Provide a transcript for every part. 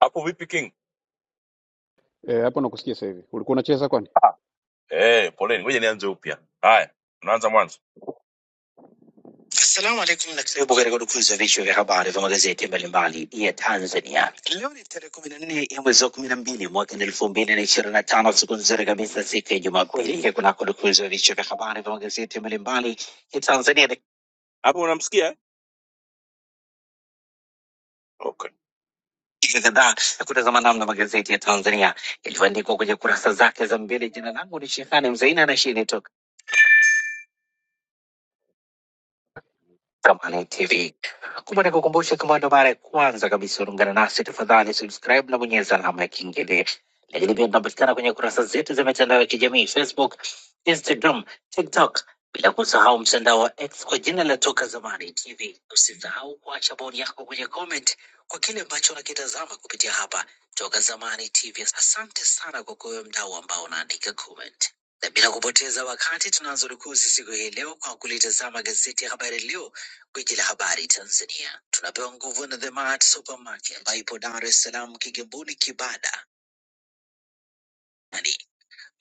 hapo vipi king Eh, hapo nakusikia sasa hivi. Ulikuwa unacheza kwani? eh poleni ngoja nianze upya haya unaanza mwanzo Assalamu alaikum na karibu katika dukuzi ya vichwa vya habari vya magazeti mbalimbali ya Tanzania. Leo ni tarehe kumi na nne ya mwezi wa kumi na mbili mwaka elfu mbili na ishirini na tano siku nzuri kabisa, siku ya Jumapili, ya kunako dukuzi ya vichwa vya habari vya magazeti mbalimbali ya Tanzania hapo unamsikia eh? okay dakika kadhaa ya kutazama namna magazeti ya Tanzania yalivyoandikwa kwenye kurasa zake za mbele. Jina langu ni Shehani Mzaina na hii ni Toka Kamali TV. Kumbe ni kukumbusha, kama ndo mara ya kwanza kabisa unaungana nasi, tafadhali subscribe na bonyeza alama ya kengele. Lakini pia tunapatikana kwenye kurasa zetu za mitandao ya kijamii Facebook, Instagram, TikTok, bila kusahau mtandao wa X kwa jina la Toka Zamani TV. Usisahau kuacha bodi yako kwenye comment kwa kile ambacho unakitazama kupitia hapa Toka Zamani TV. Asante sana kwa kuwe mdau ambao unaandika comment na bila kupoteza wakati tunaanza rukuzi siku hii leo kwa kulitazama gazeti ya Habari Leo Gwiji la habari Tanzania tunapewa nguvu na The Mart Supermarket ambayo ipo Dar es Salaam, Kigamboni, Kibada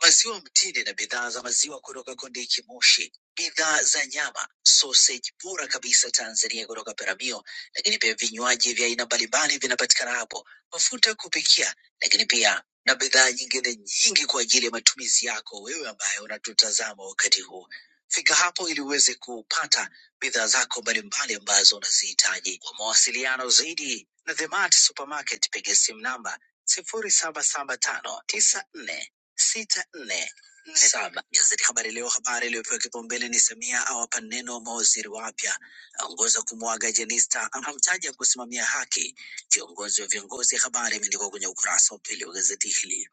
maziwa mtindi na bidhaa za maziwa kutoka Kondiki Moshi, bidhaa za nyama, sausage bora kabisa Tanzania kutoka Peramio, lakini pia vinywaji vya aina mbalimbali vinapatikana hapo, mafuta ya kupikia, lakini pia na bidhaa nyingine nyingi kwa ajili ya matumizi yako wewe ambaye unatutazama wakati huu. Fika hapo ili uweze kupata bidhaa zako mbalimbali ambazo unazihitaji. Kwa mawasiliano zaidi na The Mart Supermarket, piga simu namba sifuri saba saba tano tisa nne sita nne saba. Gazeti Habari Leo, habari iliyopewa kipaumbele ni Samia awapa neno mawaziri wapya, aongoza kumwaga Jenista, amtaja kusimamia haki, kiongozi wa viongozi. Habari imeandikwa kwenye ukurasa wa pili wa gazeti hili.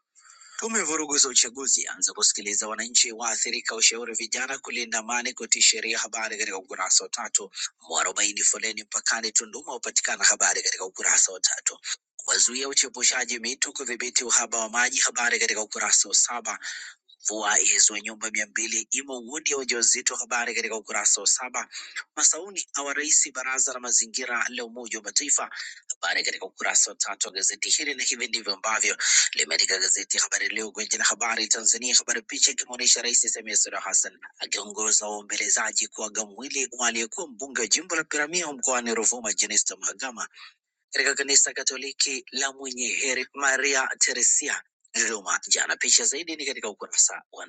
Tume ya vurugu za uchaguzi anza kusikiliza wananchi waathirika, ushauri vijana kulinda amani, kutii sheria. Habari katika ukurasa wa tatu. Mwarobaini foleni mpakani Tunduma hupatikana, habari katika ukurasa wa tatu wazuia uchepushaji mito, kudhibiti uhaba wa maji. Habari katika ukurasa wa saba. Mvua yazua nyumba mia mbili imo wodi ya wajawazito, habari katika ukurasa wa saba. Masauni awarais baraza la mazingira la Umoja wa Mataifa, habari katika ukurasa wa tatu wa gazeti hili, na hivi ndivyo ambavyo limeandika gazeti Habari Leo, gwiji la habari Tanzania. Habari picha ikimwonyesha Rais Samia Suluhu Hassan akiongoza waombelezaji kuaga mwili wa aliyekuwa mbunge wa jimbo la Peramiho mkoani Ruvuma, Jenista Mhagama katika kanisa Katoliki la Mwenye Heri Maria Teresia Dodoma jana. Picha zaidi ni katika ukurasa wa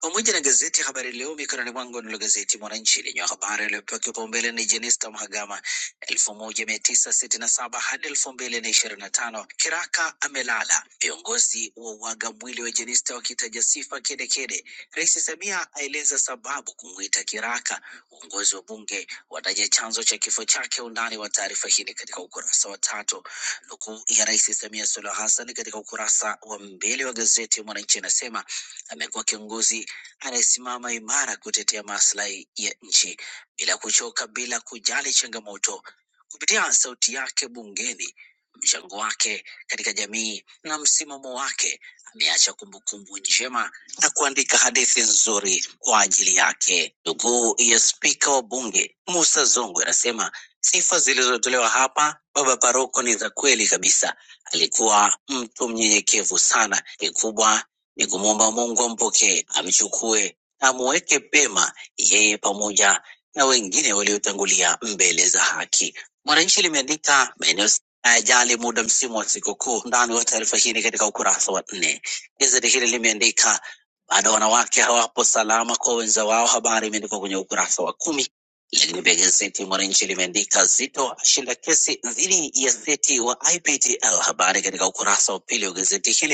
pamoja na gazeti Habari Leo mikononi mwangu. Nilo gazeti Mwananchi lenye habari iliyopewa kipaumbele ni Jenista Mhagama elfu moja mia tisa sitini na saba hadi elfu mbili na ishirini na tano kiraka amelala. Viongozi wa uaga mwili wa Jenista wakitaja sifa kedekede. Rais Samia aeleza sababu kumwita kiraka. Uongozi wa bunge wataja chanzo cha kifo chake. Undani wa taarifa hii ni katika ukurasa wa tatu. Nukuu ya Rais Samia Suluhu Hassan katika ukurasa wa mbele wa gazeti Mwananchi inasema amekuwa kiongozi anayesimama imara kutetea maslahi ya nchi bila kuchoka, bila kujali changamoto. Kupitia sauti yake bungeni, mchango wake katika jamii na msimamo wake, ameacha kumbukumbu njema na kuandika hadithi nzuri kwa ajili yake. Ndugu ya spika wa bunge Musa Zongwe anasema sifa zilizotolewa hapa baba paroko ni za kweli kabisa. Alikuwa mtu mnyenyekevu sana. Kikubwa ni kumwomba Mungu ampokee, amchukue, amuweke pema yeye pamoja na wengine waliotangulia mbele za haki. Mwananchi limeandika maeneo ajali muda msimu wa sikukuu. Ndani wa taarifa hii ni katika ukurasa wa nne. Gazeti hili limeandika bado wanawake hawapo salama kwa wenza wao, habari imeandikwa kwenye ukurasa wa kumi. Lakini pia gazeti Mwananchi limeandika Zito ashinda kesi dhidi ya seti wa IPTL, habari katika ukurasa wa pili wa gazeti hili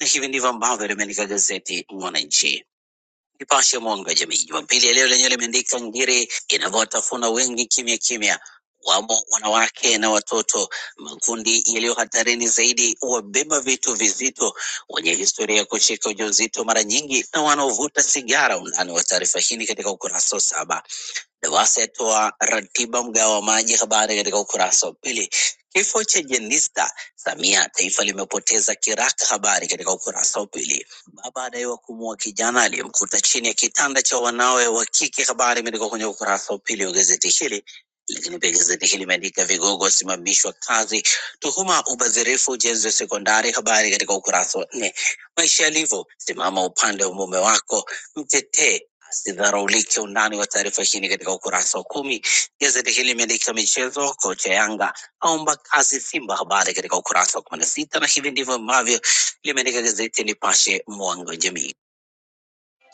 na hivi ndivyo ambavyo limeandika gazeti Mwananchi. Nipashe mwanga wa jamii Jumapili ya leo lenyewe limeandika ngiri inavyowatafuna wengi kimya kimya, wamo wanawake na watoto, makundi yaliyo hatarini zaidi, wabeba vitu vizito, wenye historia ya kushika ujauzito mara nyingi na wanaovuta sigara. Undani wa taarifa hii ni katika ukurasa wa saba. Lowassa yatoa ratiba mgao wa maji, habari katika ukurasa wa pili. Kifo cha Jenista Samia, taifa limepoteza kiraka, habari katika ukurasa wa pili. Baba adaiwa kumuua kijana aliyemkuta chini ya kitanda cha wanawe wa kike, habari imeandikwa kwenye ukurasa wa pili wa gazeti hili. Lakini pia gazeti hili limeandika vigogo wasimamishwa kazi, tuhuma ubadhirifu ujenzi wa sekondari, habari katika ukurasa wa nne. Maisha yalivyo, simama upande wa mume wako, mtetee Sidharaulike undani wa taarifa hii ni katika ukurasa wa kumi. Gazeti hili limeandika michezo, kocha Yanga aomba kazi Simba, habari katika ukurasa wa kumi na sita, na hivi ndivyo ambavyo limeandika gazeti Nipashe, mwanga wa jamii.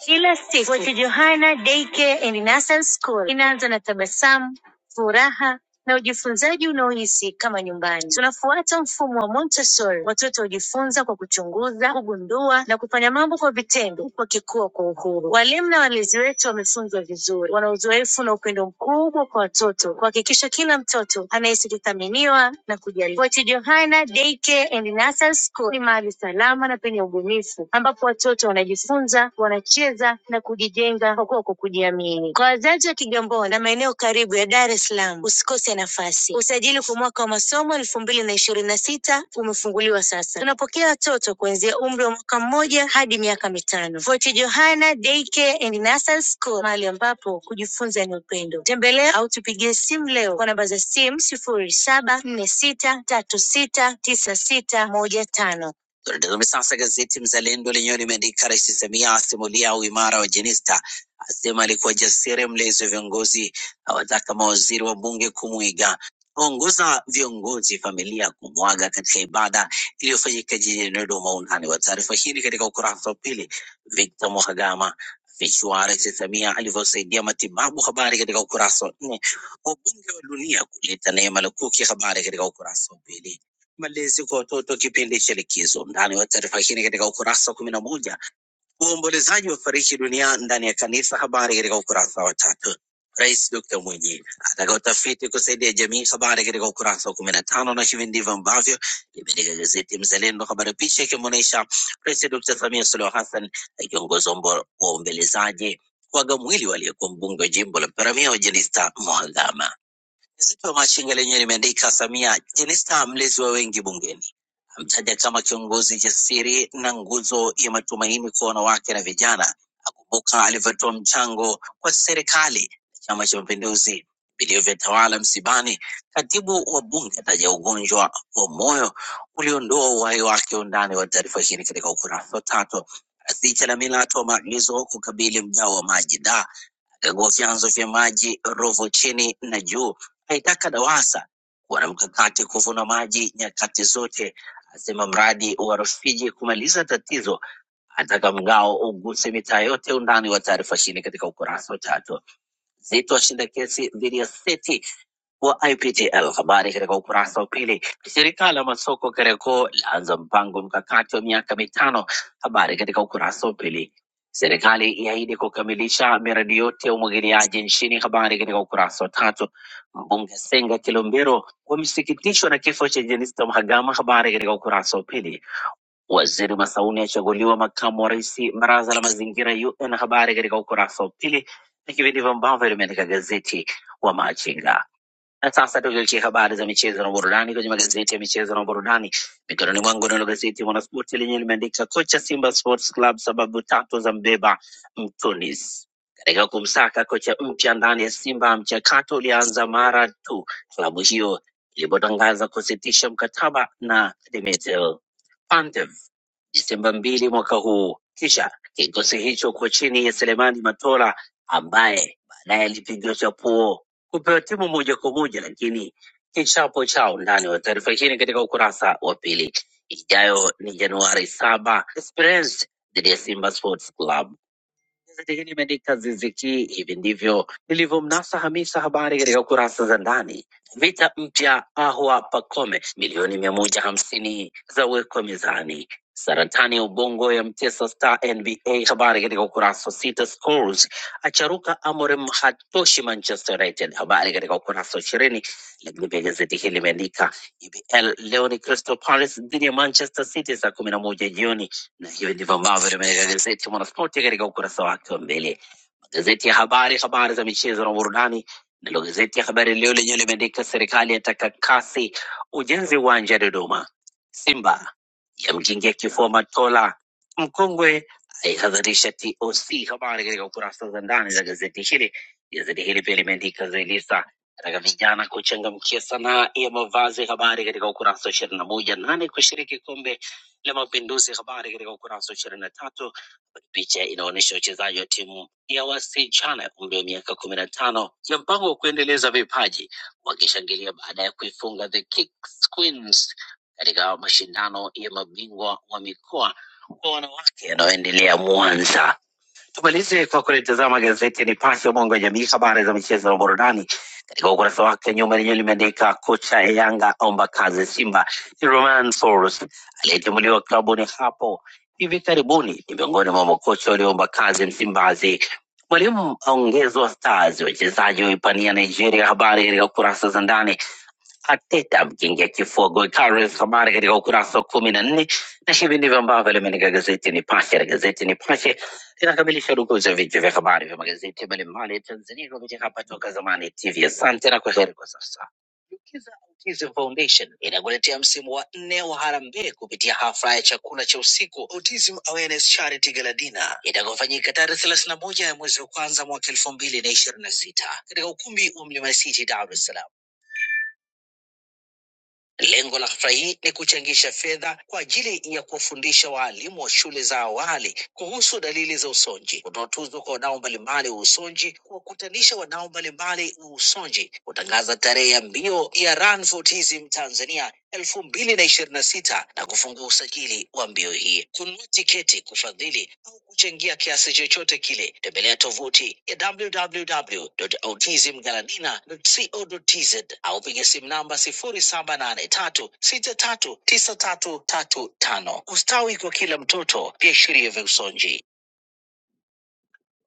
Kila siku Fort Johanna Daycare and Nursery School inaanza na tabasamu, furaha na ujifunzaji unaohisi kama nyumbani. Tunafuata mfumo wa Montessori. Watoto hujifunza kwa kuchunguza, kugundua na kufanya mambo kwa vitendo, huku wakikua kwa uhuru. Walimu na walezi wetu wamefunzwa vizuri, wana uzoefu na upendo mkubwa kwa watoto, kuhakikisha kila mtoto anahisi kuthaminiwa na kujali. Fort Johanna Daycare and Nursery School ni mahali salama na penye ubunifu, ambapo watoto wanajifunza, wanacheza na kujijenga kujijenga kwako kujiamini. Kwa wazazi wa Kigamboni na maeneo karibu ya Dar es Salaam, usikose nafasi. Usajili kwa mwaka wa masomo elfu mbili na ishirini na sita umefunguliwa sasa. Tunapokea watoto kuanzia umri wa mwaka mmoja hadi miaka mitano. Fort Johanna Daycare and Nursery School, mahali ambapo kujifunza ni upendo. Tembelea au tupigie simu leo kwa namba za simu sifuri saba nne sita tatu sita tisa sita moja tano. Dondoo za sasa gazeti Mzalendo lenyewe limeandika Rais Samia asimulia uimara wa Jenista, asema alikuwa jasiri mlezi wa viongozi, awataka mawaziri wa bunge kumwiga, aongoza viongozi familia kumwaga katika ibada iliyofanyika jijini Dodoma. Undani wa taarifa hii ni katika ukurasa wa pili. Victor Mhagama afichua Rais Samia alivyosaidia matibabu, habari katika ukurasa wa nne. Wabunge wa dunia kuleta neema lukuki, habari katika ukurasa wa pili malezi kwa watoto kipindi cha likizo. Ndani wa taarifa hii ni katika ukurasa wa kumi na moja. Waombolezaji wafariki dunia ndani ya kanisa, habari katika ukurasa wa tatu. Rais Dr. Mwinyi ataka utafiti kusaidia jamii, habari katika ukurasa wa kumi na tano. Na hivi ndivyo ambavyo limeandika gazeti Mzalendo, habari picha ikimwonyesha Rais Dr. Samia Suluhu Hassan akiongoza ombo- waombelezaji kuaga mwili waliyekuwa mbunge wa jimbo la Peramiho Jenista Mhagama. Gazeti wa Machinga lenyewe limeandika Samia Jenista mlezi wa wengi bungeni amtaja kama kiongozi jasiri na nguzo ya matumaini kwa wanawake na vijana. Akumbuka alivyotoa mchango kwa serikali na Chama cha Mapinduzi vilivyotawala msibani. Katibu wa Bunge ataja ugonjwa wa moyo uliondoa uhai wake. Undani wa taarifa hii ni katika ukurasa wa tatu. Asicha na Mila atoa maagizo kukabili mgao wa maji da kagua vyanzo vya maji Ruvu chini na juu, aitaka DAWASA kuwa na mkakati kuvuna maji nyakati zote, asema mradi wa Rufiji kumaliza tatizo, ataka mgao uguse mitaa yote. Undani wa taarifa chini katika ukurasa wa tatu. Zito ashinda kesi dhidi ya Seti wa IPTL. Habari katika ukurasa wa pili. Shirika la masoko Kariakoo laanza mpango mkakati wa miaka mitano. Habari katika ukurasa wa pili. Serikali iahidi kukamilisha miradi yote ya umwagiliaji nchini. Habari katika ukurasa wa tatu. Mbunge Senga Kilombero wamesikitishwa na kifo cha Jenista Mhagama. Habari katika ukurasa wa pili. Waziri Masauni achaguliwa makamu wa rais baraza la mazingira UN. Habari katika ukurasa wa pili, na hivi ndivyo ambavyo limeandika gazeti wa Machinga. Na sasa tugeukie habari za michezo na burudani kwenye magazeti ya michezo na burudani. Mikononi mwangu nalo gazeti Mwanaspoti lenye limeandika kocha Simba Sports Club sababu tatu za mbeba Mtunis katika kumsaka kocha mpya ndani ya Simba. Mchakato ulianza mara tu klabu hiyo ilipotangaza kusitisha mkataba na Dimitri Pantev. Disemba mbili mwaka huu. Kisha kikosi hicho kwa chini ya Selemani Matola ambaye baadaye alipigiwa chapuo kupewa timu moja kwa moja, lakini kichapo cha undani wa taarifa hii ni katika ukurasa wa pili. Ijayo ni Januari saba, Esperance dhidi ya Simba Sports Club. Gazeti hili limeandika ziziki hivi ndivyo nilivyomnasa Hamisa, habari katika kurasa za ndani. Vita mpya Ahwa Pakome, milioni mia moja hamsini za wekwa mezani. Saratani ya ubongo ya mtesa Star NBA, habari katika ukurasa wa sita. Scholes acharuka Amorim hatoshi Manchester United, habari katika ukurasa wa ishirini. Lakini pia gazeti hili limeandika EPL leo ni Crystal Palace dhidi ya Manchester City saa kumi na moja jioni na hiyo ndivyo ambavyo tumeelezea mwana spoti katika ukurasa wake wa mbele Gazeti ya habari, habari za michezo na burudani. Ndilo gazeti ya Habari Leo lenyewe limeandika serikali yataka kasi ujenzi uwanja Dodoma. Simba yamjingia kifua Matola. Mkongwe aihadharisha TOC. Habari katika kurasa za ndani za gazeti hili. Gazeti hili pia limeandika Zaiylisa ataka vijana kuchangamkia sanaa ya mavazi. Habari katika ukurasa wa ishirini na moja. Nane kushiriki kombe la Mapinduzi. Habari katika ukurasa wa 23 Picha inaonyesha wachezaji wa timu ya wasichana ya umri wa miaka kumi na tano ya mpango wa kuendeleza vipaji wakishangilia baada ya kuifunga the Kicks Queens katika mashindano ya mabingwa wa mikoa kwa wanawake yanayoendelea Mwanza. Tumalize kwa kulitazama gazeti ya Nipashe, mwanga wa jamii, habari za michezo na burudani katika ukurasa wake nyuma lenyewe limeandika kocha ya Yanga omba kazi Simba, ni Romain Folz aliyetimuliwa klabuni hapo hivi karibuni, ni miongoni mwa makocha walioomba kazi Msimbazi. Mwalimu aongezwa Stars, wachezaji waipania Nigeria, habari katika kurasa za ndani. Ateta mkingia kifogo Icarus, habari katika ukurasa wa kumi na nne na hivi ndivyo ambavyo limeandika gazeti Nipashe na gazeti Nipashe linakamilisha udukuzi wa vichwa vya habari vya magazeti mbalimbali ya Tanzania kupitia hapa Toka Zamani TV. Asante na kwaheri kwa sasa. Kiza Autism Foundation inakuletea msimu wa nne wa harambee kupitia hafla ya chakula cha usiku Autism Awareness Charity Gala Dinner itakayofanyika tarehe thelathini na moja ya mwezi wa kwanza mwaka elfu mbili na ishirini na sita katika ukumbi wa Mlimani City, Dar es Salaam. Lengo la hafla hii ni kuchangisha fedha kwa ajili ya kuwafundisha waalimu wa shule za awali kuhusu dalili za usonji, kutoa tuzo kwa wadau mbalimbali wa usonji, kuwakutanisha wadau mbalimbali wa usonji, kutangaza tarehe ya mbio ya Run for Autism Tanzania elfu mbili na ishirini na sita na kufungua usajili wa mbio hii. Kununua tiketi, kufadhili au kuchangia kiasi chochote kile, tembelea tovuti ya www.autismgaladina.co.tz au piga simu namba sifuri saba nane tatu sita tatu tisa tatu tatu tano. Ustawi kwa kila mtoto, viashiria vya usonji.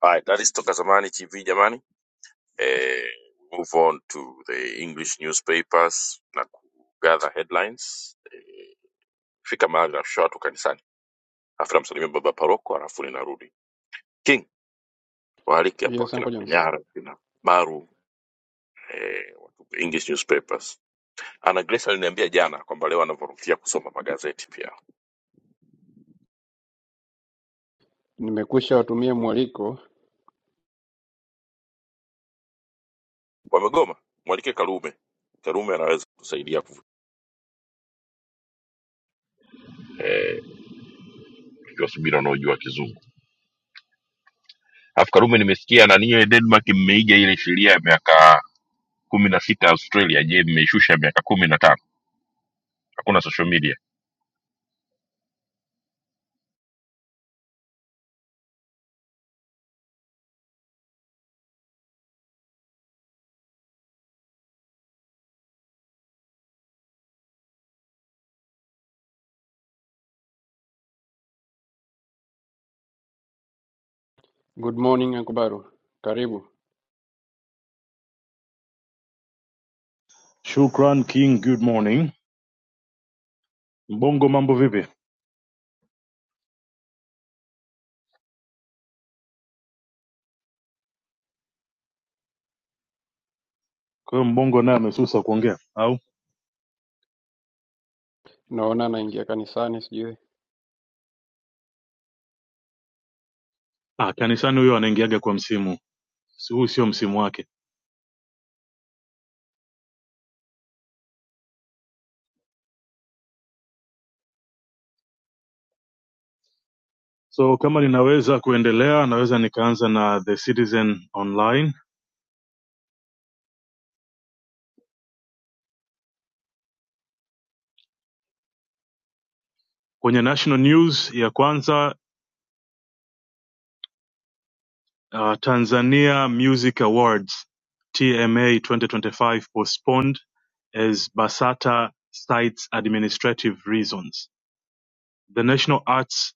Alright, that is Toka Zamani TV jamani. Eh, move on to the English newspapers na kugather headlines fika mahali nashusha watu kanisani afu namsalimia baba paroko alafu ninarudi king waalike hapo Yes, akina Uncle Jones. panyara akina baru eh, watu english newspapers ana grace aliniambia jana kwamba leo anavyorukia kusoma magazeti pia Nimekwisha watumia mwaliko. wamegoma mwalike karume karume anaweza kusaidia kuvu- eh, ikiwa subira unaojua kizungu alafu karume nimesikia naniye denmark mmeiga ile sheria ya miaka kumi na sita australia je mmeishusha miaka kumi na tano hakuna social media Good morning Uncle Baru. Karibu. Shukran King, good morning. Mbongo mambo vipi? Kwa hiyo Mbongo naye amesusa kuongea au? Naona naingia kanisani sijui. Ah, kanisani huyo anaingiaga kwa msimu. Si- Huu sio msimu wake. So kama ninaweza kuendelea, naweza nikaanza na The Citizen Online. Kwenye national news ya kwanza Uh, Tanzania Music Awards TMA 2025 postponed as Basata cites administrative reasons. The National Arts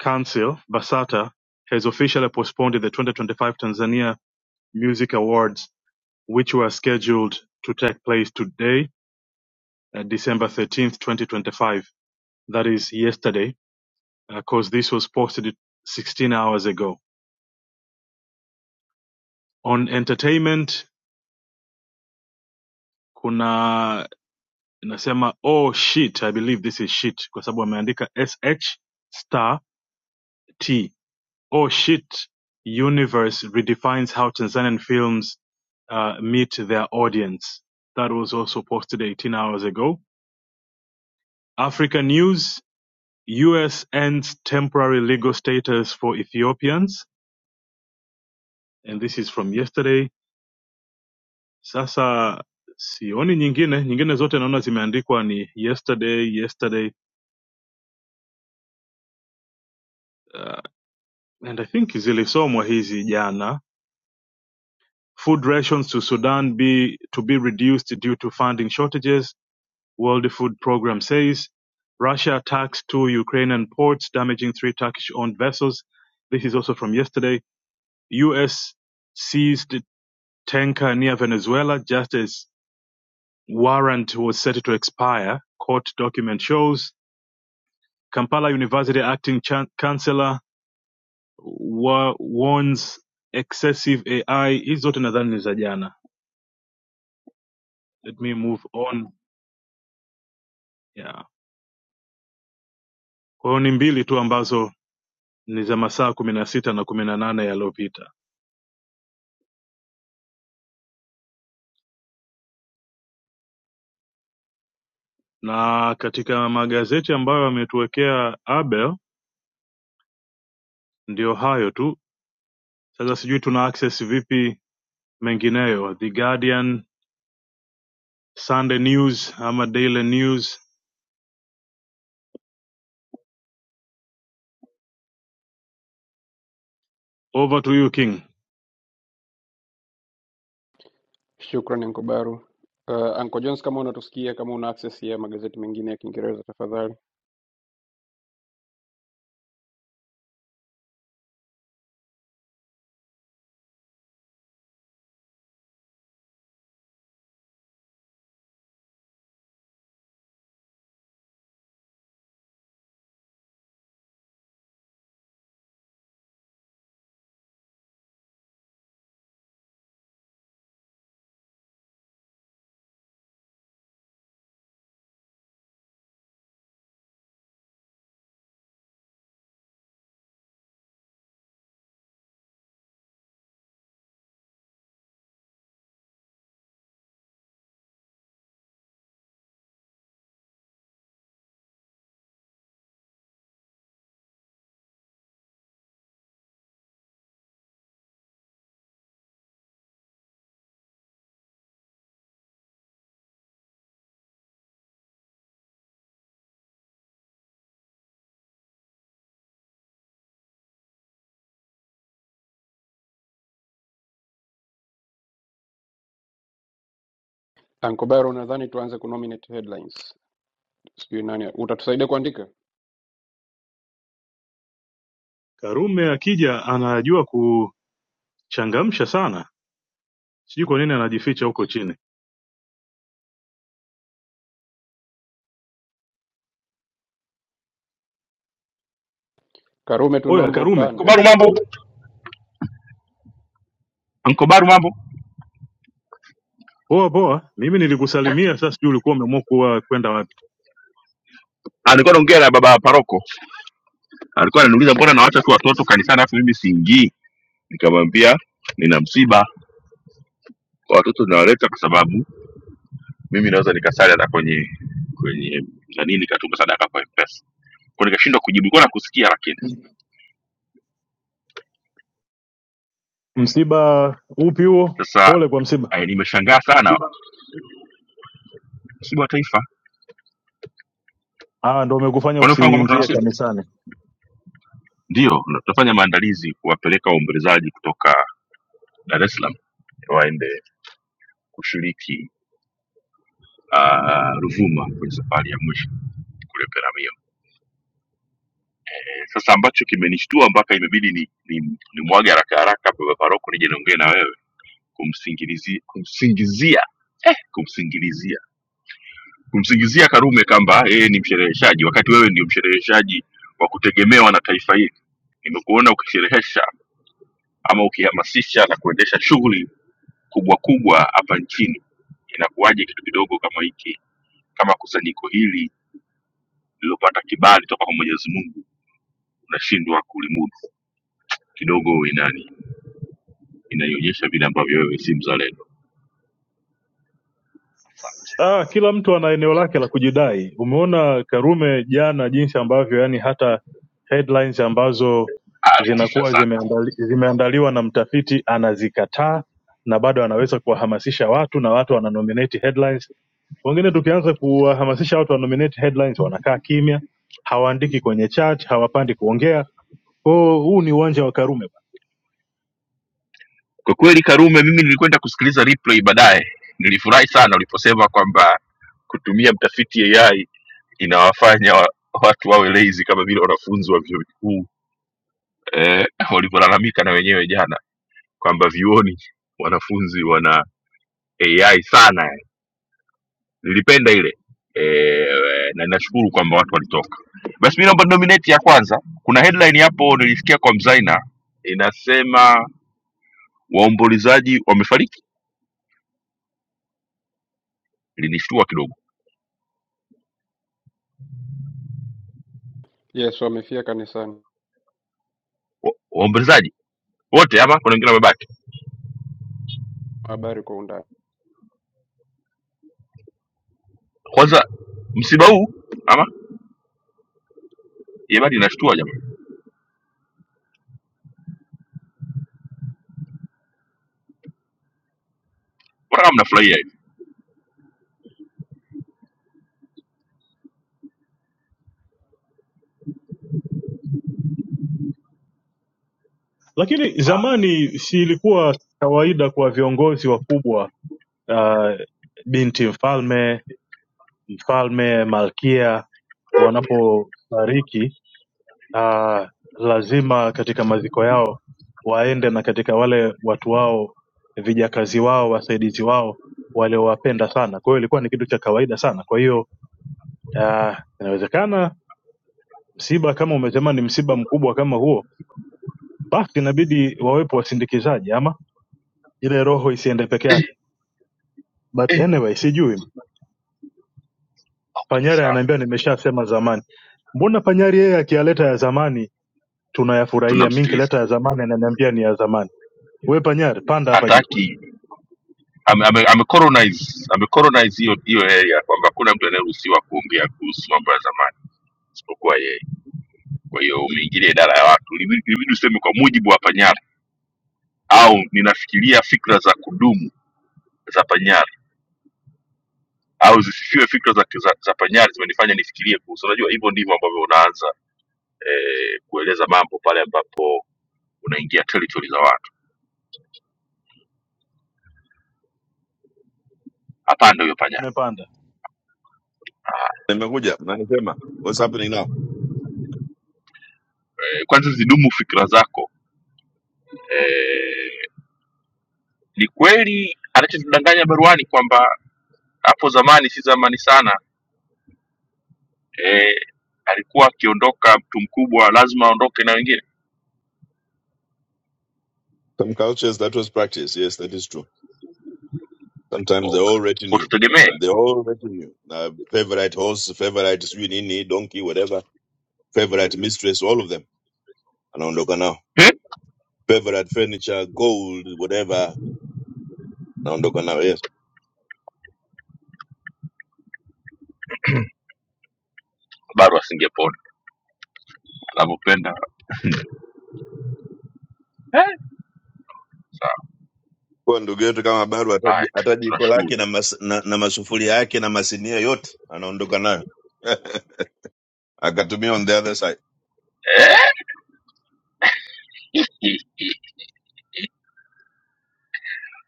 Council, Basata, has officially postponed the 2025 Tanzania Music Awards, which were scheduled to take place today, uh, December 13th, 2025. That is yesterday, because this was posted 16 hours ago. On entertainment, kuna inasema oh shit i believe this is shit kwa sababu wameandika sh star t oh shit universe redefines how tanzanian films uh, meet their audience that was also posted 18 hours ago africa news us ends temporary legal status for ethiopians and this is from yesterday sasa sioni nyingine nyingine zote naona zimeandikwa ni yesterday yesterday uh, and i think zilisomwa hizi jana Food rations to Sudan be to be reduced due to funding shortages, World Food Programme says. Russia attacks two Ukrainian ports, damaging three Turkish-owned vessels. This is also from yesterday. U.S. seized tanker near Venezuela just as warrant was set to expire. Court document shows. Kampala University acting chan- chancellor wa- warns excessive AI. Hizi zote nadhani ni za jana. Let me move on. Yeah. Kwa hiyo ni mbili tu ambazo ni za masaa kumi na sita na kumi na nane yaliyopita, na katika magazeti ambayo ametuwekea Abel ndio hayo tu. Sasa sijui tuna access vipi mengineyo, The Guardian, Sunday News ama Daily News. Over to you King. Shukrani Uncle Baru. Uh, Uncle Jones kama unatusikia kama una access ya magazeti mengine ya Kiingereza tafadhali. Uncle Baru nadhani tuanze kunominate headlines. Sijui nani. Utatusaidia kuandika? Karume akija anajua kuchangamsha sana, sijui kwa nini anajificha huko chini. Karume Oya tunaomba Karume, upande. ankobaru mambo ankobaru mambo poa poa, mimi nilikusalimia, sasa sijui ulikuwa umeamua kuwa kwenda wapi. Ah, nilikuwa naongea na baba paroko alikuwa ananiuliza mbona nawaacha tu watoto kanisani alafu mimi siingii nikamwambia nina msiba kwa watoto nawaleta kwa sababu mimi naweza nikasali hata kwenye kwenye nani nikatuma sadaka kwa mpesa kwa nikashindwa kujibu nilikuwa nakusikia lakini Msiba upi huo? sasa Pole kwa msiba. eh, nimeshangaa sana msiba wa taifa Ah, ndo umekufanya kwani ufahamu kwamba tuna usiingie msiba kanisani. ndio na tutafanya maandalizi kuwapeleka waombolezaji kutoka dar es salaam waende kushiriki ah, ruvuma kwenye safari ya mwisho kule Peramiho. sasa ambacho kimenishtua mpaka imebidi ni, ni, ni mwage haraka haraka baba paroko nije niongee na wewe kumsingilizia kumsingizia eh, kumsingilizia kumsingizia karume kwamba yeye ni mshereheshaji wakati wewe ndio mshereheshaji wa kutegemewa na taifa hili nimekuona ukisherehesha ama ukihamasisha na kuendesha shughuli kubwa kubwa hapa nchini inakuwaje kitu kidogo kama hiki kama kusanyiko hili lililopata kibali toka kwa mwenyezi mungu unashindwa kulimudu kidogo inani inaionyesha vile ambavyo wewe si mzalendo. Asante, Ah, kila mtu ana eneo lake la kujidai. Umeona Karume jana jinsi ambavyo yani hata headlines ambazo alitisha zinakuwa sana zimeandali, zimeandaliwa na mtafiti anazikataa na bado anaweza kuwahamasisha watu na watu wana nominate headlines. Wengine tukianza kuwahamasisha watu wa nominate headlines wanakaa kimya, hawaandiki kwenye chat, hawapandi kuongea. Kwa hiyo huu ni uwanja wa Karume. bana. kwa kweli. Karume, mimi nilikwenda kusikiliza replay baadaye, nilifurahi sana uliposema kwamba kutumia mtafiti AI inawafanya wa, watu wawe lazy kama vile wanafunzi wa vyuo vikuu eh, walivyolalamika na wenyewe jana kwamba vyuoni wanafunzi wana AI sana. Nilipenda ile eh, na ninashukuru kwamba watu walitoka. Basi mimi naomba nominate ya kwanza. Kuna headline hapo nilisikia kwa Mzaina inasema waombolezaji wamefariki linishtua kidogo Yesu amefika kanisani. Wa- waombolezaji wote ama kuna wengine wamebaki Habari kwa undani. kwanza msiba huu ama yabani inashtua jamani mbona kama mnafurahia hivi Lakini zamani si ilikuwa kawaida kwa viongozi wakubwa uh, binti mfalme, mfalme, malkia wanapofariki uh, lazima katika maziko yao waende na katika wale watu wao, vijakazi wao, wasaidizi wao waliowapenda sana. Kwa hiyo ilikuwa ni kitu cha kawaida sana. Kwa hiyo uh, inawezekana msiba kama umesema ni msiba mkubwa kama huo, basi inabidi wawepo wasindikizaji, ama ile roho isiende peke yake. But anyway, sijui Panyari sawa ananiambia nimeshasema zamani. Mbona Panyari yeye akiyaleta ya zamani tunayafurahia, mimi tunamsikiliza nikileta ya zamani ananiambia ni ya zamani. We Panyari, panda hapa juu. hataki ame, ame, ame colonize ame colonize hiyo hiyo area kwamba hakuna mtu anayeruhusiwa kuongea kuhusu mambo ya zamani isipokuwa yeye kwa hiyo umeingilia idara ya watu Ilibidi ilibidi useme kwa mujibu wa panyari au ninafikiria fikra za kudumu za panyari au zisifiwe fikra za, za, za panyari zimenifanya nifikirie kuhusu unajua hivyo ndivyo ambavyo unaanza eh, kueleza mambo pale ambapo unaingia territory za watu. Hapana huyo panya. Amepanda. Nimekuja na nisema what's happening now. Eh, kwanza zidumu fikra zako. Eh, ni kweli anachotudanganya baruani kwamba hapo zamani, si zamani sana, eh, alikuwa akiondoka mtu mkubwa lazima aondoke na wengine Some cultures that was practiced. Yes, that is true. Sometimes they all okay. Kwa retinue. tutegemee They all retinue. Uh, favorite horse, favorite sijui nini, donkey, whatever. Favorite mistress, all of them. Anaondoka nao. eh, Favorite furniture, gold, whatever. Anaondoka nao, yes. baru asingepona anavyopenda. Eh, sawa Kwa ndugu yetu kama bado hataji right, hata jiko tunashukuru lake na, mas, na, na masufuria yake na masinia yote anaondoka nayo. Akatumia on the other side. eh,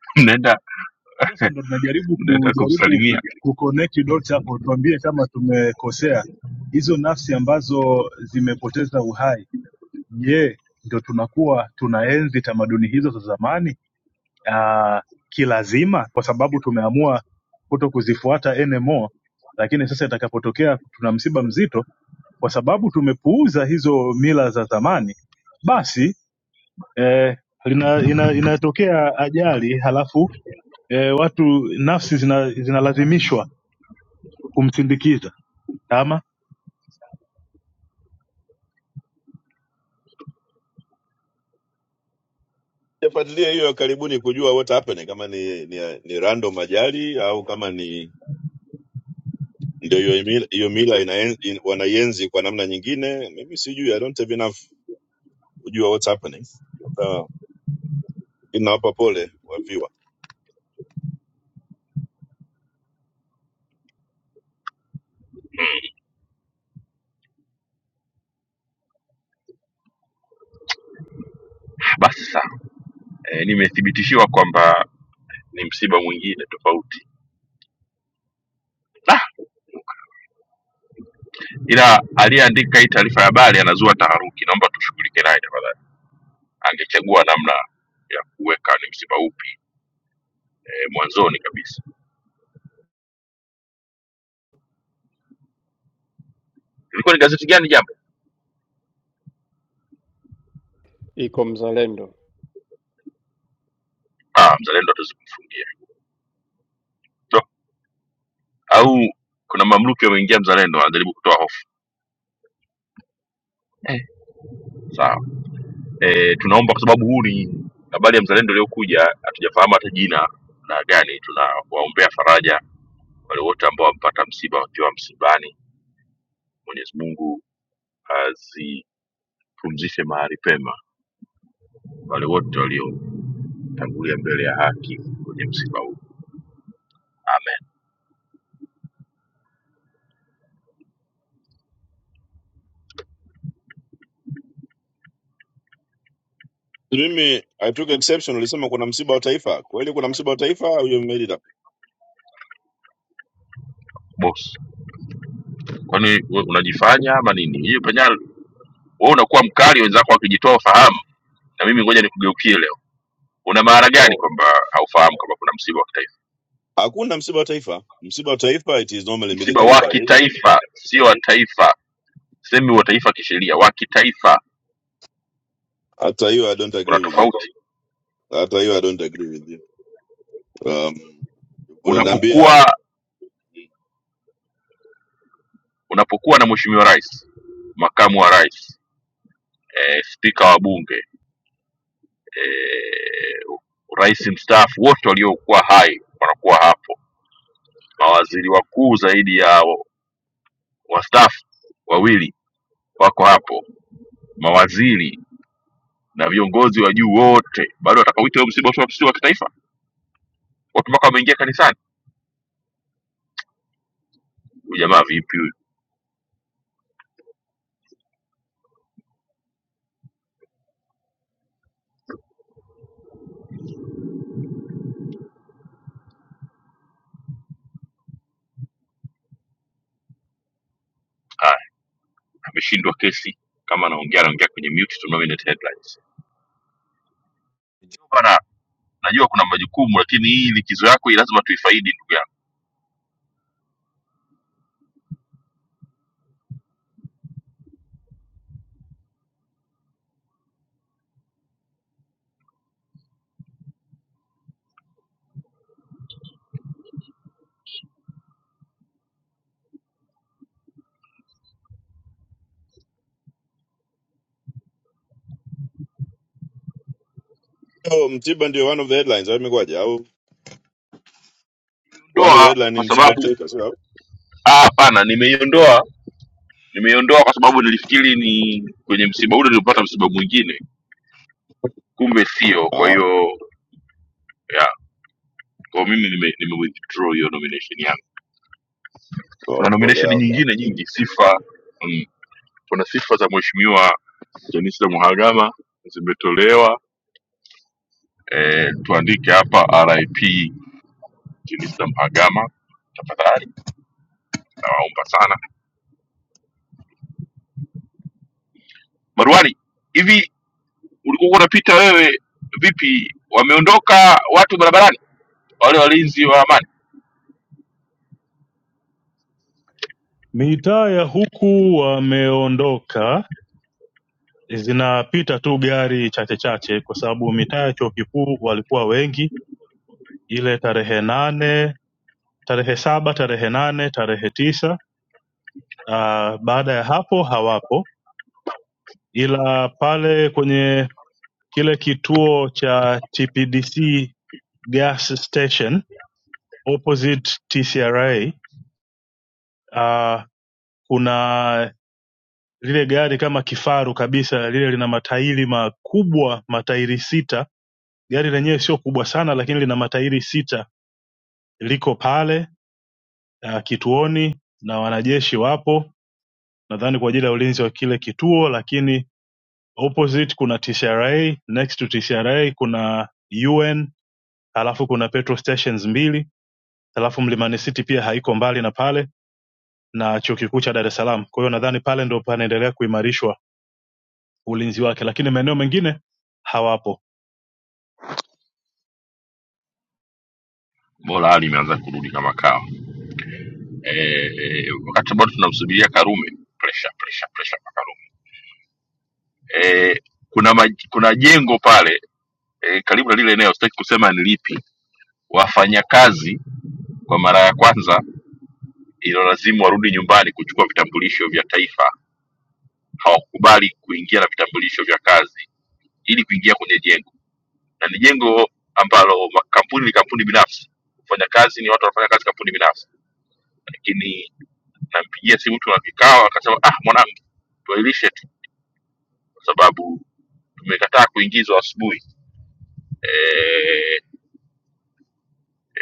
mnaenda Sasa ndo tunajaribu mnaenda kujaribu kumsalimia kuconnect dots hapo, tuambie kama tumekosea. Hizo nafsi ambazo zimepoteza uhai, je, ndo tunakuwa tunaenzi tamaduni hizo za zamani ah, kilazima, kwa sababu tumeamua kuto kuzifuata anymore, lakini sasa itakapotokea tuna msiba mzito kwa sababu tumepuuza hizo mila za zamani basi eh, lina, ina, inatokea ajali halafu eh, watu nafsi zina, zinalazimishwa kumsindikiza kama Sijafuatilia hiyo ya karibuni kujua what happened, kama ni, ni, ni random ajali au kama ni ndio hiyo mila, hiyo mila inaen, in, wanaienzi kwa namna nyingine. Mimi sijui, I don't have enough kujua what's happening. Labda inawapa pole wafiwa. basi. Sawa eh, nimethibitishiwa kwamba ni msiba mwingine tofauti Da! ila aliyeandika hii taarifa ya habari anazua taharuki, naomba tushughulike naye tafadhali. Angechagua namna ya kuweka ni msiba upi eh, mwanzoni kabisa. Ilikuwa ni gazeti gani jambo? Iko Mzalendo. Ah, Mzalendo hatuwezi kumfungia no. Au kuna mamluki wameingia Mzalendo wanajaribu kutoa hofu eh. Sawa eh, tunaomba kwa sababu huu ni habari ya Mzalendo iliyokuja, hatujafahamu hata jina na gani. Tunawaombea faraja wale wote ambao wamepata msiba wakiwa msibani. Mwenyezi Mungu azipumzishe mahali pema wale wote waliotangulia mbele ya haki kwenye msiba huu amen Mimi I took exception, ulisema kuna msiba wa taifa. Kweli kuna msiba wa taifa au you made it up? boss kwani we unajifanya ama nini hiyo penya wewe unakuwa mkali wenzako wakijitoa ufahamu na mimi ngoja nikugeukie leo una maana gani Oh. kwamba haufahamu kama kuna msiba wa kitaifa Hakuna msiba wa taifa. Msiba wa taifa it is normally msiba military wa parade. kitaifa sio wa taifa semi wa taifa kisheria wa kitaifa Hata hiyo I don't kuna agree with you. tofauti Hata hiyo I don't agree with you. Um, unaniambia unapokuwa unapokuwa na mheshimiwa rais makamu wa rais eh, spika wa bunge eh, rais mstaafu wote waliokuwa hai wanakuwa hapo mawaziri wakuu zaidi ya wastaafu wawili wako hapo, mawaziri na viongozi wa juu wote, bado watakawita huyo msiba usio wa kitaifa? Watu mpaka wameingia kanisani. Huyu jamaa vipi huyu? Haya, ameshindwa kesi. Kama anaongea anaongea kwenye mute to nominate headlines. Bana, najua kuna majukumu, lakini hii likizo yako hii lazima tuifaidi, ndugu yangu. Oh, Msiba ndio one of the headlines. Au imekuwaje? Au one of the Ondoa headline kwa ni Msiba sababu kuteka sio? au? ah, hapana, nimeiondoa nimeiondoa kwa sababu nilifikiri ni kwenye msiba ule nilipata msiba mwingine, kumbe sio. Kwa Ah, hiyo Kwa mimi nime, nime withdraw hiyo nomination yangu. oh, Kuna pole nomination yao sana. nyingine nyingi sifa mm, kuna sifa za mheshimiwa Jenista Mhagama zimetolewa eh, tuandike hapa RIP Jenista Mhagama tafadhali, nawaomba sana. Marwani, hivi ulikuwa unapita wewe vipi, wameondoka watu barabarani wale walinzi wa amani? mitaa ya huku wameondoka zinapita tu gari chache chache kwa sababu mitaa ya chuo kikuu walikuwa wengi ile tarehe nane tarehe saba tarehe nane tarehe tisa uh, baada ya hapo hawapo ila pale kwenye kile kituo cha TPDC gas station opposite TCRA. Uh, kuna lile gari kama kifaru kabisa, lile lina matairi makubwa, matairi sita. Gari lenyewe sio kubwa sana, lakini lina matairi sita, liko pale uh, kituoni na wanajeshi wapo, nadhani kwa ajili ya ulinzi wa kile kituo, lakini opposite kuna TCRA, next to TCRA kuna UN, alafu kuna petrol stations mbili alafu Mlimani City pia haiko mbali na pale na chuo kikuu cha Dar es Salaam. Kwa hiyo nadhani pale ndo panaendelea kuimarishwa ulinzi wake, lakini maeneo mengine hawapo. Bora hali imeanza kurudi kama kawa. Eh, eh, wakati bado tunamsubiria Karume, pressure pressure pressure kwa Karume e, kuna maj, kuna jengo pale e, karibu na lile eneo sitaki kusema ni lipi wafanyakazi kwa mara ya kwanza ililolazimu warudi nyumbani kuchukua vitambulisho vya taifa hawakubali kuingia na vitambulisho vya kazi ili kuingia kwenye jengo na ni jengo ambalo kampuni ni kampuni binafsi kufanya kazi ni watu wanafanya kazi kampuni binafsi lakini nampigia simu tuna kikao akasema ah mwanangu tuailishe tu kwa sababu tumekataa kuingizwa asubuhi e,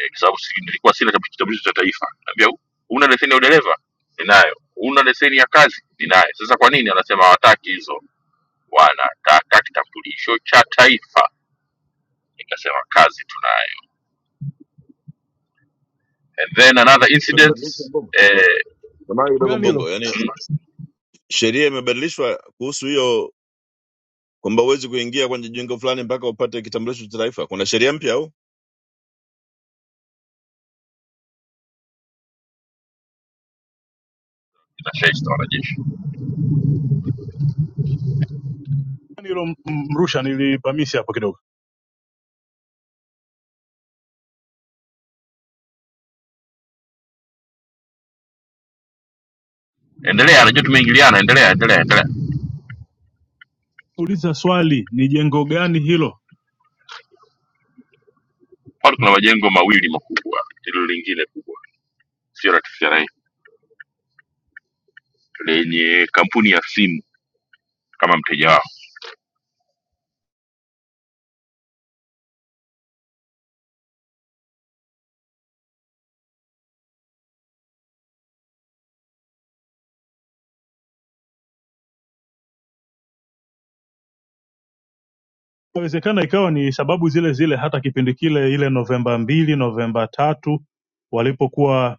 eh, kwa sababu si- nilikuwa sina kab- kitambulisho cha taifa naambia "U- huna leseni ya udereva ninayo huna leseni ya kazi ninayo sasa kwa nini anasema hawataki hizo wanataka kitambulisho cha taifa nikasema kazi tunayo and then another incident Imebadilisha mbongo. eh, Samahani kidogo Gani hilo mbongo. Yaani mm, sheria imebadilishwa kuhusu hiyo kwamba huwezi kuingia kwenye jengo fulani mpaka upate kitambulisho cha taifa. Kuna sheria mpya au? inashaista wanajeshi Gani hilo m- m- Mrusha, nilipamisi hapo kidogo. endelea anajua tumeingiliana endelea endelea endelea Uliza swali, ni jengo gani hilo? pale kuna majengo mawili makubwa hilo lingine kubwa sio la TCRA lenye kampuni ya simu kama mteja wao Inawezekana ikawa ni sababu zile zile, hata kipindi kile ile Novemba mbili, Novemba tatu walipokuwa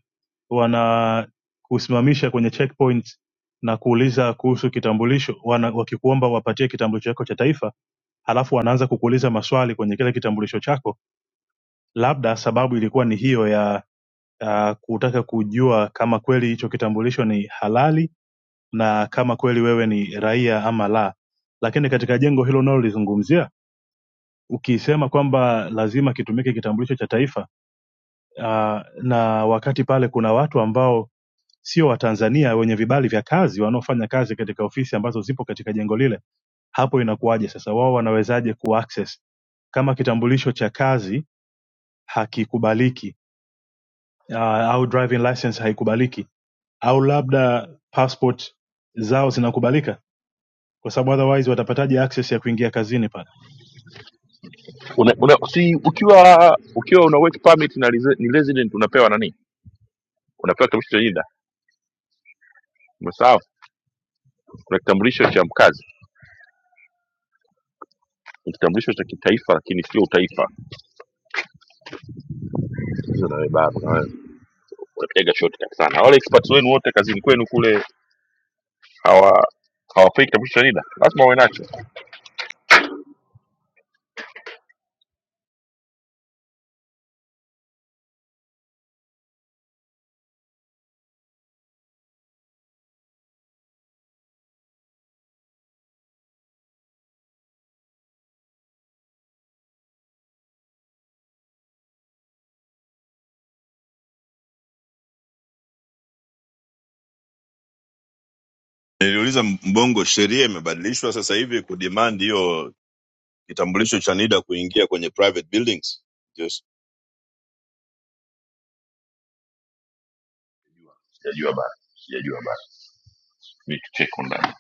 wana kusimamisha kwenye checkpoint na kuuliza kuhusu kitambulisho, wana, wakikuomba wapatie kitambulisho chako cha taifa halafu wanaanza kukuuliza maswali kwenye kile kitambulisho chako labda sababu ilikuwa ni hiyo ya uh, kutaka kujua kama kweli hicho kitambulisho ni halali na kama kweli wewe ni raia ama la lakini katika jengo hilo unalolizungumzia ukisema kwamba lazima kitumike kitambulisho cha taifa uh, na wakati pale kuna watu ambao sio watanzania wenye vibali vya kazi wanaofanya kazi katika ofisi ambazo zipo katika jengo lile hapo inakuwaje sasa wao wanawezaje kuaccess kama kitambulisho cha kazi hakikubaliki uh, au driving license haikubaliki au labda passport zao zinakubalika kwa sababu otherwise watapataje access ya kuingia kazini pale una, una, si ukiwa ukiwa una work permit na resi- ni resident unapewa nani unapewa kitambulisho cha NIDA umesahau kuna kitambulisho cha mkazi ni kitambulisho cha kitaifa lakini sio utaifa hizo na wewe bado na wewe unapiga shortcut sana wale experts wenu wote kazini kwenu kule hawa hawapei kitambulisho cha NIDA lazima wawe nacho Niliuliza mbongo, sheria imebadilishwa sasa hivi kudemand hiyo kitambulisho cha NIDA kuingia kwenye private buildings. Yes. sijajua bana sijajua bana ni check online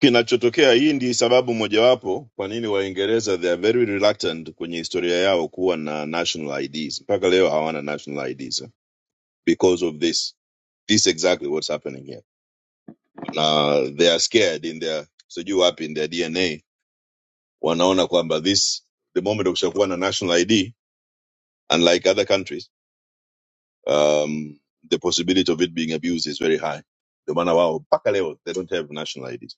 Kinachotokea hii ndi sababu mojawapo kwa nini Waingereza they are very reluctant kwenye historia yao kuwa na national IDs. Mpaka leo hawana national IDs eh, because of this this is exactly what's happening here. Na they are scared in their sijui up in their DNA wanaona kwamba this the moment ukishakuwa na national ID unlike other countries um, the possibility of it being abused is very high. Ndio maana wao mpaka leo they don't have national IDs.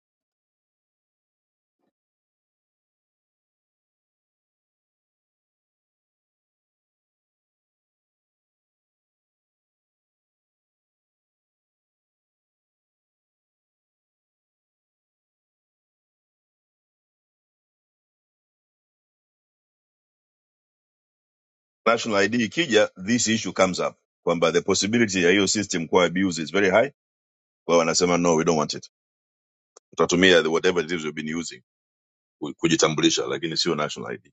national ID ikija, this issue comes up kwamba the possibility ya hiyo system kuwa abuse is very high. Kwa hiyo wanasema no, we don't want it, tutatumia the whatever it is we've been using ku- kujitambulisha, lakini sio national ID.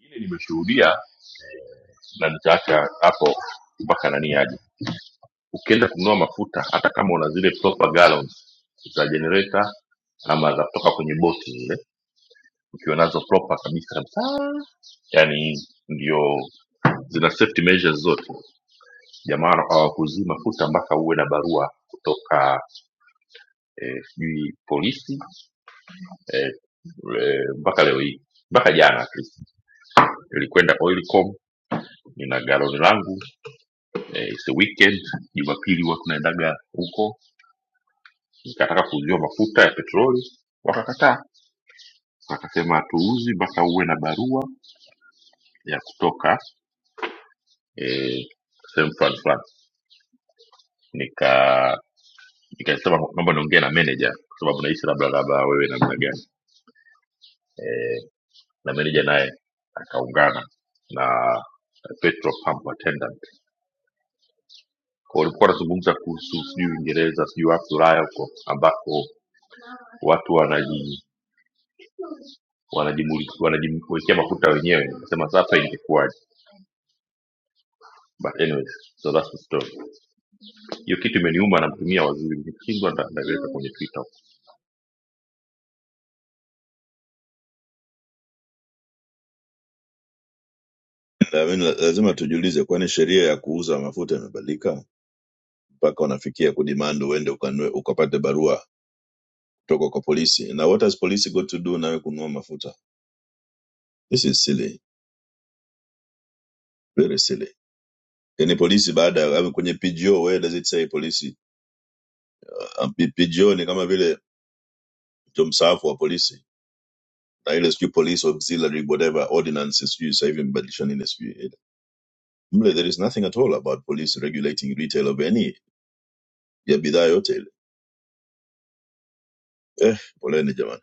Ingine nimeshuhudia na nitaacha hapo mpaka nani aje ukienda kununua mafuta hata kama una zile proper gallons za generator ama za kutoka kwenye boti zile ukiwa nazo proper kabisa kabisa yani ndio zina safety measures zote jamaa hawakuzii mafuta mpaka uwe na barua kutoka eh, sijui polisi eh, eh, mpaka leo hii mpaka jana at least nilikwenda oilcom nina galoni langu eh, it's a weekend jumapili huwa tunaendaga huko Nikataka kujua mafuta ya petroli, wakakataa. Wakasema hatuuzi mpaka uwe na barua ya kutoka eh, sehemu fulani fulani. Nika nikasema naomba niongee na meneja kwa sababu nahisi labda labda wewe namna gani eh, na meneja naye akaungana na petrol pump attendant. Kwa walikuwa wanazungumza kuhusu sijui Uingereza, sijui wapi Ulaya huko ambako watu wanaji wanajimuli- wanajiwekea mafuta wenyewe. Nasema sasa ingekuwaje? But anyways, so that's the story. hiyo kitu imeniuma namtumia waziri nikishindwa nda- naiweka kwenye twitter I mean, la- lazima tujiulize, kwani sheria ya kuuza mafuta imebadilika mpaka wanafikia kudemand uende ukanue ukapate barua kutoka kwa polisi? Na what has police got to do nawe kununua mafuta? This is silly, very silly. Yani polisi baada ya kwenye PGO, where does it say polisi? Uh, PGO ni kama vile mtu mstaafu wa polisi na ile sijui police auxiliary whatever ordinances sijui sasa hivi mbadilishani ile sijui ile. mle there is nothing at all about police regulating retail of any ya bidhaa yote ile eh poleni jamani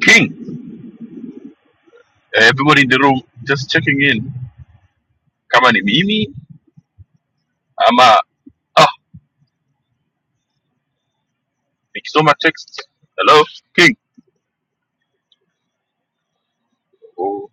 King, eh, everybody in the room, just checking in. Kama ni mimi ama ah, nikisoma text. Hello King. Oh,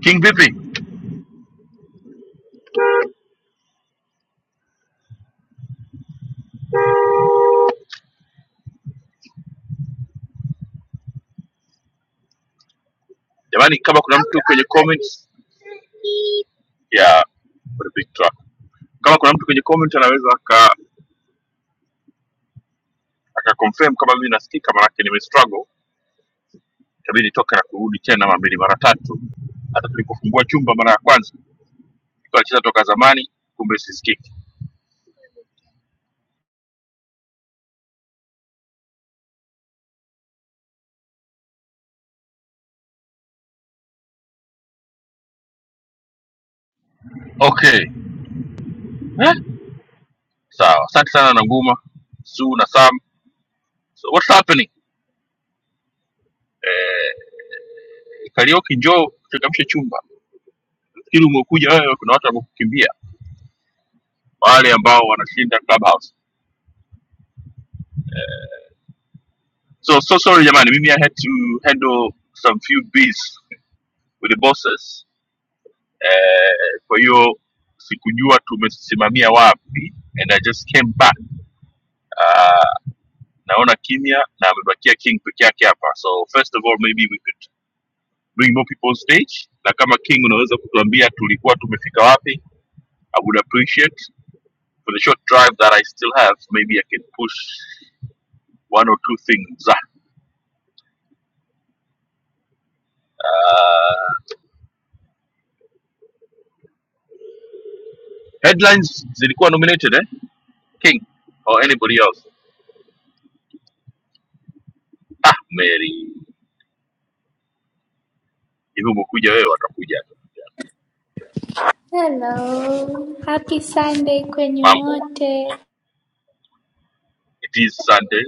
King vipi? Jamani, kama kuna mtu kwenye comments ya Victor. Kama kuna mtu kwenye comment anaweza aka aka confirm kama mimi nasikika, maanake nime struggle, itabidi toka na kurudi tena mara mbili mara tatu, hata tulipofungua chumba mara ya kwanza tulikuwa tunacheza toka zamani, kumbe sisikiki. Okay, Eh? Sawa, asante sana Nanguma, Sue na Sam. So what's happening? Karaoke, njoo changamsha chumba. Nafikiri umekuja wewe, kuna watu wamekukimbia, wale ambao wanashinda Clubhouse. So so sorry jamani, mimi I had to handle some few bees with the bosses. Eh, kwa hiyo sikujua tumesimamia wapi and I just came back. Uh, naona kimya na amebakia King peke yake hapa. So first of all maybe we could bring more people on stage, na kama King unaweza kutuambia tulikuwa tumefika wapi I would appreciate for the short drive that I still have, maybe I can push one or two things. Ah, Uh, headlines zilikuwa nominated eh? King or anybody else? Ah, Mary, hivi umekuja wewe, watakuja tu. Hello. Happy Sunday kwenyu mambo. wote. It is Sunday,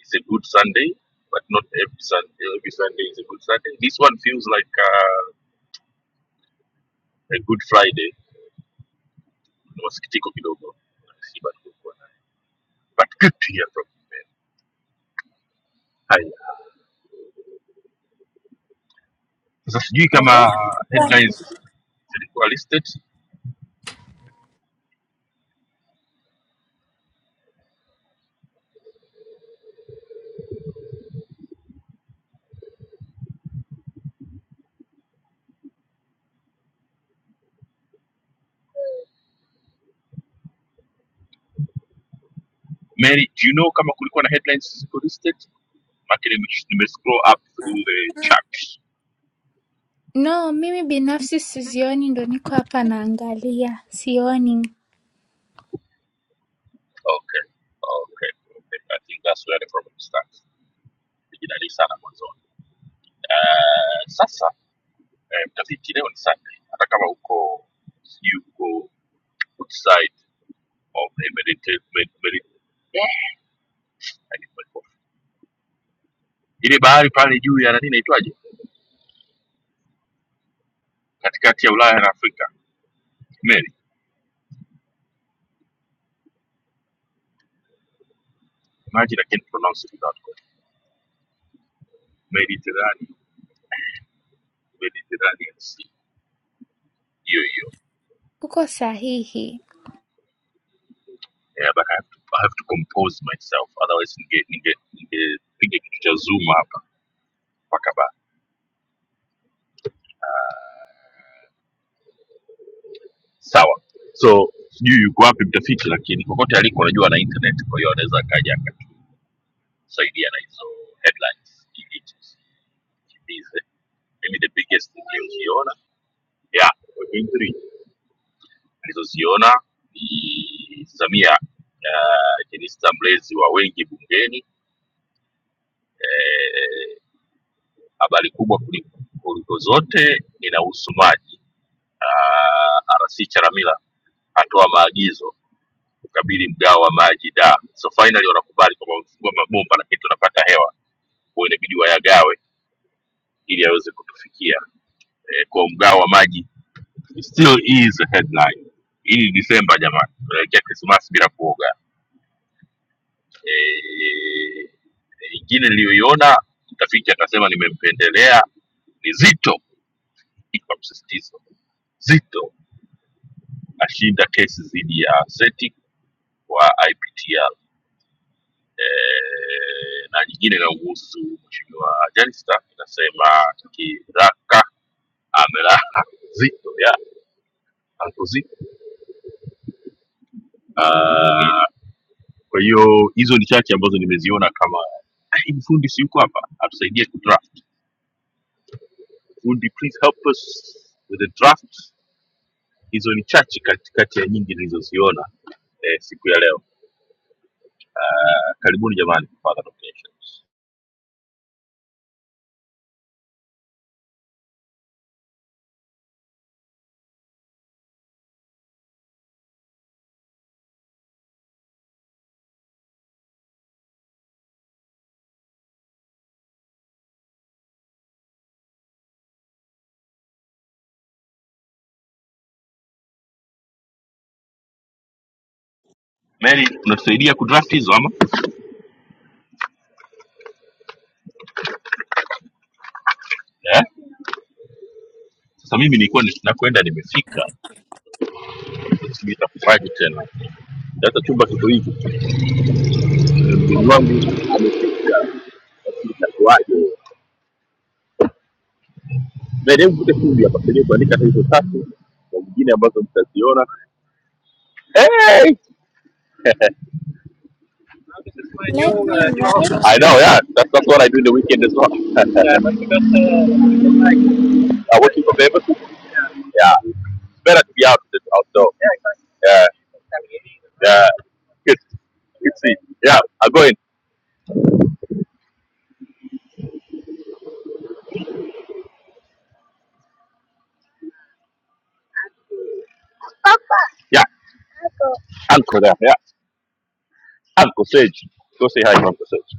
it's a good Sunday, but not every Sunday, every Sunday is a good Sunday. This one feels like uh, a good Friday. Ni masikitiko kidogo, Siba tulikuwa na- but good to hear from you. Haya, sasa sijui kama uh, headlines zilikuwa listed Mary, do you know kama kulikuwa na headlines ziko listed? Maana nime- nimescroll up through the chat. No, mimi binafsi sizioni ndo niko hapa naangalia. Sioni. Okay. Okay. Okay. I think that's where the problem starts. Nijidalii sana mwanzoni. Uh, sasa eh, mtafiti leo ni Sunday. Hata kama uko sijui uko outside of the Mediterranean Mediterranean. Ile bahari pale juu ya nani inaitwaje? Katikati ya Ulaya na Afrika. Mary, imagine I can't pronounce it without God. Mediterranean, Mediterranean Sea. Hiyo hiyo Uko sahihi. yeah, but I have to, I have to compose myself otherwise ninge ninge ningepiga kitu cha zuma hapa mpaka ba sawa so sijui yuko wapi mtafiti lakini popote aliko anajua na internet kwa hiyo anaweza akaja akatusaidia na hizo headlines ili tusikimbize mimi the biggest niliyoziona yeah we're going three nilizoziona ni samia uh, jenista mlezi wa wengi bungeni Eh, habari kubwa kuliko kuliko zote inahusu maji uh, RC Charamila atoa maagizo kukabili mgao wa maji da so finally wanakubali kwamba wamefungua mabomba lakini tunapata hewa kwa inabidi wayagawe ili aweze kutufikia e, kwa mgao wa maji still is a headline hii ni disemba jamani tunaelekea krismas bila kuoga Eh, ingine niliyoiona mtafiti atasema nimempendelea ni zito kwa msisitizo zito ashinda kesi dhidi ya seti wa iptr eh, na nyingine inayomhusu mheshimiwa Jenista inasema kiraka amelala zito ya ankuzi. Ah, Kwa hiyo hizo ni chache ambazo nimeziona kama "Ah, hivi fundi si yuko hapa atusaidie kudraft. Fundi please help us with the draft. Hizo ni chache kati kati ya nyingi nilizoziona eh, siku ya leo. Ah, Karibuni jamani, further nominations. Mary, unatusaidia kudraft hizo ama? Eh? Sasa mimi nilikuwa ni- nakwenda nimefika Nitakufurahi tena. Sasa chumba kiko hivi, mdogo wangu amefika, itakuwaje? Basi hebu vute fundi hapa, tuendelee kuandika hizo tatu na nyingine ambazo mtaziona. Hey! Let me write I know, yeah. That's, that's what I do in the weekend as well. yeah, but because, uh, like, I work in for Beaver. Yeah. It's better to be out than outdoor. Yeah, exactly. Yeah. Yeah. Good. Good see. Yeah, I'm going. Yeah. Uncle there. Yeah. Anko Seji, kose hai Anko Seji.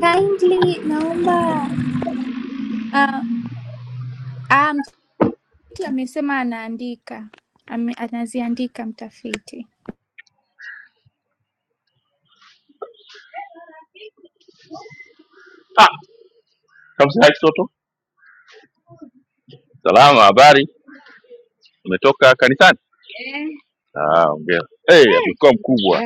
kindly. Naomba uh, ah, mtafiti amesema anaandika. Ame, anaziandika mtafiti. Ah, Hamza Hai Soto, salama, habari? Umetoka kanisani? Ah, ongera. Eh, hey, amekuwa mkubwa.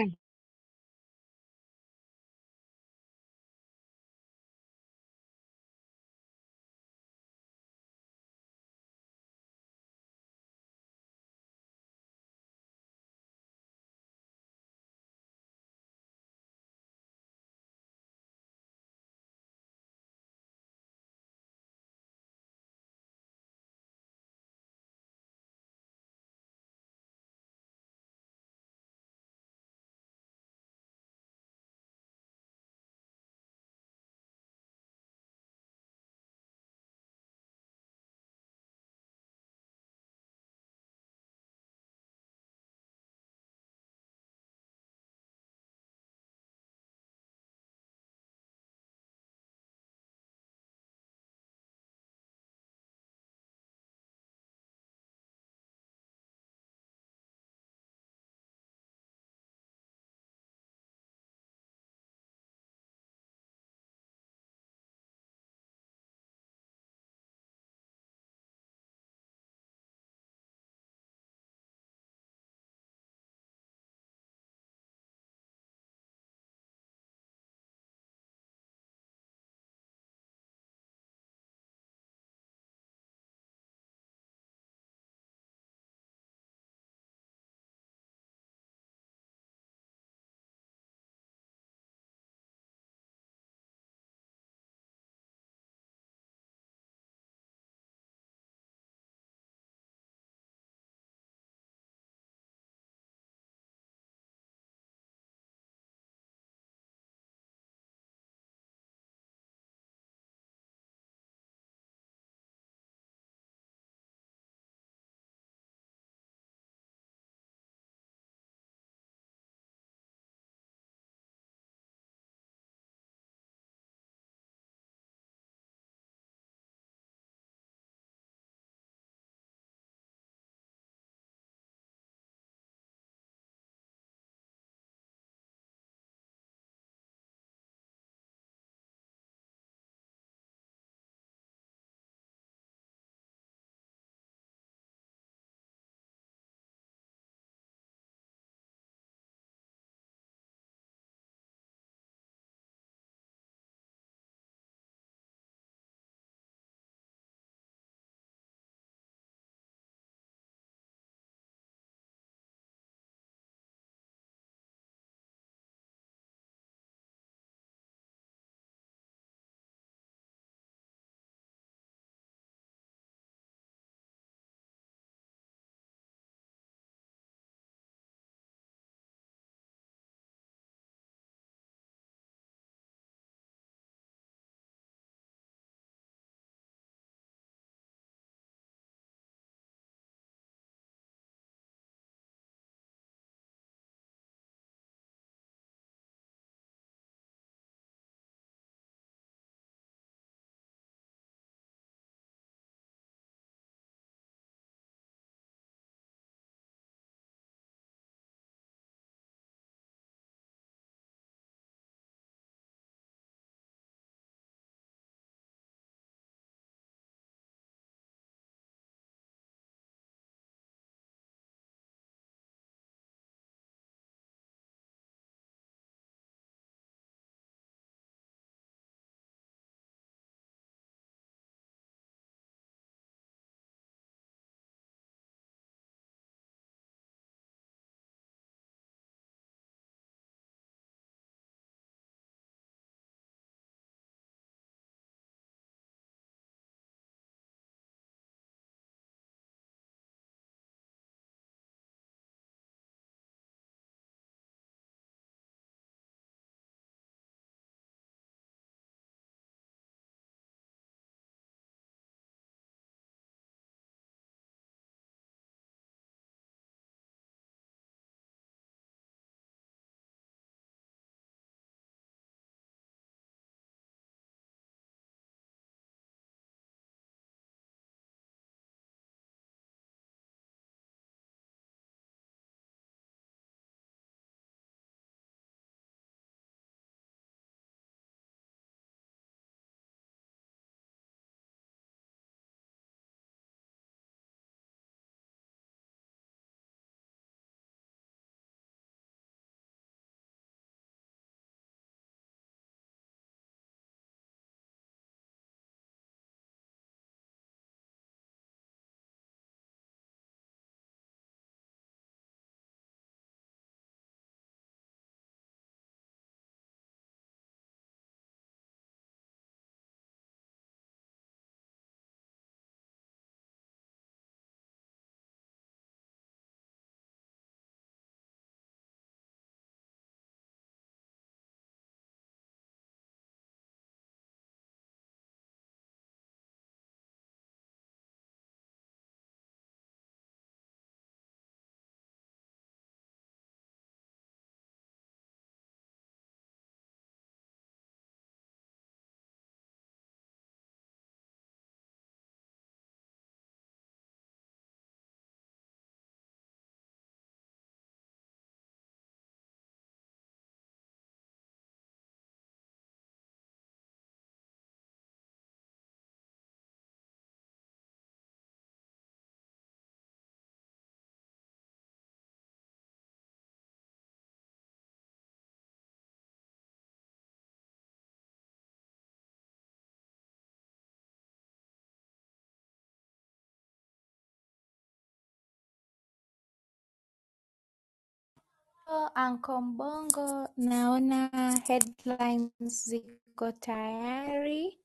Oh, Uncle Mbongo, naona headlines ziko tayari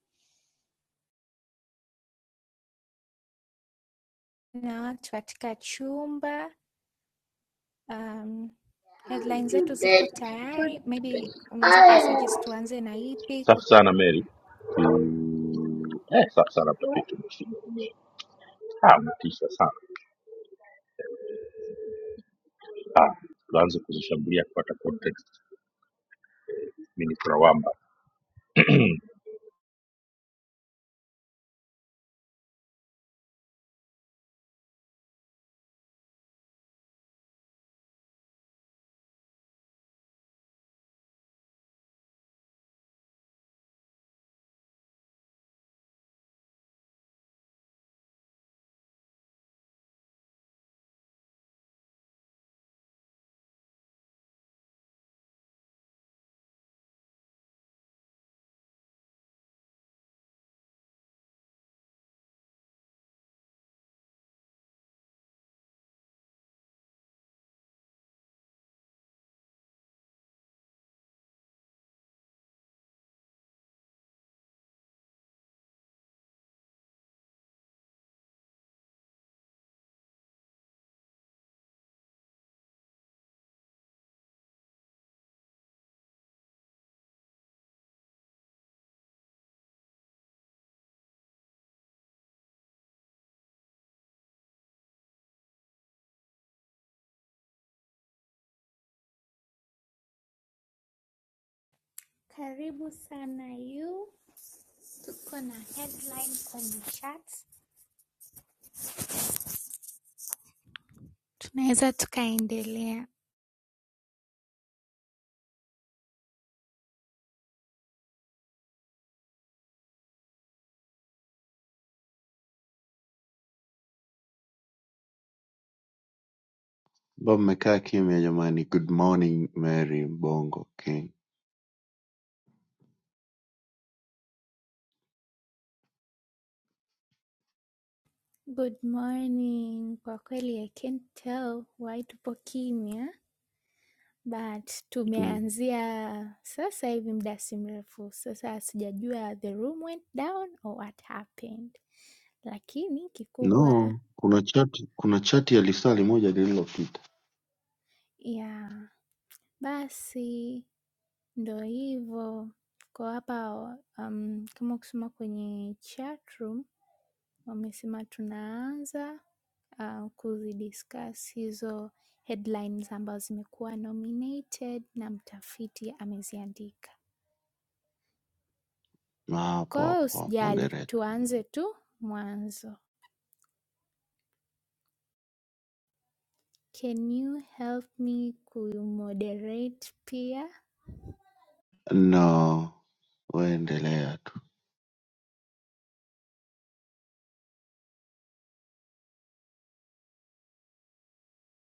na watu katika chumba. Um, headline zetu ziko tayari maybe unaweza ukasuggest tuanze na ipi kwa Safi sana Mary. Mm, eh, safi sana mtafiti mshindi. Ah, mtisha sana. Ah, tuanze kuzishambulia kupata context. Mimi ni Kurawamba. karibu sana yu tuko na headline kwenye chat tunaweza tukaendelea Mbona mmekaa kimya jamani? Good morning Mary Bongo King. good morning kwa kweli i can't tell why tupo kimya but Mm. tumeanzia sasa hivi muda si mrefu sasa sijajua the room went down or what happened lakini kikubwa ya No, kuna chati, kuna chati ya lisali moja lililopita yeah. basi Ndo hivo kwa hapa am, kama ukisoma kwenye chatroom wamesema tunaanza ah, kuzidiscuss hizo headlines ambazo zimekuwa nominated na mtafiti ameziandika. na hapo Kwa hiyo hapo usijali, moderate. tuanze tu mwanzo. Can you help me kumoderate pia? No, waendelea tu.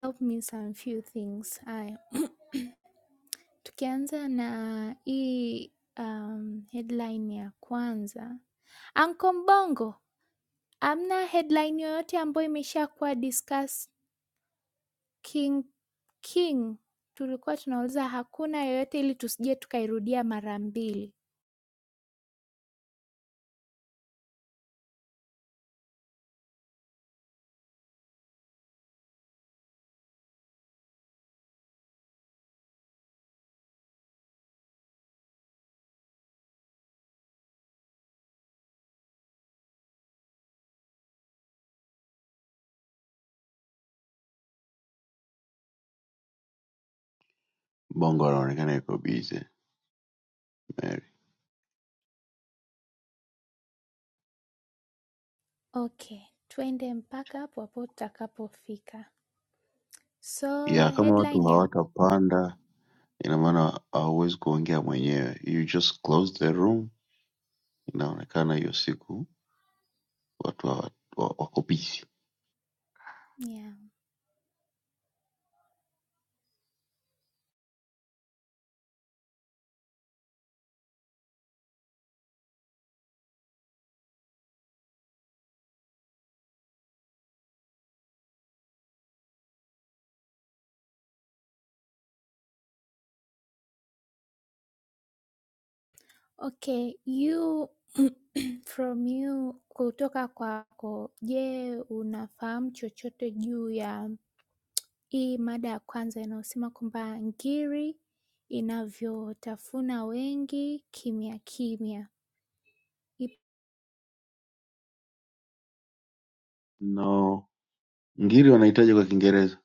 Help me some few things. Haya, tukianza na hii um, headline ya kwanza Anko Mbongo, hamna headline yoyote ambayo imeshakuwa discuss king king. Tulikuwa tunauliza hakuna yoyote, ili tusije tukairudia mara mbili. Bongo anaonekana yuko busy Mary. Okay, twende mpaka hapo hapo tutakapofika. So Ya kama watu headline ya hawatapanda, ina maana hauwezi kuongea mwenyewe. You just close the room. Inaonekana hiyo siku watu hawa- wa- wako busy. yeah. Okay, you from you, kutoka kwako, je, unafahamu chochote juu ya Hii mada ya kwanza inayosema kwamba ngiri inavyotafuna wengi kimya kimya. Ip- No, ngiri wanahitaji kwa Kiingereza.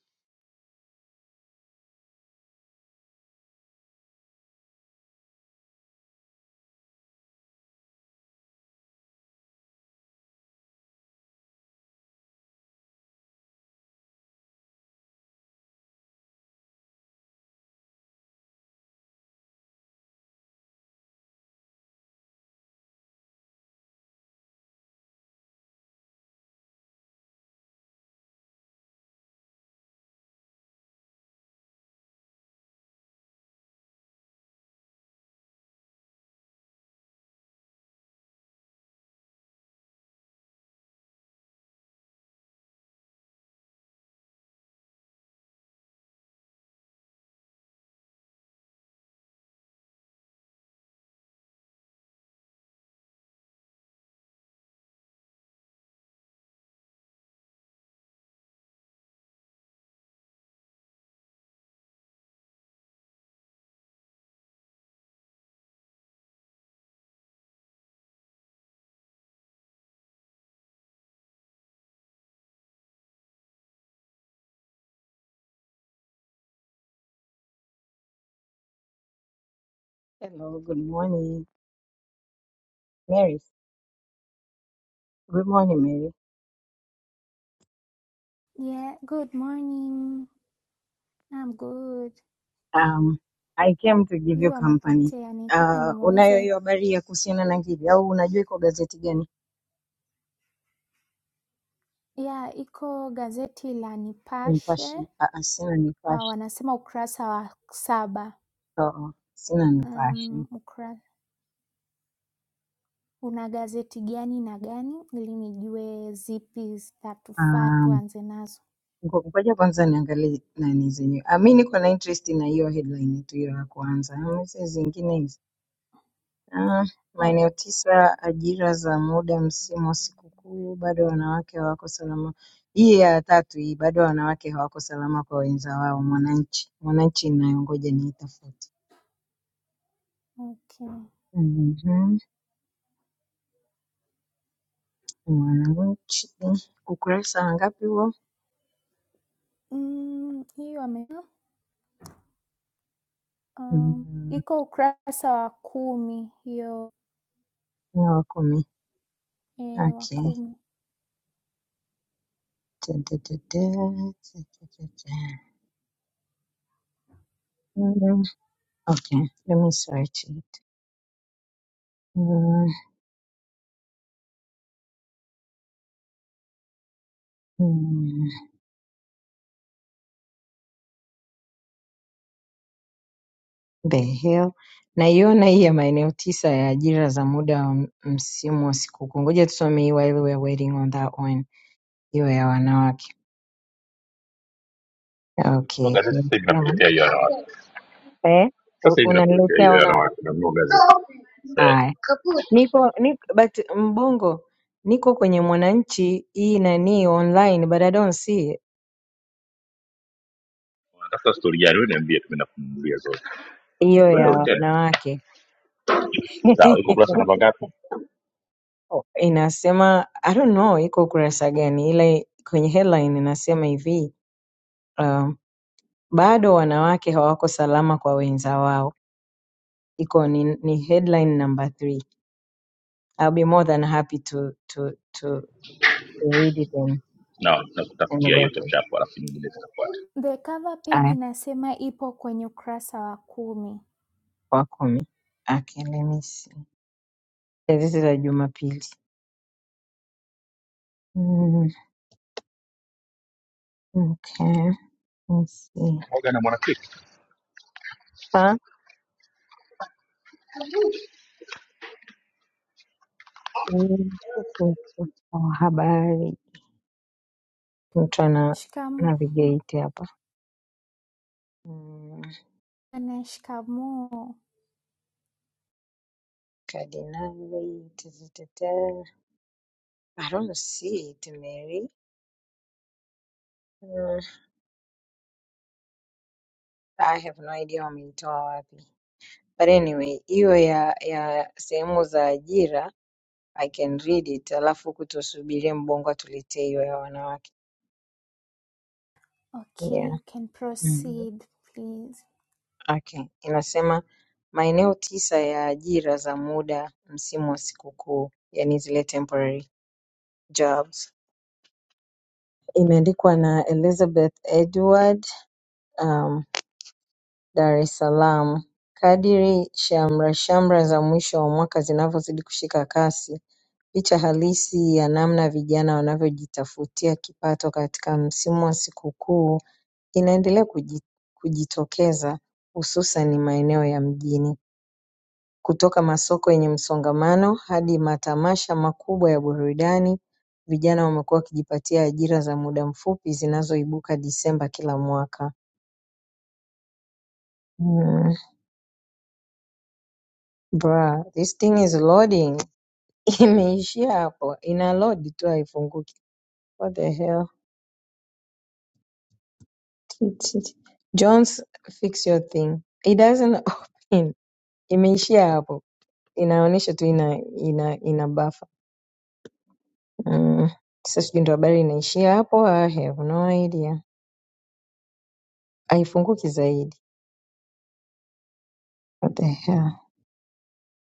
Hello, good morning, Mary. Good morning, Mary. Yeah, good morning. I'm good. Eh, Um, I came to give you yu company. amepotea. Nitaka Uh, unayo nimuulize. hiyo habari ya kuhusiana na ngigi au unajua iko gazeti gani? Yeah, iko gazeti la Nipashe. Nipashe. Ah, ah, sina Uh, Nipashe. wanasema ukurasa wa saba. Oo, sina Nipashe. Um, ukra... Una gazeti gani na gani ili nijue zipi zitatufaa Um, tuanze nazo. ngo- ngoja kwanza niangalie nani zenyewe. Ah, mi niko na interest na hiyo headline tu hiyo ya kwanza. Ah, O- Maeneo tisa ajira za muda msimu wa sikukuu bado wanawake hawako salama. Hii ya tatu hii bado wanawake hawako salama kwa wenza wao mwananchi. Mwananchi ninayongoja ni itafute. Okay. Mhm. Mwananchi ukurasa wa ngapi huo? Mm, hiyo ame Um, Mm, iko ukurasa wa kumi hiyo ni wa kumi. e, wa Okay. kumi. Ta, ta, ta, ta, ta, ta, ta, ta. Mm, Okay, let me search it. Mm, mm. the hell naiona hii ya maeneo tisa ya ajira za muda wa m- msimu wa sikukuu ngoja tusome hii while we are waiting on that one hiyo ya wanawake Nanunua okay gazeti sasa hivi Inasema, nakuletea hiyo wanawake. eh, u- Sasa hivi nakuletea unaniletea hiyo wanawake wanawake. Nanunua gazeti. Eh, haya niko, niko but mbongo niko kwenye mwananchi hii nani online but i don't see it. unatafuta story gani? Wewe niambie, tumeenda kumnunulia zote. hiyo ya Wewe tena. wanawake Sawa, iko kurasa namba ngapi? Oh, inasema i don't know iko ukurasa gani ila kwenye headline inasema hivi um, bado wanawake hawako salama kwa wenza wao iko ni, ni headline number three I'll be more than happy to, to, to read it and, Na and nakutafutia hiyo go through chapchap alafu nyingine zitakuwa The cover page aya inasema ipo kwenye ukurasa wa kumi. kwa kumi okay, let me see Yeah, This is a jumapili mm, okay, let us see. Morgan na Mwanakristo. Huh? Mm, okay, okay. oh, habari mtu ana Shikam navigate hapa Mm, na shikamoo. kardinali tetetete. I don't see it Mary Mm. I have no idea wameitoa wapi. But anyway, hiyo ya ya sehemu za ajira I can read it, alafu huku tusubirie Mbongo atuletee hiyo ya wanawake. Okay, Yeah. you can Mm-hmm. proceed please. Okay. Inasema maeneo tisa ya ajira za muda msimu wa sikukuu, yani zile temporary jobs. Imeandikwa na Elizabeth Edward, um, Dar es Salaam. Kadiri shamra shamra za mwisho wa mwaka zinavyozidi kushika kasi Picha halisi ya namna vijana wanavyojitafutia kipato katika msimu wa sikukuu inaendelea kuji- kujitokeza hususan maeneo ya mjini. Kutoka masoko yenye msongamano hadi matamasha makubwa ya burudani, vijana wamekuwa wakijipatia ajira za muda mfupi zinazoibuka Disemba kila mwaka. Mm, bruh, this thing is loading. Imeishia hapo. Ina load tu haifunguki. What the hell? It- it- Jones fix your thing. It doesn't open. Imeishia hapo. Inaonyesha tu ina ina ina buffer. Mm. Sasa sijui ndo habari inaishia hapo. I have no idea. Haifunguki zaidi. What the hell?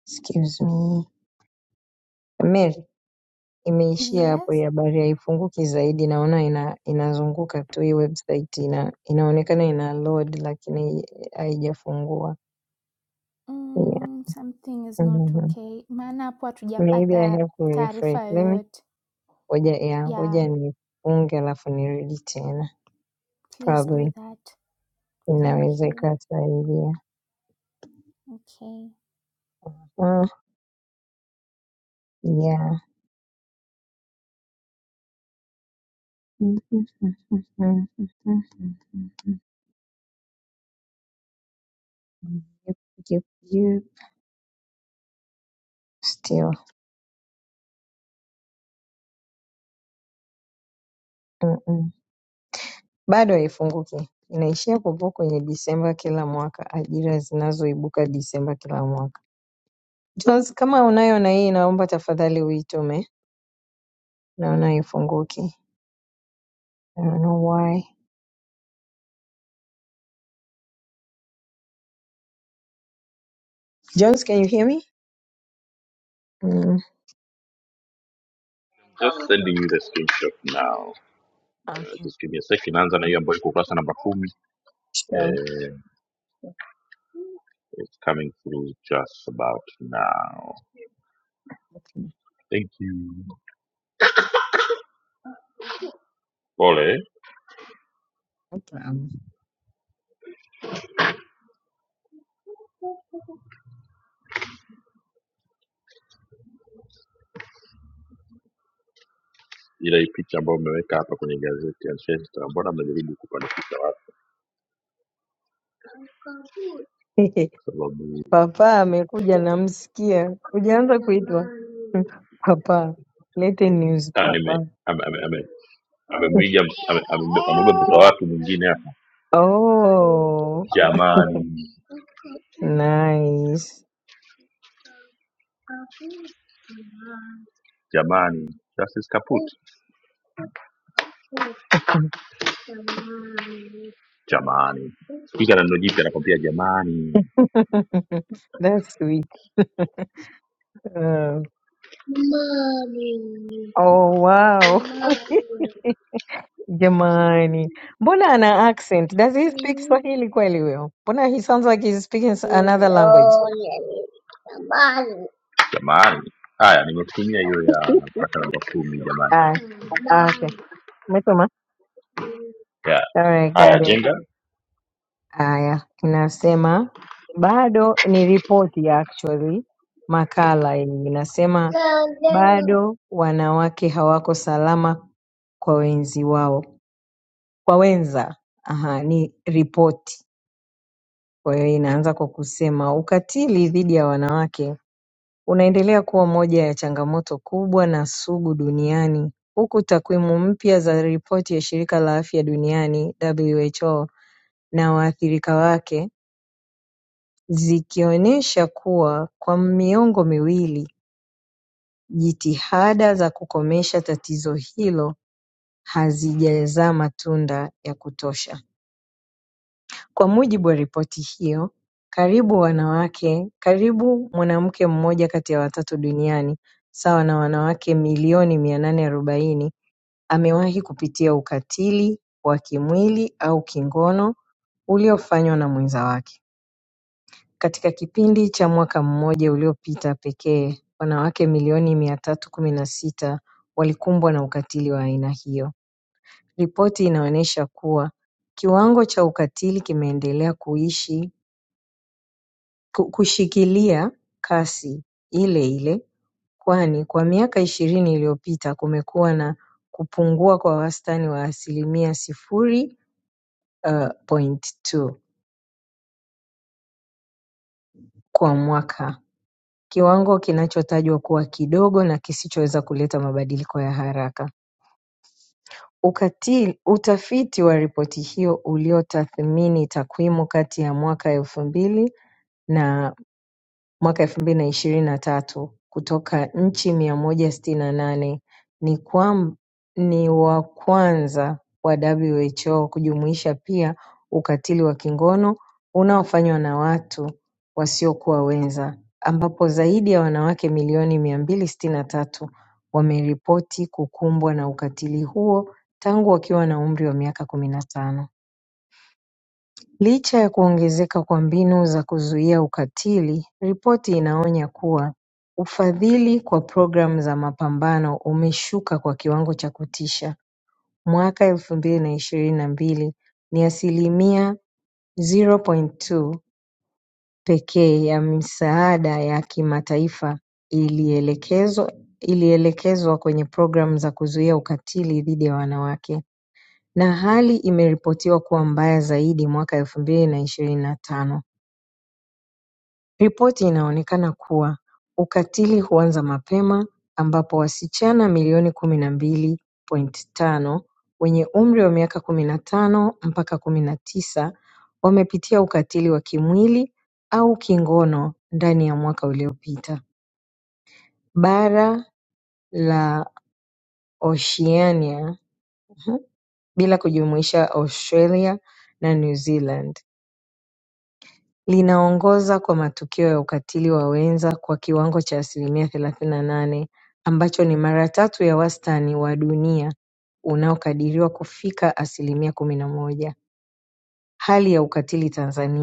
Excuse me. Mary, imeishia hapo hii Yes. habari haifunguki zaidi. Naona ina inazunguka tu hii website ina inaonekana ina load lakini haijafungua. Yeah. Mm, something is not Mm-hmm. okay. Maana hapo Maybe I hatujapata have to refresh. taarifa Let me yoyote. Ngoja ya Yeah, ngoja nifunge alafu nirudi tena. please do Probably that. Thank inaweza you. ikasaidia. Okay. Mm, yeah. Yup, yup, yup. Still. Mm-mm. Bado haifunguki. Inaishia kupo kwenye Disemba kila mwaka, ajira zinazoibuka Disemba kila mwaka. Jones, kama unayo na hii naomba tafadhali uitume. Naona haifunguki. I don't know why. Jones, can you hear me? Mm. Just sending you the screenshot now. Uh, Okay. just give me a second. Anza na hiyo ambayo iko ukurasa namba kumi. Sure. Uh, it's coming through just about now. Thank you. Pole Naam. ila hii picha ambayo umeweka hapa kwenye gazeti ya Manchester, mbona amejaribu kupandikisha watu? Kwa sababu Papa amekuja, namsikia. Hujaanza kuitwa papa. Lete news ah, nime papa. ame- ame- ame- amemwiga ms- ame- ame- amebeba mtoto wa watu mwingine hapa. Oh, Jamani, nice. jamani, Justice Kaput, jamani, spika na neno jipya anakwambia jamani. That's sweet. Uh, oh wow, jamani, mbona ana accent? Does he speak Swahili kweli huyo? Mbona he sounds like he's speaking s- another language? Jamani, haya nimekutumia hiyo ya mpaka namba kumi jamani. Ah, ah, okay, umesoma. Yeah. All right, Haya got it. jenga Haya, inasema bado ni ripoti ya actually makala yenye inasema bado wanawake hawako salama kwa wenzi wao, kwa wenza. Aha, ni ripoti. Kwa hiyo inaanza kwa kusema ukatili dhidi ya wanawake unaendelea kuwa moja ya changamoto kubwa na sugu duniani, huku takwimu mpya za ripoti ya shirika la afya duniani WHO na waathirika wake Zikionyesha kuwa kwa miongo miwili jitihada za kukomesha tatizo hilo hazijazaa matunda ya kutosha. Kwa mujibu wa ripoti hiyo, karibu wanawake karibu mwanamke mmoja kati ya watatu duniani, sawa na wanawake milioni 840, amewahi kupitia ukatili wa kimwili au kingono uliofanywa na mwenza wake. Katika kipindi cha mwaka mmoja uliopita pekee, wanawake milioni mia tatu kumi na sita walikumbwa na ukatili wa aina hiyo. Ripoti inaonyesha kuwa kiwango cha ukatili kimeendelea kuishi ku- kushikilia kasi ile ile, kwani kwa miaka ishirini iliyopita kumekuwa na kupungua kwa wastani wa asilimia sifuri uh, point two kwa mwaka. kiwango kinachotajwa kuwa kidogo na kisichoweza kuleta mabadiliko ya haraka Ukatili. Utafiti wa ripoti hiyo uliotathmini takwimu kati ya mwaka elfu mbili na mwaka elfu mbili na ishirini na tatu kutoka nchi mia moja sitini na nane ni kwam- ni wa kwanza wa WHO kujumuisha pia ukatili wa kingono unaofanywa na watu wasiokuwa wenza ambapo zaidi ya wanawake milioni mia mbili sitini na tatu wameripoti kukumbwa na ukatili huo tangu wakiwa na umri wa miaka kumi na tano Licha ya kuongezeka kwa mbinu za kuzuia ukatili ripoti inaonya kuwa ufadhili kwa programu za mapambano umeshuka kwa kiwango cha kutisha mwaka elfu mbili na ishirini na mbili ni asilimia 0.2 pekee ya misaada ya kimataifa ilielekezwa ilielekezwa kwenye programu za kuzuia ukatili dhidi ya wanawake na hali imeripotiwa kuwa mbaya zaidi mwaka elfu mbili na ishirini na tano Ripoti inaonekana kuwa ukatili huanza mapema ambapo wasichana milioni kumi na mbili point tano wenye umri wa miaka kumi na tano mpaka kumi na tisa wamepitia ukatili wa kimwili au kingono ndani ya mwaka uliopita. Bara la Oceania mhm, bila kujumuisha Australia na New Zealand. linaongoza kwa matukio ya ukatili wa wenza kwa kiwango cha asilimia thelathini na nane ambacho ni mara tatu ya wastani wa dunia unaokadiriwa kufika asilimia kumi na moja. Hali ya ukatili Tanzania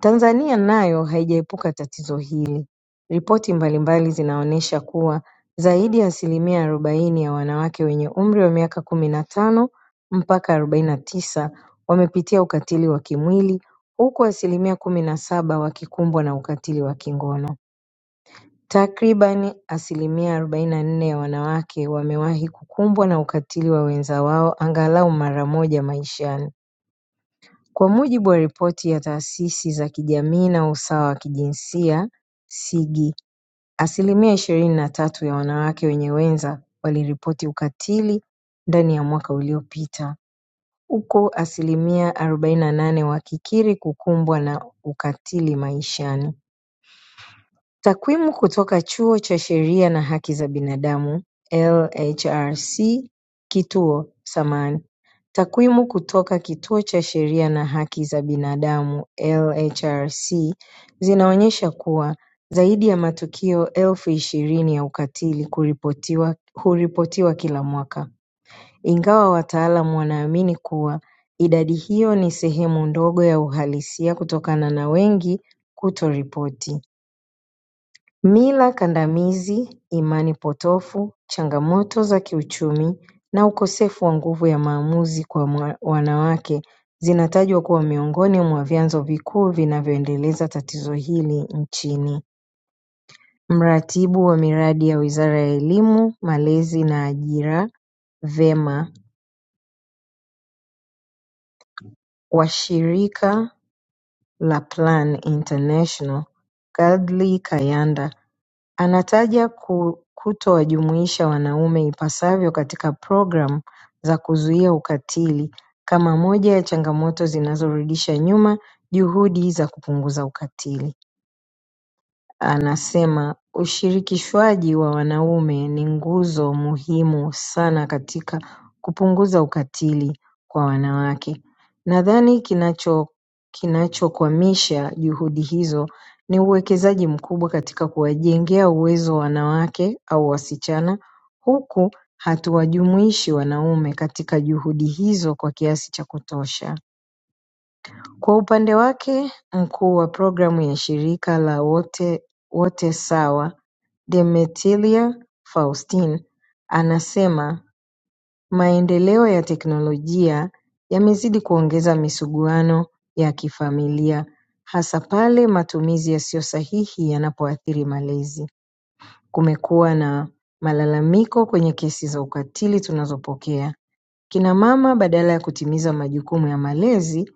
Tanzania nayo haijaepuka tatizo hili ripoti mbalimbali zinaonesha kuwa zaidi ya asilimia arobaini ya wanawake wenye umri wa miaka kumi na tano mpaka arobaini na tisa wamepitia ukatili wa kimwili huku asilimia kumi na saba wakikumbwa na ukatili wa kingono Takribani asilimia arobaini na nne ya wanawake wamewahi kukumbwa na ukatili wa wenza wao angalau mara moja maishani kwa mujibu wa ripoti ya taasisi za kijamii na usawa wa kijinsia SIGI, asilimia ishirini na tatu ya wanawake wenye wenza waliripoti ukatili ndani ya mwaka uliopita, huku asilimia arobaini na nane wakikiri kukumbwa na ukatili maishani. Takwimu kutoka Chuo cha Sheria na Haki za Binadamu LHRC Kituo samahani Takwimu kutoka Kituo cha Sheria na Haki za Binadamu LHRC zinaonyesha kuwa zaidi ya matukio elfu ishirini ya ukatili kuripotiwa huripotiwa kila mwaka, ingawa wataalamu wanaamini kuwa idadi hiyo ni sehemu ndogo ya uhalisia kutokana na wengi kutoripoti. Mila kandamizi imani potofu changamoto za kiuchumi na ukosefu wa nguvu ya maamuzi kwa wanawake zinatajwa kuwa miongoni mwa vyanzo vikuu vinavyoendeleza tatizo hili nchini Mratibu wa miradi ya Wizara ya Elimu, Malezi na Ajira VEMA wa shirika la Plan International Gladly Kayanda Anataja kutowajumuisha wanaume ipasavyo katika programu za kuzuia ukatili kama moja ya changamoto zinazorudisha nyuma juhudi za kupunguza ukatili Anasema ushirikishwaji wa wanaume ni nguzo muhimu sana katika kupunguza ukatili kwa wanawake Nadhani kinacho kinachokwamisha juhudi hizo ni uwekezaji mkubwa katika kuwajengea uwezo wanawake au wasichana huku hatuwajumuishi wanaume katika juhudi hizo kwa kiasi cha kutosha kwa upande wake mkuu wa programu ya shirika la Wote wote Sawa Demetria Faustine anasema maendeleo ya teknolojia yamezidi kuongeza misuguano ya kifamilia hasa pale matumizi yasiyo sahihi yanapoathiri malezi. Kumekuwa na malalamiko kwenye kesi za ukatili tunazopokea Kina mama badala ya kutimiza majukumu ya malezi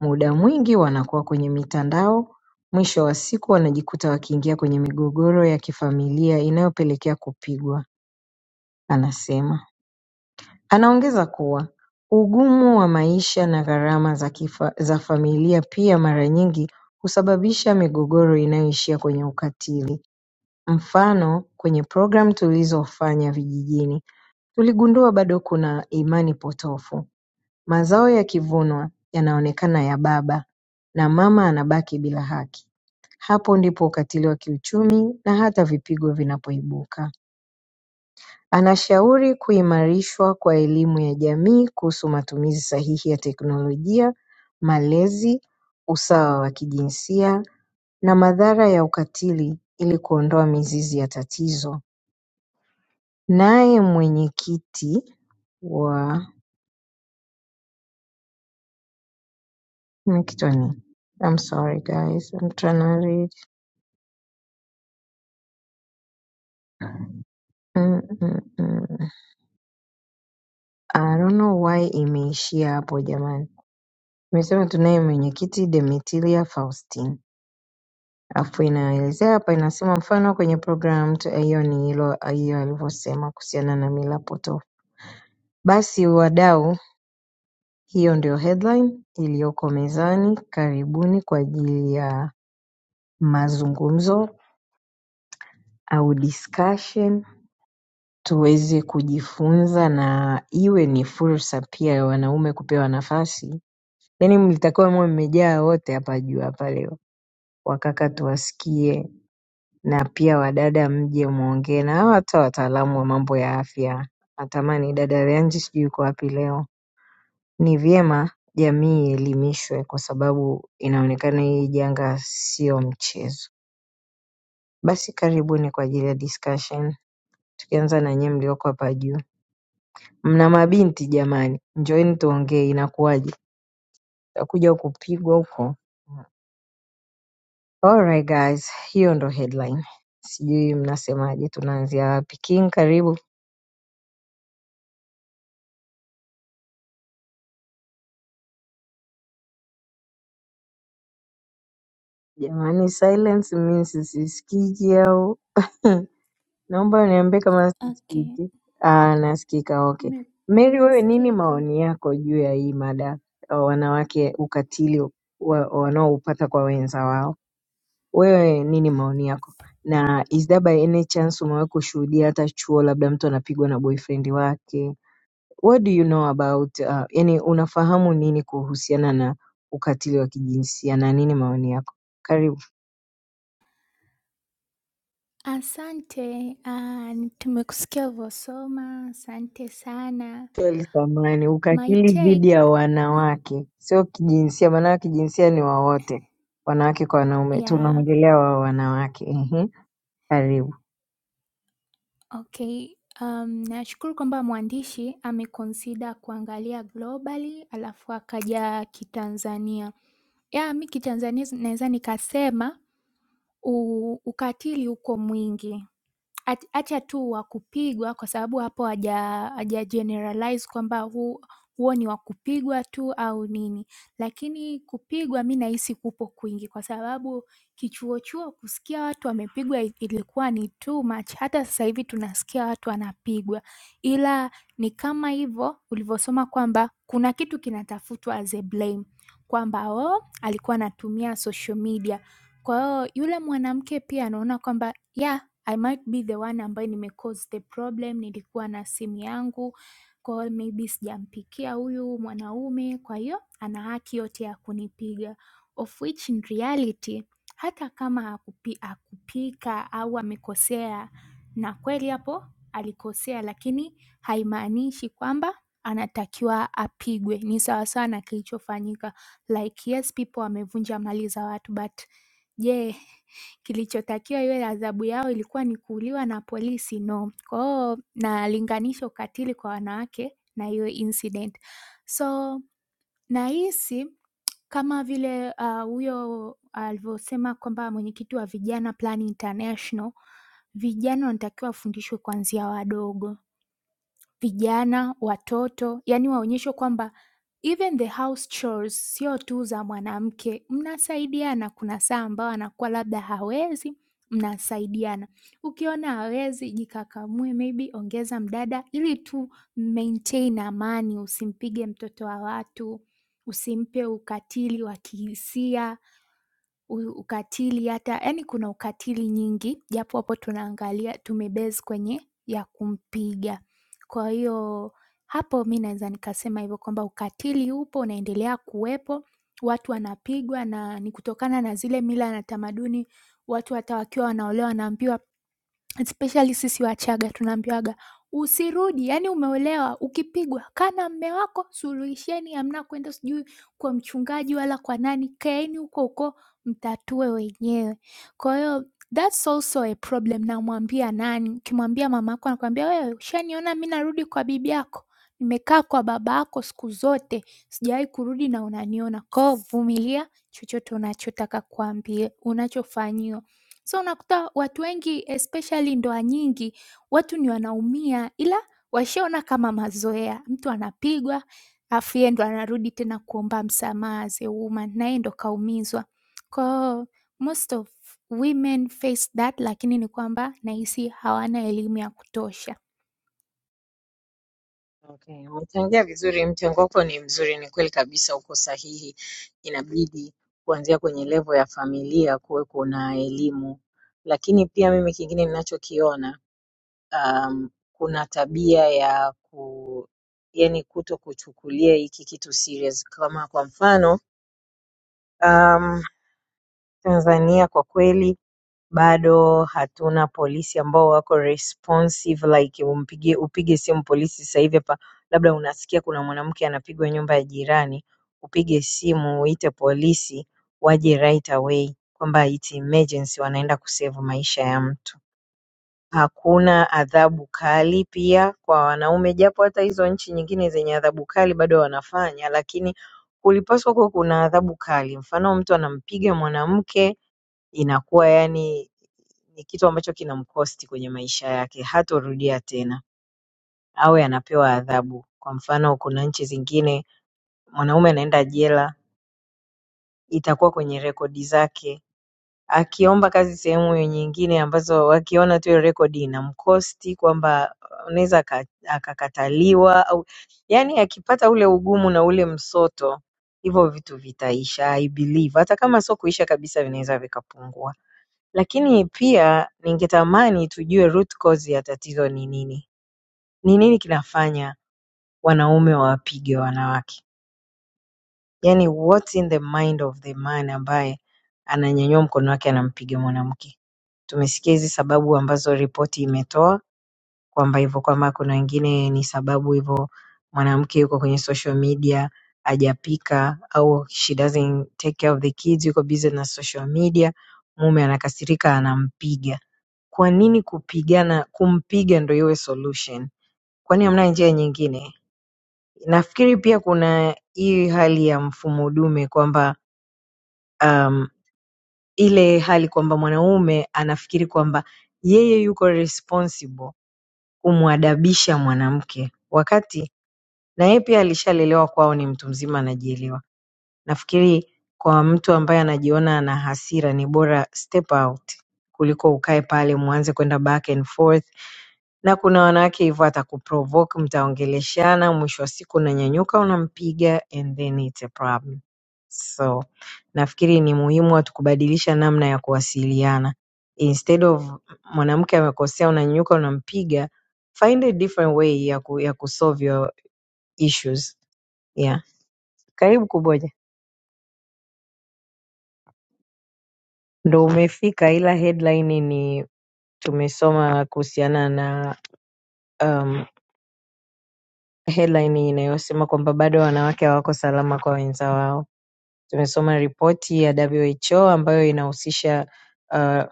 muda mwingi wanakuwa kwenye mitandao mwisho wa siku wanajikuta wakiingia kwenye migogoro ya kifamilia inayopelekea kupigwa anasema. Anaongeza kuwa ugumu wa maisha na gharama za kifa- za familia pia mara nyingi husababisha migogoro inayoishia kwenye ukatili. Mfano, kwenye programu tulizofanya vijijini, tuligundua bado kuna imani potofu Mazao yakivunwa yanaonekana ya baba na mama anabaki bila haki. Hapo ndipo ukatili wa kiuchumi na hata vipigo vinapoibuka. Anashauri kuimarishwa kwa elimu ya jamii kuhusu matumizi sahihi ya teknolojia, malezi, usawa wa kijinsia na madhara ya ukatili ili kuondoa mizizi ya tatizo. Naye mwenyekiti wa kitu I'm sorry guys I'm trying to read. Mm, mm, mm. I don't know why imeishia hapo jamani. Imesema tunaye mwenyekiti Demetria Faustin, alafu inaelezea hapa, inasema mfano kwenye programu tu- hiyo ni hilo hiyo alivyosema kuhusiana na mila potofu. Basi wadau, hiyo ndio headline iliyoko mezani. Karibuni kwa ajili ya mazungumzo au discussion tuweze kujifunza na iwe ni fursa pia ya wanaume kupewa nafasi yani mlitakiwa muwe mmejaa wote hapa juu hapa leo, wakaka tuwasikie na pia wadada mje muongee na hawa hata wataalamu wa mambo ya afya. Natamani dada Ranji, sijui yuko wapi leo. Ni vyema jamii ielimishwe kwa sababu inaonekana hii janga sio mchezo. Basi karibuni kwa ajili ya discussion, tukianza na nyie mlioko hapa juu. Mna mabinti jamani, njooni tuongee, inakuwaje? Takuja kupigwa huko Alright guys, hiyo ndo headline. Sijui mnasemaje, tunaanzia wapi? King, karibu jamani. Silence means sisikiki au naomba niambie kama Okay. sisikiki. Ah, nasikika. Okay, Me- Mary, wewe nini Nasikika. maoni yako juu ya hii mada ya wanawake ukatili wa- wanaoupata kwa wenza wao? Wewe nini maoni yako, na is there by any chance umewahi kushuhudia hata chuo, labda mtu anapigwa na boyfriend wake What do you know about uh, yani unafahamu nini kuhusiana na ukatili wa kijinsia na nini maoni yako? Karibu. Asante, ah, tumekusikia ulivyosoma. Asante sana. Kweli samani, My ukatili take, dhidi ya wanawake sio kijinsia, maana kijinsia ni wa wote, wanawake kwa wanaume. yeah, Tunaongelea wa wanawake. Ehe, karibu. okay. Um, nashukuru kwamba mwandishi amekonsida kuangalia globally alafu akaja kitanzania. Ya, mi kitanzania naweza nikasema u, ukatili uko mwingi ach- acha tu wa kupigwa kwa sababu hapo haja haja generalize kwamba huu huo ni wa kupigwa tu au nini, lakini kupigwa mi nahisi kupo kwingi, kwa sababu kichuochuo kusikia watu wamepigwa i- ilikuwa ni too much. Hata sasa hivi tunasikia watu wanapigwa, ila ni kama hivyo ulivyosoma kwamba kuna kitu kinatafutwa as a blame, kwamba oh, alikuwa anatumia social media. Kwa hiyo yule mwanamke pia anaona kwamba ya I might be the one ambaye nime cause the problem. Nilikuwa na simu yangu, kwa hiyo maybe sijampigia huyu mwanaume, kwa hiyo ana haki yote ya kunipiga. Of which in reality hata kama hakupi- hakupika au amekosea, na kweli hapo alikosea, lakini haimaanishi kwamba anatakiwa apigwe. Ni sawasawa na kilichofanyika like yes people wamevunja mali za watu but Je, kilichotakiwa iwe adhabu yao ilikuwa ni kuuliwa na polisi? No. Kwa hiyo nalinganisha ukatili kwa wanawake na hiyo incident. So nahisi kama vile ah, huyo alivyosema kwamba mwenyekiti wa vijana Plan International, vijana wanatakiwa wafundishwe kuanzia wadogo vijana, watoto, yani waonyeshwe kwamba even the house chores sio tu za mwanamke, mnasaidiana. Kuna saa ambayo anakuwa labda hawezi, mnasaidiana. Ukiona hawezi, jikakamue, maybe ongeza mdada, ili tu maintain amani, usimpige mtoto wa watu, usimpe ukatili wa kihisia u ukatili hata yaani kuna ukatili nyingi japo hapo tunaangalia tumebase kwenye ya kumpiga. Kwa hiyo hapo mi naeza nikasema hivyo kwamba ukatili upo unaendelea kuwepo, watu wanapigwa na ni kutokana na zile mila na tamaduni, watu hata wakiwa wanaolewa wanaambiwa especially sisi Wachaga tunaambiwaga usirudi, yani umeolewa, ukipigwa kaa na mme wako, suluhisheni, hamna kwenda sijui kwa mchungaji wala kwa nani, kaeni huko huko mtatue wenyewe. Kwa hiyo that's also a problem. Namwambia nani? Ukimwambia mama yako, anakwambia wewe, ushaniona mi narudi kwa bibi yako, nimekaa kwa baba yako siku zote, sijawahi kurudi na unaniona. Kwa hiyo vumilia chochote unachotaka kuambia, unachofanyiwa So unakuta watu wengi especially ndoa nyingi, watu ni wanaumia ila washaona kama mazoea. Mtu anapigwa alafu yeye ndo anarudi tena kuomba msamaha as a woman na yeye ndo kaumizwa. Kwa hiyo most of women face that, lakini ni kwamba nahisi hawana elimu ya kutosha. Okay, umechangia vizuri. Mchango wako ni mzuri, ni kweli kabisa, uko sahihi. Inabidi kuanzia kwenye levo ya familia kuwe kuna elimu, lakini pia mimi kingine ninachokiona um, kuna tabia ya ku, yani kuto kuchukulia hiki kitu serious. Kama kwa mfano Um, Tanzania kwa kweli bado hatuna polisi ambao wako responsive like umpigie upige simu polisi sasa hivi hapa, labda unasikia kuna mwanamke anapigwa nyumba ya jirani, upige simu uite polisi waje right away kwamba it's emergency wanaenda kusave maisha ya mtu hakuna adhabu kali pia kwa wanaume japo hata hizo nchi nyingine zenye adhabu kali bado wanafanya lakini kulipaswa kuwa kuna adhabu kali mfano mtu anampiga mwanamke inakuwa yani ni kitu ambacho kinamkosti kwenye maisha yake hatorudia tena awe anapewa adhabu kwa mfano kuna nchi zingine mwanaume anaenda jela itakuwa kwenye rekodi zake akiomba kazi sehemu nyingine ambazo wakiona tu hiyo rekodi inamkosti kwamba anaweza aka- akakataliwa au yani akipata ule ugumu na ule msoto hivyo vitu vitaisha I believe hata kama sio kuisha kabisa vinaweza vikapungua lakini pia ningetamani tujue root cause ya tatizo ni nini ni nini kinafanya wanaume wawapige wanawake Yaani what's in the mind of the man ambaye ananyanyua mkono wake anampiga mwanamke. Tumesikia hizi sababu ambazo ripoti imetoa kwamba hivyo kwamba kuna wengine ni sababu hivyo mwanamke yuko kwenye social media hajapika au she doesn't take care of the kids yuko busy na social media mume anakasirika anampiga. Kwa nini kupigana kumpiga ndio iwe solution? Kwani hamna njia nyingine? Nafikiri pia kuna hii hali ya mfumo dume kwamba um, ile hali kwamba mwanaume anafikiri kwamba yeye yuko responsible kumwadabisha mwanamke, wakati na yeye pia alishalelewa kwao, ni mtu mzima anajielewa nafikiri kwa mtu ambaye anajiona ana hasira ni bora step out kuliko ukae pale mwanze kwenda back and forth na kuna wanawake hivyo atakuprovoke mtaongeleshana mwisho wa siku unanyanyuka unampiga and then it's a problem so nafikiri ni muhimu watu kubadilisha namna ya kuwasiliana instead of mwanamke amekosea unanyanyuka unampiga find a different way ya, ku, ya kusolve your issues yeah karibu kuboja ndo umefika ila headline ni tumesoma kuhusiana na um, headline inayosema kwamba bado wanawake hawako salama kwa wenza wao tumesoma ripoti ya who ambayo inahusisha uh,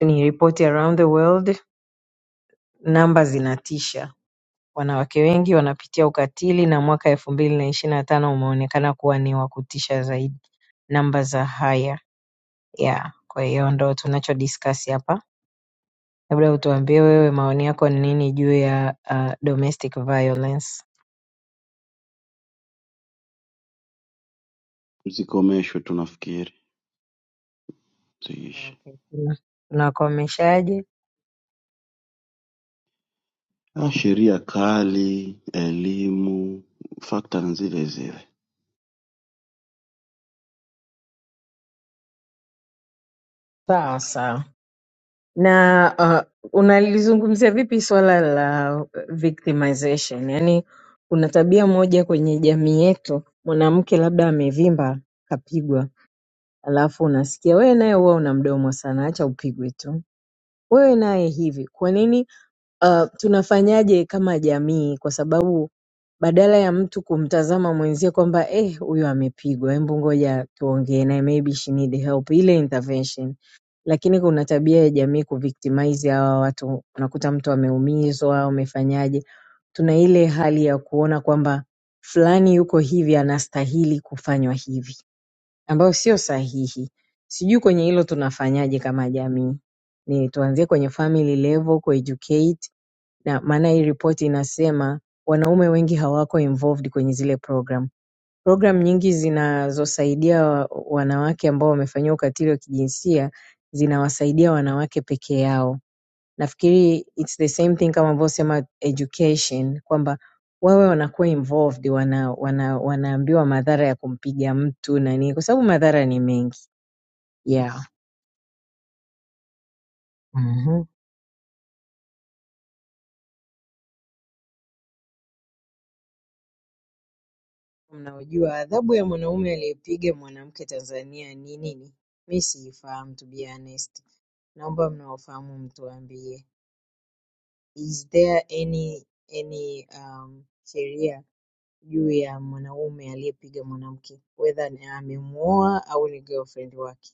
ni ripoti around the world namba zinatisha wanawake wengi wanapitia ukatili na mwaka elfu mbili na ishiri na tano umeonekana kuwa ni wa kutisha zaidi namba za haya yeah. kwa hiyo ndo tunacho discuss hapa labda utuambie wewe maoni yako ni nini juu ya uh, domestic violence Zikomeshwe tunafikiri ziishe. okay. tuna- tunakomeshaje Ah, sheria kali elimu fakta na zile zile Sawa sawa. Na uh, unalizungumzia vipi swala la victimization? Yaani kuna tabia moja kwenye jamii yetu, mwanamke labda amevimba kapigwa, alafu unasikia wewe naye huwa una mdomo sana, acha upigwe tu. Wewe naye hivi. Kwa nini uh, tunafanyaje kama jamii? Kwa sababu Badala ya mtu kumtazama mwenzie kwamba eh, huyu amepigwa, hebu ngoja tuongee naye, maybe she need help, ile intervention. Lakini kuna tabia ya jamii kuvictimize hawa watu, unakuta mtu ameumizwa, amefanyaje. Tuna ile hali ya kuona kwamba fulani yuko hivi, anastahili kufanywa hivi, ambayo sio sahihi. Sijui kwenye hilo tunafanyaje kama jamii? Ni tuanzie kwenye family level, ku educate na maana hii ripoti inasema wanaume wengi hawako involved kwenye zile program. Program nyingi zinazosaidia wa- wanawake ambao wamefanyiwa ukatili wa kijinsia zinawasaidia wanawake peke yao. Nafikiri it's the same thing kama ambosema education kwamba wawe wanakuwa involved, wana, wana, wanaambiwa madhara ya kumpiga mtu na nini, kwa sababu madhara ni mengi. Yeah. Mhm. mnaojua adhabu ya mwanaume aliyempiga mwanamke Tanzania ni nini? Mimi siifahamu to be honest. Naomba mnaofahamu mtuambie. Is there any any um, sheria juu ya mwanaume aliyepiga mwanamke whether ni amemuoa au ni girlfriend wake?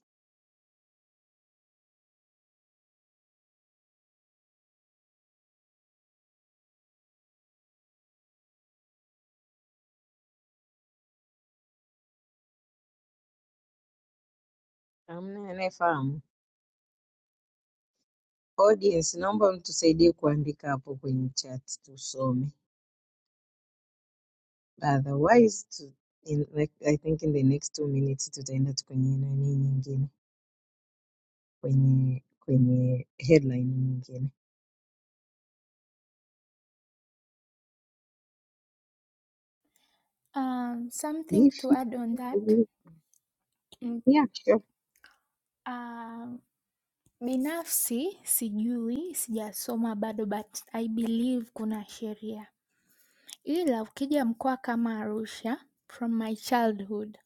Hamna anayefahamu. Audience, naomba mtusaidie kuandika hapo kwenye chat tusome. Otherwise tu, in, like, I think in the next two minutes tutaenda tu kwenye nani nyingine. kwenye kwenye headline nyingine. Um, something to Hivi add on that. Mm, yeah, sure. um, binafsi sijui, sijasoma bado but I believe kuna sheria Ila ukija mkoa kama Arusha from my childhood,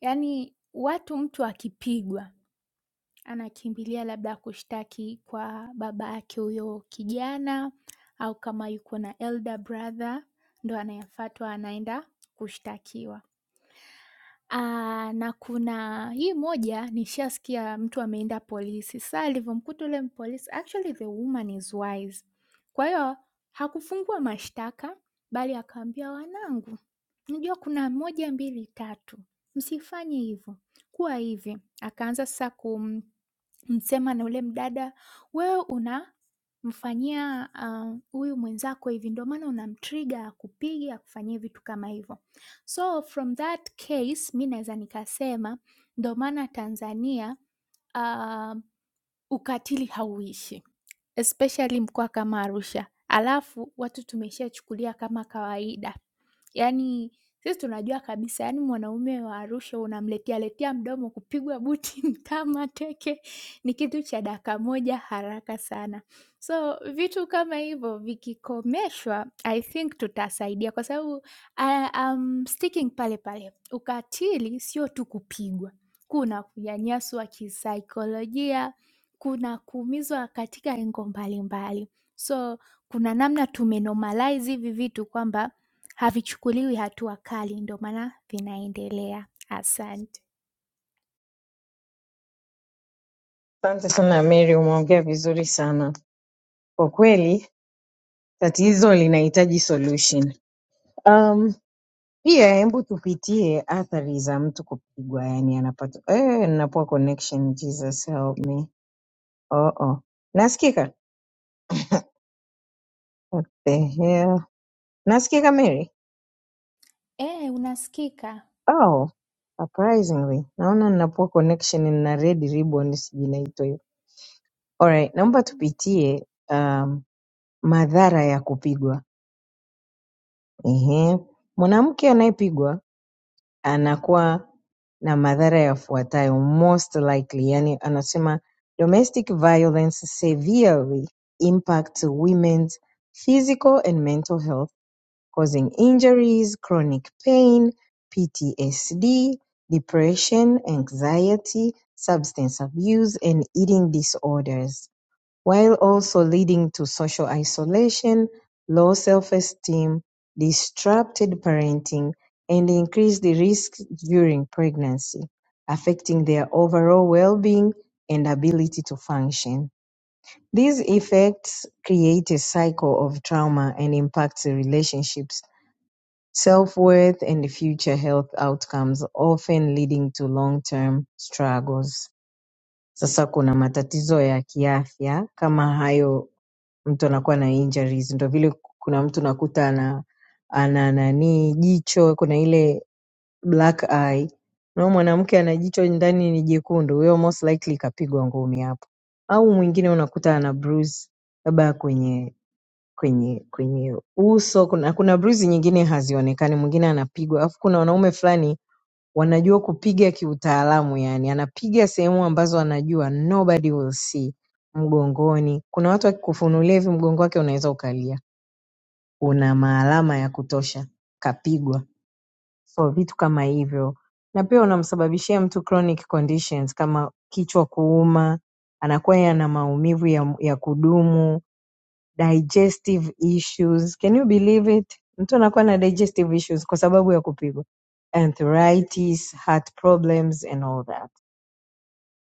yaani watu mtu akipigwa anakimbilia labda kushtaki kwa baba yake huyo kijana, au kama yuko na elder brother ndo anayefatwa anaenda kushtakiwa. Ah, na kuna hii moja nishasikia mtu ameenda polisi, sa alivyomkuta ule mpolisi actually the woman is wise, kwa hiyo hakufungua mashtaka bali akaambia wanangu Unajua kuna moja, mbili, tatu, msifanye hivyo, kuwa hivi." Akaanza sasa kumsema na ule mdada, "Wewe unamfanyia ah, huyu mwenzako hivi, ndio maana unamtrigger akupige, akufanyie vitu kama hivyo." So from that case mi naweza nikasema ndio maana Tanzania ah, ukatili hauishi especially mkoa kama Arusha, alafu watu tumeshachukulia kama kawaida. Yaani sisi tunajua kabisa, yaani mwanaume wa Arusha unamletea letea mdomo kupigwa buti, mtama, teke ni kitu cha dakika moja haraka sana. So vitu kama hivyo vikikomeshwa I think tutasaidia kwa sababu uh, um, sticking pale pale, ukatili sio tu kupigwa, kuna kunyanyaswa kisaikolojia, kuna kuumizwa katika engo mbalimbali. So kuna namna tumenormalize hivi vitu kwamba havichukuliwi hatua kali ndo maana vinaendelea asante Asante sana Mary, umeongea vizuri sana kwa kweli, tatizo linahitaji solution. Um, pia hebu tupitie athari za mtu kupigwa, yani anapata eh, napoa connection. Jesus help me. Oh, oh. Nasikika? What the hell? Nasikika Mary? e, unasikika Oh, surprisingly naona ninapoa connection na red ribbon, sijui inaitwa hiyo. Alright, naomba tupitie um, madhara ya kupigwa. Ehe. Mwanamke anayepigwa anakuwa na madhara yafuatayo most likely, yani anasema domestic violence severely impacts women's physical and mental health causing injuries, chronic pain, PTSD, depression, anxiety, substance abuse and eating disorders. while also leading to social isolation, low self-esteem, disrupted parenting, and increased risk during pregnancy, affecting their overall well-being and ability to function. These effects create a cycle of trauma and impacts relationships, self-worth, and future health outcomes, often leading to long-term struggles. Sasa kuna matatizo ya kiafya kama hayo mtu anakuwa na injuries ndo vile kuna mtu nakuta ana ana nani jicho kuna ile black eye nao mwanamke ana jicho ndani ni jekundu huyo most likely kapigwa ngumi hapo au mwingine unakuta ana bruise labda kwenye kwenye kwenye uso kuna kuna bruise nyingine hazionekani mwingine anapigwa alafu kuna wanaume fulani wanajua kupiga kiutaalamu yani anapiga sehemu ambazo anajua nobody will see mgongoni kuna watu akikufunulia hivi mgongo wake unaweza ukalia una maalama ya kutosha kapigwa so vitu kama hivyo na pia unamsababishia mtu chronic conditions kama kichwa kuuma anakuwa ana maumivu ya, ya kudumu digestive issues. Can you believe it? Mtu anakuwa na digestive issues kwa sababu ya kupigwa, arthritis, heart problems and all that.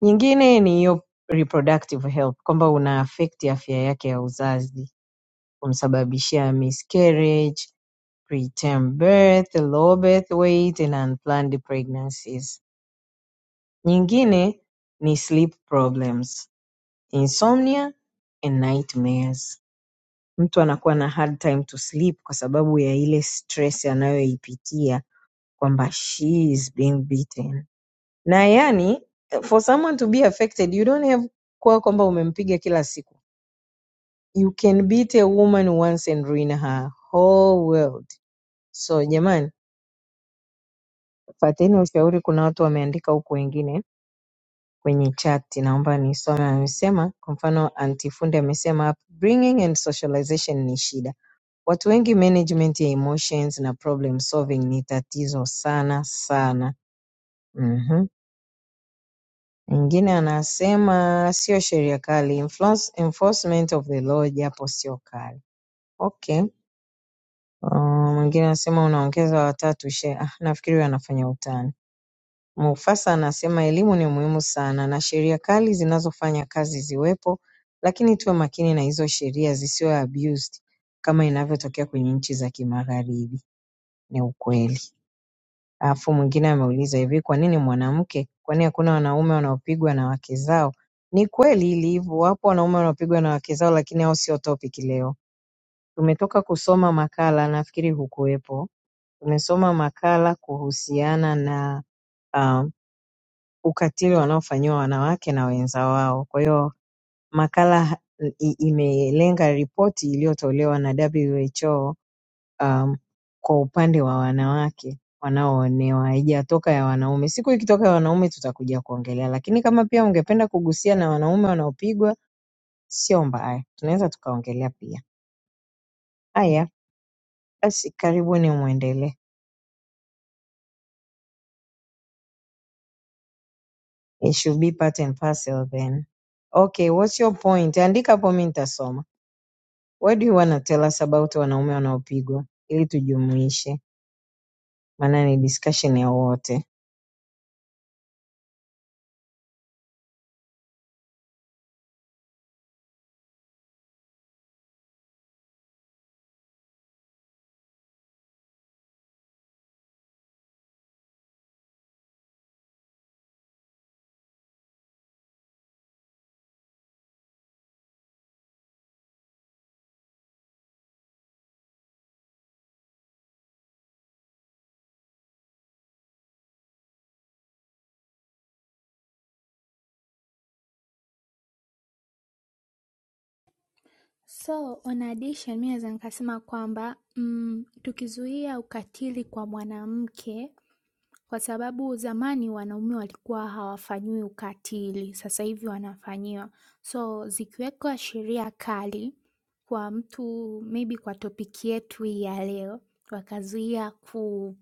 Nyingine ni hiyo reproductive health, kwamba una affect afya yake ya uzazi, kumsababishia miscarriage, preterm birth, low birth weight and unplanned pregnancies. Nyingine ni sleep problems, insomnia and nightmares. mtu anakuwa na hard time to sleep kwa sababu ya ile stress anayoipitia kwamba she is being beaten na yani for someone to be affected you don't have kuwa kwamba umempiga kila siku you can beat a woman once and ruin her whole world so jamani fateni ushauri kuna watu wameandika huku wengine kwenye chati naomba nisome amesema kwa mfano anti fundi amesema upbringing and socialization ni shida watu wengi management ya emotions na problem solving ni tatizo sana sana Mhm. mwingine anasema sio sheria kali influence- enforcement of the law japo sio kali okay Uh, mwingine anasema unaongeza watatu she ah, nafikiri huyu anafanya utani Mufasa anasema elimu ni muhimu sana na sheria kali zinazofanya kazi ziwepo lakini tuwe makini na hizo sheria zisiwe abused kama inavyotokea kwenye nchi za kimagharibi ni ukweli. Alafu mwingine ameuliza hivi kwa nini mwanamke? Kwani hakuna wanaume wanaopigwa na wake zao? Ni kweli hili hivyo, wapo wanaume wanaopigwa na wake zao lakini hao sio topic leo. Tumetoka kusoma makala, nafikiri hukuwepo. Tumesoma makala kuhusiana na um, ukatili wanaofanyiwa wanawake na wenza wao. Kwa hiyo makala i- imelenga ripoti iliyotolewa na WHO um, kwa upande wa wanawake wanaoonewa, haijatoka ya wanaume. Siku ikitoka ya wanaume tutakuja kuongelea, lakini kama pia ungependa kugusia na wanaume wanaopigwa, sio mbaya, tunaweza tukaongelea pia. Haya basi, karibuni mwendelee. It should be part and parcel then. Okay, what's your point? Andika hapo, mi nitasoma. Why do you wanna tell us about wanaume wanaopigwa ili tujumuishe maana ni discussion ya wote So on addition, mi naweza nikasema kwamba mm, tukizuia ukatili kwa mwanamke, kwa sababu zamani wanaume walikuwa hawafanyiwi ukatili, sasa hivi wanafanyiwa. So zikiwekwa sheria kali kwa mtu, maybe kwa topiki yetu hii ya leo, wakazuia ku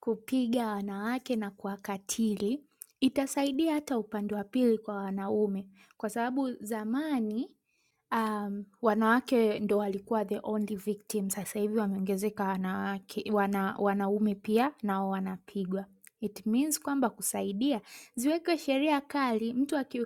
kupiga wanawake na kuwakatili, itasaidia hata upande wa pili kwa wanaume, kwa sababu zamani um, wanawake ndo walikuwa the only victim. Sasa hivi wameongezeka wanawake, wana, wanaume pia nao wanapigwa. It means kwamba kusaidia ziwekwe sheria kali, mtu aki,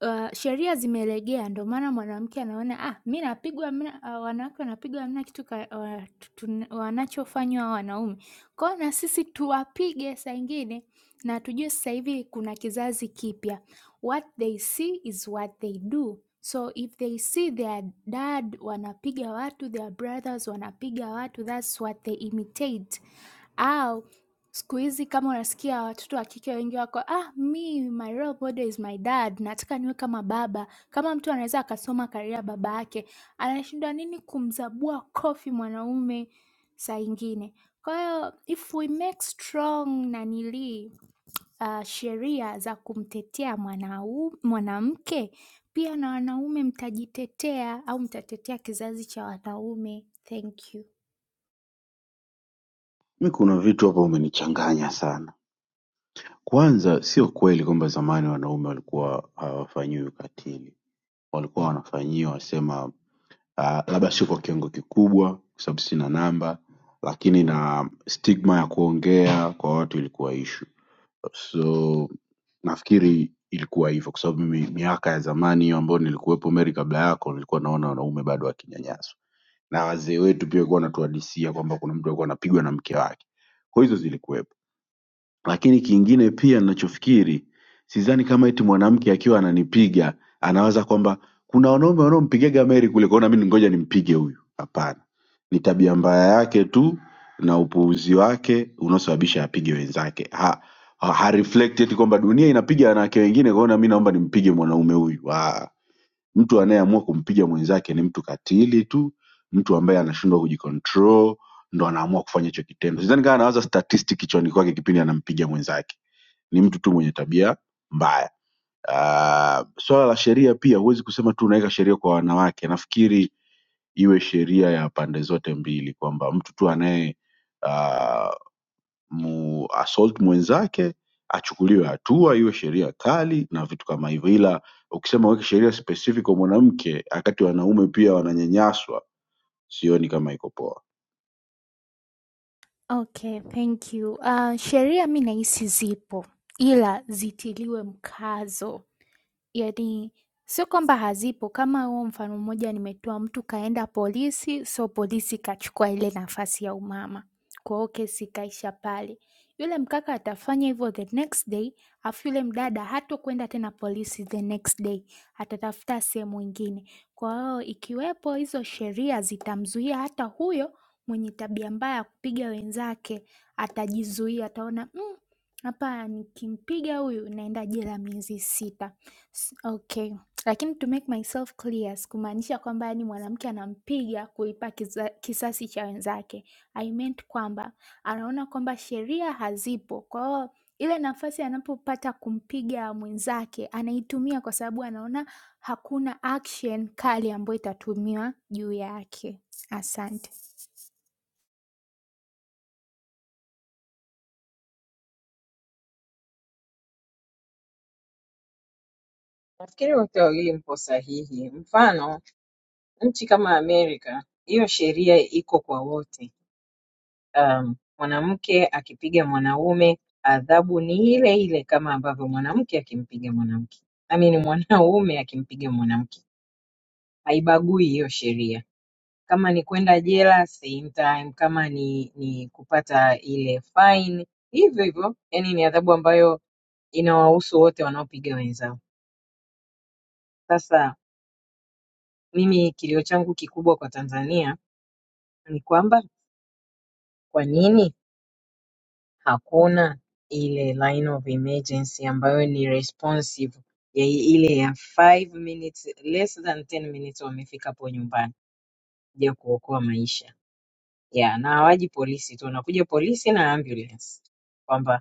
uh, sheria zimelegea, ndo maana mwanamke anaona ah, mi napigwa hamna- ah, wanawake wanapigwa hamna kitu ka, wa- tun- wanachofanywa hao wanaume. Kwa hiyo na sisi tuwapige saa ingine, na tujue sasa hivi kuna kizazi kipya, what they see is what they do. So if they see their dad wanapiga watu, their brothers wanapiga watu, that's what they imitate. Au siku hizi kama unasikia watoto wa kike wengi wako, "Ah, mi my role model is my dad, nataka niwe kama baba." Kama mtu anaweza akasoma career ya baba yake, anashindwa nini kumzabua kofi mwanaume saa ingine? Kwa hiyo if we make strong nanilii uh, sheria za kumtetea mwanau, mwanamke pia na wanaume mtajitetea au mtatetea kizazi cha wanaume. Thank you. mi kuna vitu hapa umenichanganya sana kwanza sio kweli kwamba zamani wanaume walikuwa hawafanyiwi ukatili walikuwa wanafanyiwa sema uh, labda sio kwa kiwango kikubwa kwa sababu sina namba lakini na stigma ya kuongea kwa watu ilikuwa ishu so nafikiri ilikuwa hivyo kwa sababu mimi miaka ya zamani hiyo ambayo nilikuwepo meri kabla yako nilikuwa naona wanaume bado wakinyanyaswa na wazee wetu pia walikuwa wanatuhadisia kwamba kuna mtu alikuwa anapigwa na mke wake. Kwa hizo zilikuwepo, lakini kingine pia ninachofikiri, sidhani kama eti mwanamke akiwa ananipiga anawaza kwamba kuna wanaume wanaompigaga Mary kule, kwaona mimi ngoja nimpige huyu. Hapana, ni tabia mbaya yake tu na upuuzi wake unaosababisha apige wenzake. Ha, ha, ha reflect eti kwamba dunia inapiga wanawake wengine, kwaona mimi naomba nimpige mwanaume huyu. Ah, mtu anayeamua kumpiga mwenzake ni mtu katili tu mtu ambaye anashindwa kujicontrol ndo anaamua kufanya hicho kitendo sidhani kama anawaza statistic kichwani kwake kipindi anampiga mwenzake ni mtu tu mwenye tabia mbaya uh, swala la sheria pia huwezi kusema tu unaweka sheria kwa wanawake nafikiri iwe sheria ya pande zote mbili kwamba mtu tu anaye uh, mu assault mwenzake achukuliwe hatua, iwe sheria kali na vitu kama hivyo. Ila ukisema uweke sheria specific kwa mwanamke, wakati wanaume pia wananyanyaswa, sioni kama iko poa. Okay, thank you. Uh, sheria mi nahisi zipo ila zitiliwe mkazo. Yani, sio kwamba hazipo, kama huo mfano mmoja nimetoa, mtu kaenda polisi, so polisi kachukua ile nafasi ya umama, kwa hiyo kesi ikaisha pale. Yule mkaka atafanya hivyo the next day, afu yule mdada hatokwenda tena polisi the next day, atatafuta sehemu ingine. Kwa hiyo ikiwepo hizo sheria zitamzuia hata huyo mwenye tabia mbaya ya kupiga wenzake, atajizuia, ataona "Mm, hapa nikimpiga huyu naenda jela miezi sita. S okay. Lakini to make myself clear, sikumaanisha kwamba yaani mwanamke anampiga kulipa kiza kisasi cha wenzake. I meant kwamba anaona kwamba sheria hazipo. Kwa hiyo ile nafasi anapopata kumpiga mwenzake anaitumia kwa sababu anaona hakuna action kali ambayo itatumiwa juu yake. Asante. Nafikiri wote wawili mpo sahihi. Mfano, nchi kama Amerika, hiyo sheria iko kwa wote. Um, mwanamke akipiga mwanaume adhabu ni ile ile kama ambavyo mwanamke akimpiga mwanamke, I mean mwanaume akimpiga mwanamke, haibagui hiyo sheria. Kama ni kwenda jela same time, kama ni ni kupata ile fine hivyo hivyo, yani ni adhabu ambayo inawahusu wote wanaopiga wenzao. Sasa mimi kilio changu kikubwa kwa Tanzania ni kwamba kwa nini hakuna ile line of emergency ambayo ni responsive ya i- ile ya 5 minutes less than 10 minutes wamefika hapo nyumbani kuja kuokoa maisha. Yeah, na hawaji polisi tu, wanakuja polisi na ambulance. kwamba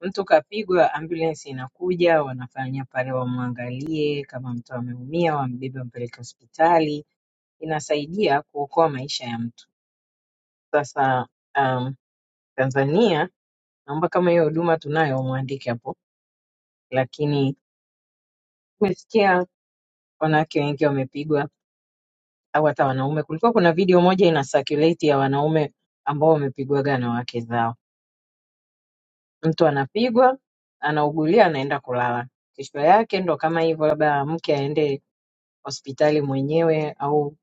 Mtu kapigwa ambulance inakuja wanafanya pale wamwangalie kama mtu ameumia wambebe wampeleke hospitali inasaidia kuokoa maisha ya mtu sasa um, Tanzania naomba kama hiyo huduma tunayo mwandike hapo lakini tumesikia wanawake wengi wamepigwa au hata wanaume kulikuwa kuna video moja ina circulate ya wanaume ambao wamepigwaga na wake zao mtu anapigwa anaugulia anaenda kulala kesho yake ndo kama hivyo labda mke aende hospitali mwenyewe au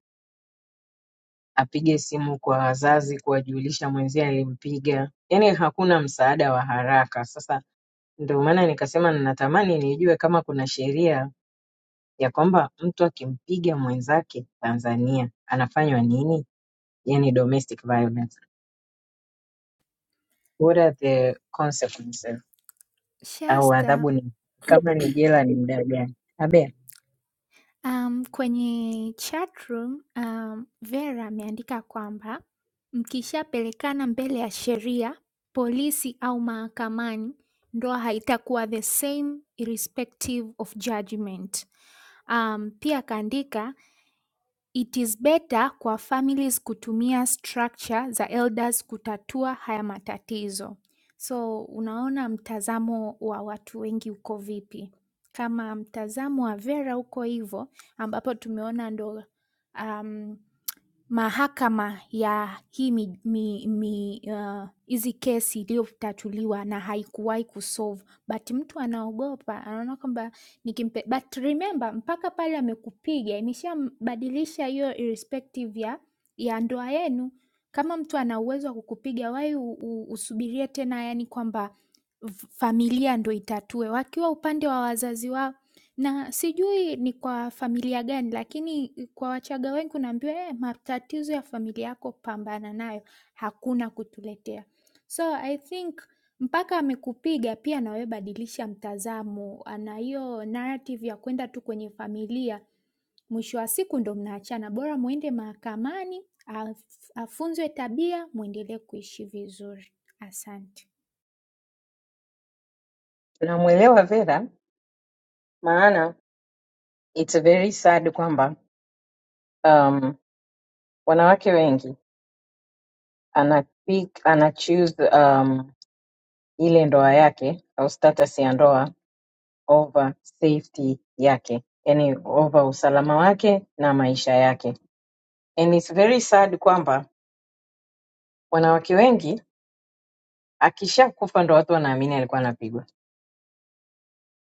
apige simu kwa wazazi kuwajulisha mwenzie alimpiga yaani hakuna msaada wa haraka sasa ndio maana nikasema ninatamani nijue kama kuna sheria ya kwamba mtu akimpiga mwenzake tanzania anafanywa nini yani domestic violence what are the consequences au Shasta adhabu ni kama ni jela ni muda gani abe Um, kwenye chatroom um, Vera ameandika kwamba mkishapelekana mbele ya sheria, polisi au mahakamani, ndoa haitakuwa the same irrespective of judgment. Um, pia akaandika It is better kwa families kutumia structure za elders kutatua haya matatizo. So unaona mtazamo wa watu wengi uko vipi? Kama mtazamo wa Vera uko hivo ambapo tumeona ndo um, mahakama ya hii mi, mi, mi, uh, hizi kesi iliyotatuliwa na haikuwahi kusolve but mtu anaogopa anaona kwamba nikimpe but remember mpaka pale amekupiga imeshambadilisha hiyo irrespective ya ya ndoa yenu kama mtu ana uwezo wa kukupiga wai usubirie tena yani kwamba v- familia ndo itatue wakiwa upande wa wazazi wao na sijui ni kwa familia gani lakini kwa wachaga wengi unaambiwa "Eh, matatizo ya familia yako pambana nayo hakuna kutuletea so i think mpaka amekupiga pia nawe badilisha mtazamo ana hiyo narrative ya kwenda tu kwenye familia mwisho wa siku ndo mnaachana bora mwende mahakamani af- afunzwe tabia mwendelee kuishi vizuri asante tunamwelewa vera maana it's very sad kwamba um, wanawake wengi anapik anachuse um, ile ndoa yake au status ya ndoa over safety yake yani over usalama wake na maisha yake and it's very sad kwamba wanawake wengi akishakufa ndo watu wanaamini alikuwa anapigwa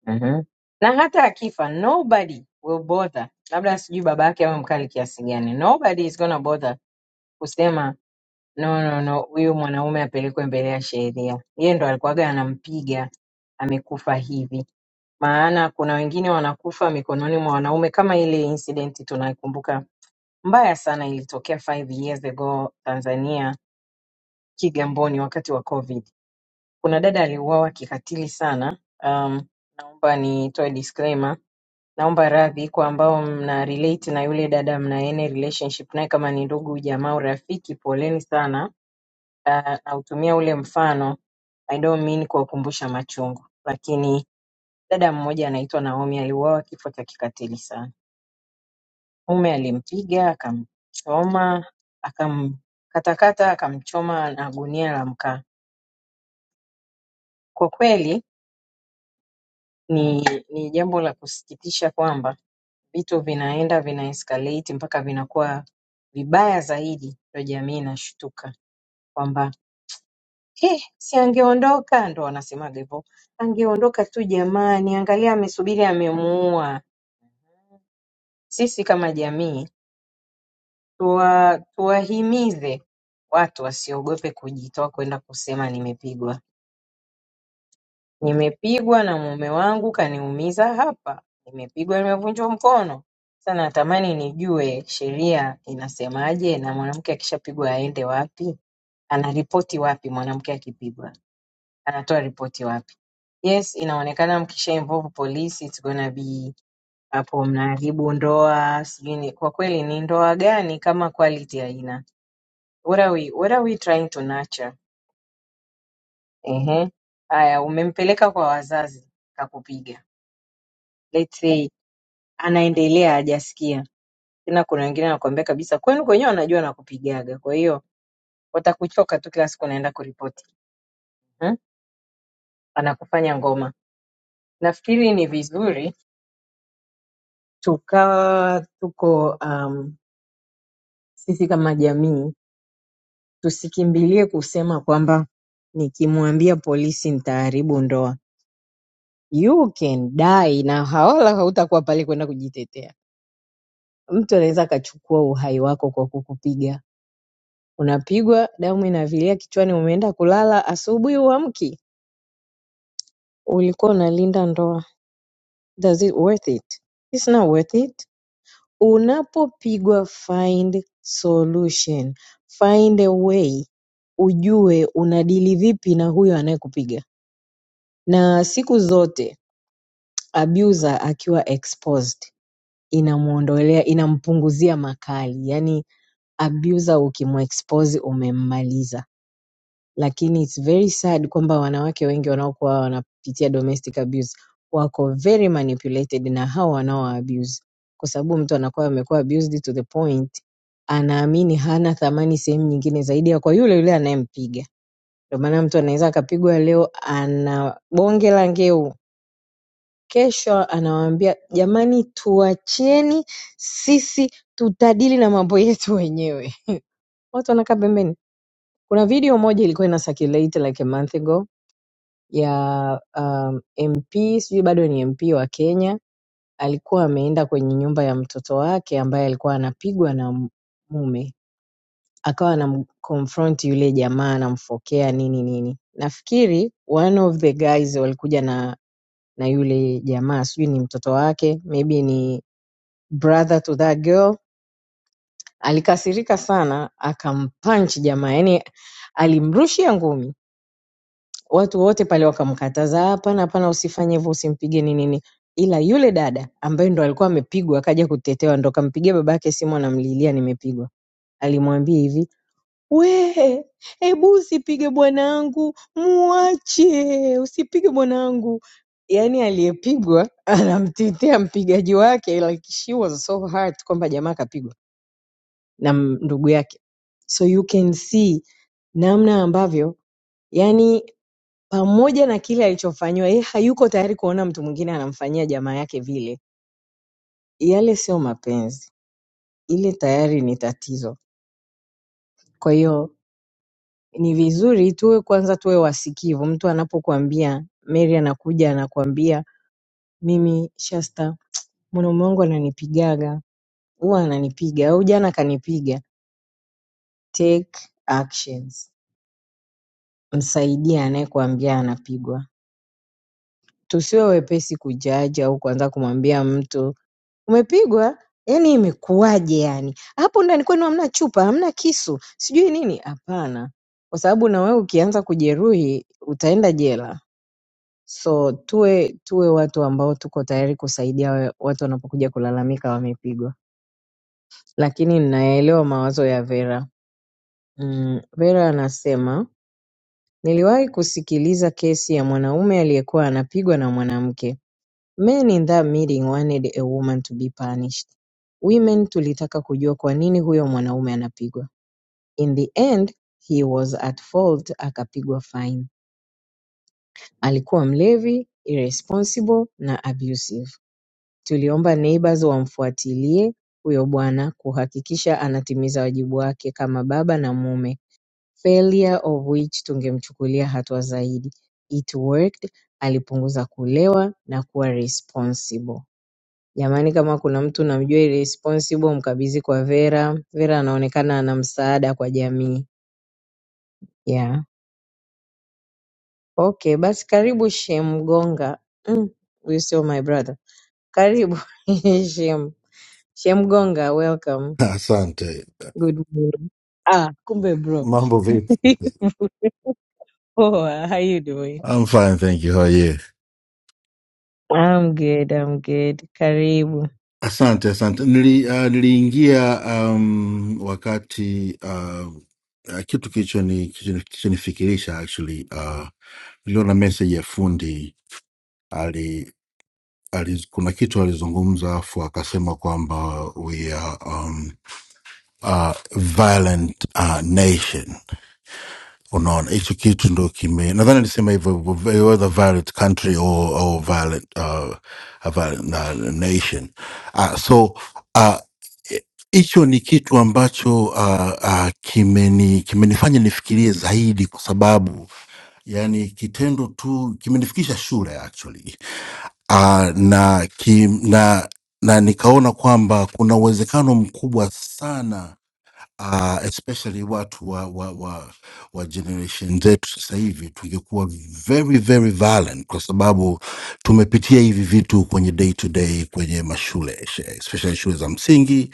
Mhm. na hata akifa nobody will bother, labda sijui baba yake awe mkali kiasi gani, nobody is gonna bother kusema no, no, no, huyu mwanaume apelekwe mbele ya sheria. Yeye ndo alikuwaga anampiga amekufa hivi, maana kuna wengine wanakufa mikononi mwa wanaume, kama ile incident tunaikumbuka mbaya sana, ilitokea five years ago Tanzania, Kigamboni, wakati wa COVID. Kuna dada aliuawa kikatili sana um, naomba nitoe disclaimer naomba radhi kwa ambao mna relate na yule dada mna any relationship naye kama ni ndugu jamaa au rafiki poleni sana Ah, nautumia ule mfano i don't mean kuwakumbusha machungu lakini dada mmoja anaitwa naomi aliuawa kifo cha kikatili sana mume alimpiga akamchoma akamkatakata akamchoma na gunia la mkaa kwa kweli Ni, ni jambo la kusikitisha kwamba vitu vinaenda vina escalate mpaka vinakuwa vibaya zaidi, ndo jamii inashtuka kwamba "He, si angeondoka, ndo wanasemaga hivyo, angeondoka tu jamani, angalia amesubiri amemuua. Sisi kama jamii tuwa, tuwahimize watu wasiogope kujitoa kwenda kusema nimepigwa. Nimepigwa na mume wangu kaniumiza hapa, nimepigwa nimevunjwa mkono. Sasa natamani nijue sheria inasemaje, na mwanamke akishapigwa aende wapi? Anaripoti wapi? Mwanamke akipigwa anatoa ripoti wapi? Yes, inaonekana mkisha involve polisi it's gonna be hapo mnaharibu ndoa, sijui ni kwa kweli ni ndoa gani kama quality haina? What are we, what are we trying to nurture? Ehe, haya umempeleka kwa wazazi kakupiga, let's say anaendelea hajasikia tena. Kuna wengine anakuambia kabisa kwenu kwenyewe wanajua nakupigaga, kwa hiyo watakuchoka tu, kila siku unaenda kuripoti hmm? Anakufanya ngoma. Nafikiri ni vizuri tukawa tuko um, sisi kama jamii tusikimbilie kusema kwamba nikimwambia polisi nitaharibu ndoa. You can die na hawala hautakuwa pale kwenda kujitetea. Mtu anaweza akachukua uhai wako kwa kukupiga Unapigwa damu inavilia kichwani umeenda kulala asubuhi huamki ulikuwa unalinda ndoa does it worth it it's not worth it unapopigwa find solution find a way ujue unadili vipi na huyo anayekupiga na siku zote abuser akiwa exposed inamuondolea inampunguzia makali yani abuser ukimwexpose umemmaliza lakini it's very sad kwamba wanawake wengi wanaokuwa wanapitia domestic abuse wako very manipulated na hao wanaowa abuse kwa sababu mtu anakuwa amekuwa abused to the point anaamini hana thamani sehemu nyingine zaidi ya kwa yule yule anayempiga. Ndio maana mtu anaweza akapigwa leo ana bonge la ngeu, kesho anawaambia jamani, tuachieni sisi tutadili na mambo yetu wenyewe. Watu wanakaa pembeni. Kuna video moja ilikuwa ina circulate like a month ago ya um, MP sijui bado ni MP wa Kenya alikuwa ameenda kwenye nyumba ya mtoto wake ambaye alikuwa anapigwa na m- mume, akawa anamconfront yule jamaa anamfokea nini nini. Nafikiri one of the guys walikuja na na yule jamaa, sijui ni mtoto wake, maybe ni brother to that girl. Alikasirika sana akampunch jamaa, yani alimrushia ngumi watu wote pale wakamkataza, hapana, hapana, usifanye hivyo, usimpige nini nini. Ila yule dada ambaye ndo alikuwa amepigwa akaja kutetewa, ndo kampigia babake simu anamlilia, nimepigwa. Alimwambia hivi, we hebu usipige bwanangu, muache, usipige bwanangu. Yaani aliyepigwa anamtetea mpigaji wake, like she was so hurt kwamba jamaa akapigwa na m- ndugu yake. So you can see namna ambavyo, yani pamoja na kile alichofanyiwa yeye hayuko tayari kuona mtu mwingine anamfanyia jamaa yake vile yale sio mapenzi ile tayari ni tatizo kwa hiyo ni vizuri tuwe kwanza tuwe wasikivu mtu anapokuambia mary anakuja anakuambia mimi shasta mwanaume wangu ananipigaga huwa ananipiga au jana akanipiga take actions msaidie anayekuambia anapigwa tusiwe wepesi kujaji au kuanza kumwambia mtu umepigwa yani imekuwaje yani hapo ndani kwenu hamna chupa hamna kisu sijui nini hapana kwa sababu na wewe ukianza kujeruhi utaenda jela so tuwe tuwe watu ambao tuko tayari kusaidia wa- watu wanapokuja kulalamika wamepigwa lakini ninayaelewa mawazo ya vera mm, vera anasema niliwahi kusikiliza kesi ya mwanaume aliyekuwa anapigwa na mwanamke Men in that meeting wanted a woman to be punished. Women tulitaka kujua kwa nini huyo mwanaume anapigwa. In the end, he was at fault akapigwa fine. Alikuwa mlevi, irresponsible na abusive. Tuliomba neighbors wamfuatilie huyo bwana kuhakikisha anatimiza wajibu wake kama baba na mume. Failure of which tungemchukulia hatua zaidi. It worked, alipunguza kulewa na kuwa responsible. Jamani kama kuna mtu namjua irresponsible mkabidhi kwa Vera. Vera anaonekana ana msaada kwa jamii. Yeah. Okay, basi karibu Shem Gonga. Mm, you still my brother. Karibu Shem. Shem Gonga, welcome. Asante. Good morning. Ah, kumbe bro. Mambo vipi? Poa, how you doing? I'm fine, thank you. How are you? I'm good, I'm good. Karibu. Asante, asante. Nili, uh, niliingia um, wakati uh, uh, kitu kilichoni- kilichoni- kilichonifikirisha actually uh, niliona message ya fundi ali, ali, kuna kitu alizungumza afu akasema kwamba we are um, a violent uh, nation unaona hicho kitu ndo kime nadhani alisema hivyo hivyo, whether violent country or, or violent, uh, a violent uh, nation uh, so uh, hicho ni kitu ambacho uh, uh, kimeni kimenifanya nifikirie zaidi kwa sababu yani kitendo tu kimenifikisha shule actually uh, na, ki, na na nikaona kwamba kuna uwezekano mkubwa sana uh, especially watu wa, wa, wa, wa generation zetu sasa hivi tungekuwa very very violent, kwa sababu tumepitia hivi vitu kwenye day to day kwenye mashule she- especially shule za msingi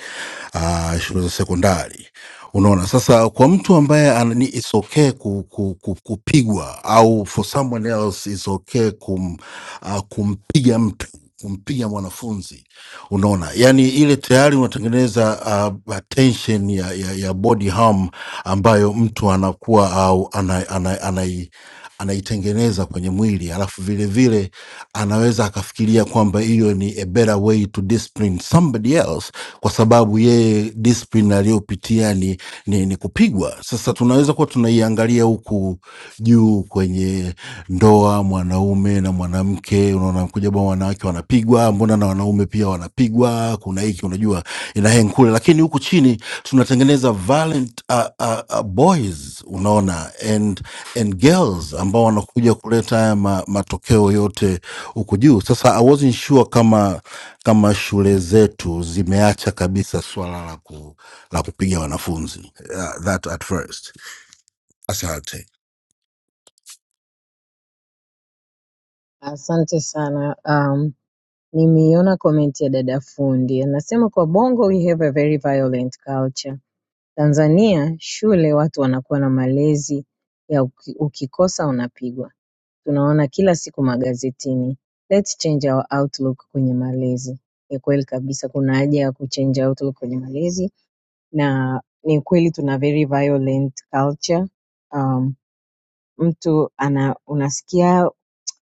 uh, shule za sekondari. Unaona, sasa kwa mtu ambaye anani, it's okay ku, ku, ku, kupigwa au for someone else it's okay kum, uh, kumpiga mtu kumpiga mwanafunzi unaona yani ile tayari unatengeneza uh, tension ya, ya, ya body harm ambayo mtu anakuwa au ana, ana, anai anaitengeneza kwenye mwili alafu vile vile anaweza akafikiria kwamba hiyo ni a better way to discipline somebody else kwa sababu yeye discipline aliyopitia ni, ni, ni kupigwa. Sasa tunaweza kuwa tunaiangalia huku juu kwenye ndoa, mwanaume na mwanamke, unaona kuja bwana, wanawake wanapigwa, mbona na wanaume pia wanapigwa, kuna hiki, unajua ina hang kule, lakini huku chini tunatengeneza violent uh, uh, uh, boys, unaona and, and girls ambao wanakuja kuleta haya ma, matokeo yote huku juu. Sasa I wasn't sure kama kama shule zetu zimeacha kabisa swala la, ku, la kupiga wanafunzi uh, that at first. Asante. Asante sana. Um, nimeiona comment ya dada fundi anasema kwa Bongo we have a very violent culture. Tanzania shule watu wanakuwa na malezi ya uki- ukikosa unapigwa. Tunaona kila siku magazetini let's change our outlook kwenye malezi. Ni kweli kabisa kuna haja ya kuchange outlook kwenye malezi na ni kweli tuna very violent culture um, mtu ana unasikia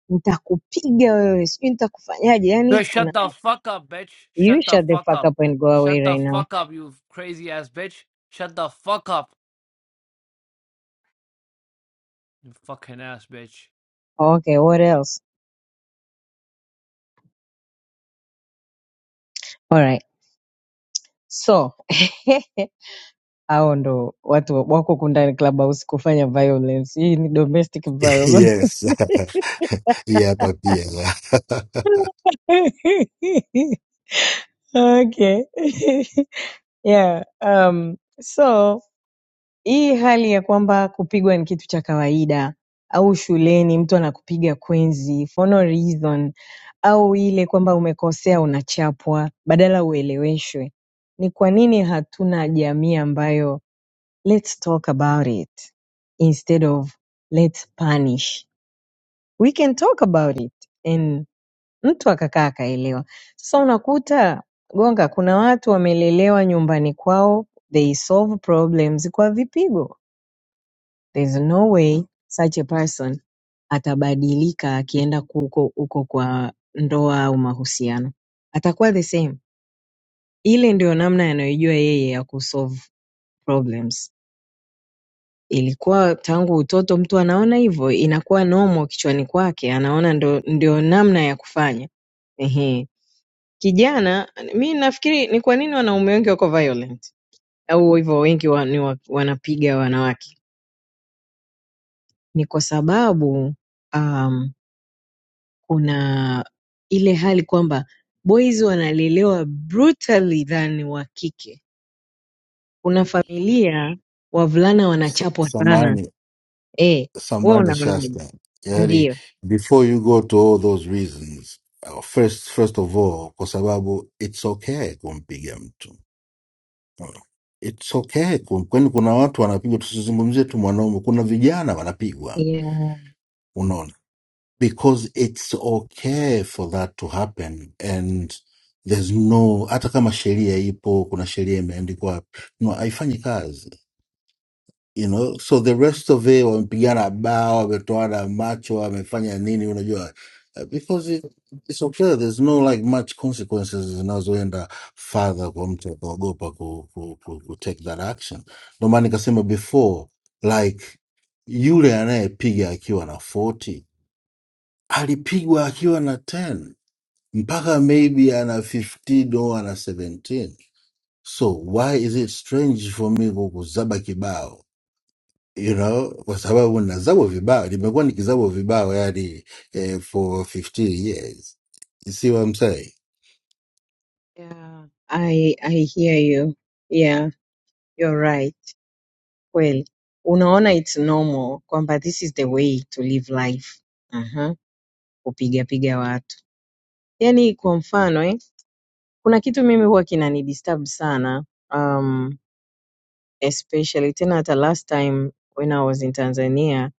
nitakupiga wewe sijui nitakufanyaje yani No, shut kuna the fuck up, bitch. you Shut the shut the fuck fuck up. up and go away Shut the right now fuck up, you crazy ass bitch. Shut the fuck up, you fucking ass bitch. okay what else all right so hao ndo watu wa- wako huku ndani clubhouse kufanya violence. Hii ni domestic violence. Yes. yeah, hapa pia okay. yeah. Um, so hii hali ya kwamba kupigwa ni kitu cha kawaida au shuleni mtu anakupiga kwenzi for no reason au ile kwamba umekosea unachapwa badala ueleweshwe. Ni kwa nini hatuna jamii ambayo let's talk about it instead of let's punish? we can talk about it and mtu akakaa akaelewa. Sasa unakuta Gonga, kuna watu wamelelewa nyumbani kwao, they solve problems kwa vipigo. There's no way such a person atabadilika akienda huko huko kwa ndoa au mahusiano, atakuwa the same. Ile ndio namna anayojua yeye ya kusolve problems. ilikuwa tangu utoto mtu anaona hivyo inakuwa normal kichwani kwake anaona ndo, ndio namna ya kufanya Ehe. Kijana mi nafikiri ni kwa nini wanaume wengi wako violent au hivyo wengi wa, ni wa, wanapiga wanawake ni kwa sababu um, kuna ile hali kwamba boys wanalelewa brutally than wa kike. Kuna familia wavulana Sa- wanachapwa sana. samani Eh, wewe samani unaonaje? Shasta, yaani Ndio. before you go to all those reasons uh, first first of all, kwa sababu it's okay kumpiga mtu Mm. it's okay kum- kwani kuna watu wanapigwa, tusizungumzie tu mwanaume, kuna vijana wanapigwa, Yeah. because it's okay for that to happen and there's no hata kama sheria ipo kuna sheria imeandikwa wapi, no haifanyi kazi you know so the rest of it wamepigana bao wametoana macho wamefanya nini unajua Uh, because it, it's okay there's no like much consequences zinazoenda further kwa mtu akaogopa ku, ku, ku, ku take that action ndio maana nikasema before like yule anayepiga akiwa na 40 alipigwa akiwa na 10 mpaka maybe ana 15 or ana 17 so why is it strange for me kukuzaba kibao you know kwa sababu nazabwa vibao nimekuwa nikizabwa vibao yani eh, for 15 years you see what I'm saying Yeah, I I hear you. Yeah, you're right. Kweli. Unaona it's normal kwamba this is the way to live life. Aha, kupiga piga watu. Yaani kwa mfano eh, kuna kitu mimi huwa kinanidisturb sana. Um, especially tena hata last time when I was in Tanzania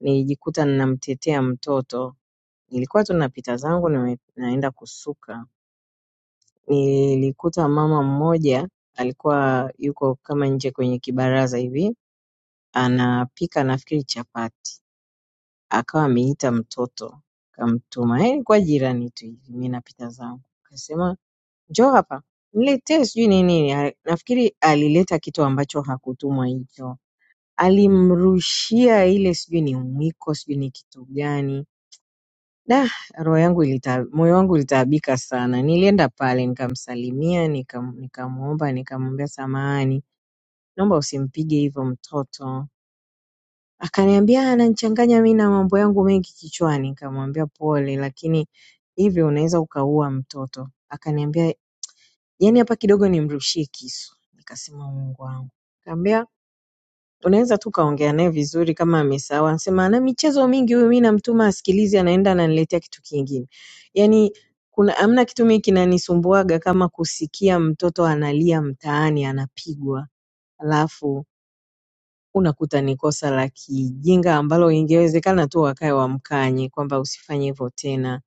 nilijikuta ninamtetea mtoto. Nilikuwa tu napita zangu nime- naenda kusuka. Nilikuta mama mmoja alikuwa yuko kama nje kwenye kibaraza hivi anapika nafikiri chapati, akawa ameita mtoto kamtuma, eh, alikuwa jirani tu hivi, mi napita zangu, akasema njoo hapa niletee sijui ni nini. Ah, Nafikiri alileta kitu ambacho hakutumwa hicho, alimrushia ile sijui ni mwiko sijui ni kitu gani Da, roho yangu ilita, moyo wangu ulitaabika sana. Nilienda pale nikamsalimia, nikam, nikamuomba, nikamwambia samahani, naomba usimpige hivyo mtoto. Akaniambia "Ah, ananichanganya mimi na mambo yangu mengi kichwani. Nikamwambia pole, lakini hivyo unaweza ukaua mtoto. Akaniambia yani hapa kidogo nimrushie kisu. Nikasema Mungu wangu unaweza tu ukaongea naye vizuri kama amesawa, sema na michezo mingi huyu, mi namtuma asikilize, anaenda ananiletea kitu kingine. Yani kuna amna kitu mimi kinanisumbuaga kama kusikia mtoto analia mtaani anapigwa, alafu unakuta ni kosa la kijinga ambalo ingewezekana tu wakae wamkanye kwamba usifanye hivyo tena.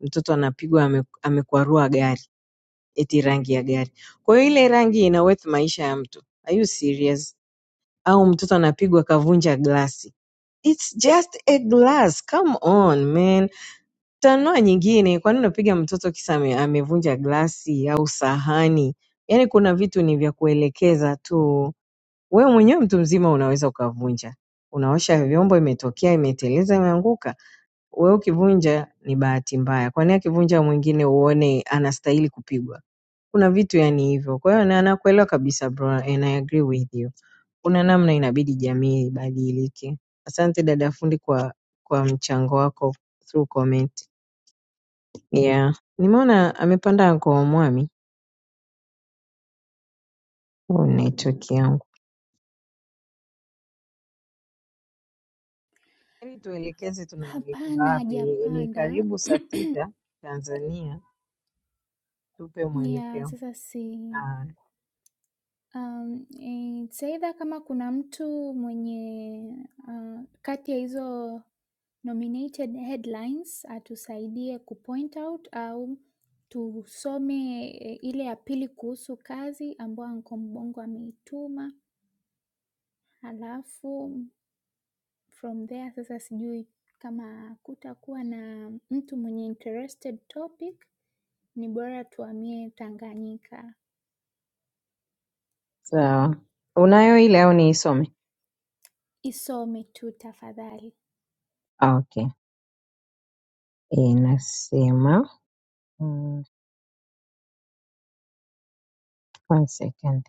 Mtoto anapigwa ame, amekwarua gari, eti rangi ya gari. Kwa hiyo ile rangi ina worth maisha ya mtu. Are you serious? au mtoto anapigwa kavunja glasi. It's just a glass. Come on man. Tanua nyingine, kwa nini unapiga mtoto kisa ame- amevunja glasi au sahani? Yaani kuna vitu ni vya kuelekeza tu. Wewe mwenyewe mtu mzima unaweza ukavunja. Unaosha vyombo, imetokea, imeteleza, imeanguka. Wewe ukivunja ni bahati mbaya, kwani akivunja mwingine uone anastahili kupigwa? Kuna vitu yani hivyo. Kwa hiyo na nakuelewa kabisa bro and I agree with you. Kuna namna inabidi jamii ibadilike. Asante dada fundi kwa kwa mchango wako through comment. Yeah. Nimeona amepanda kwa Mwami. Oh, network yangu. Ili tuelekeze tunaelekea Hapana, wapi? Ni hajapanda karibu saa sita Tanzania. Tupe ya mwelekeo. sasa si Ah, um, it's either kama kuna mtu mwenye uh, kati ya hizo nominated headlines atusaidie kupoint out au tusome eh, ile ya pili kuhusu kazi ambayo Anko Mbongo ameituma, halafu from there sasa sijui kama kutakuwa na mtu mwenye interested topic, ni bora tuhamie Tanganyika. sawa. Unayo ile au niisome? Isome tu tafadhali. Okay, inasema mm, one second.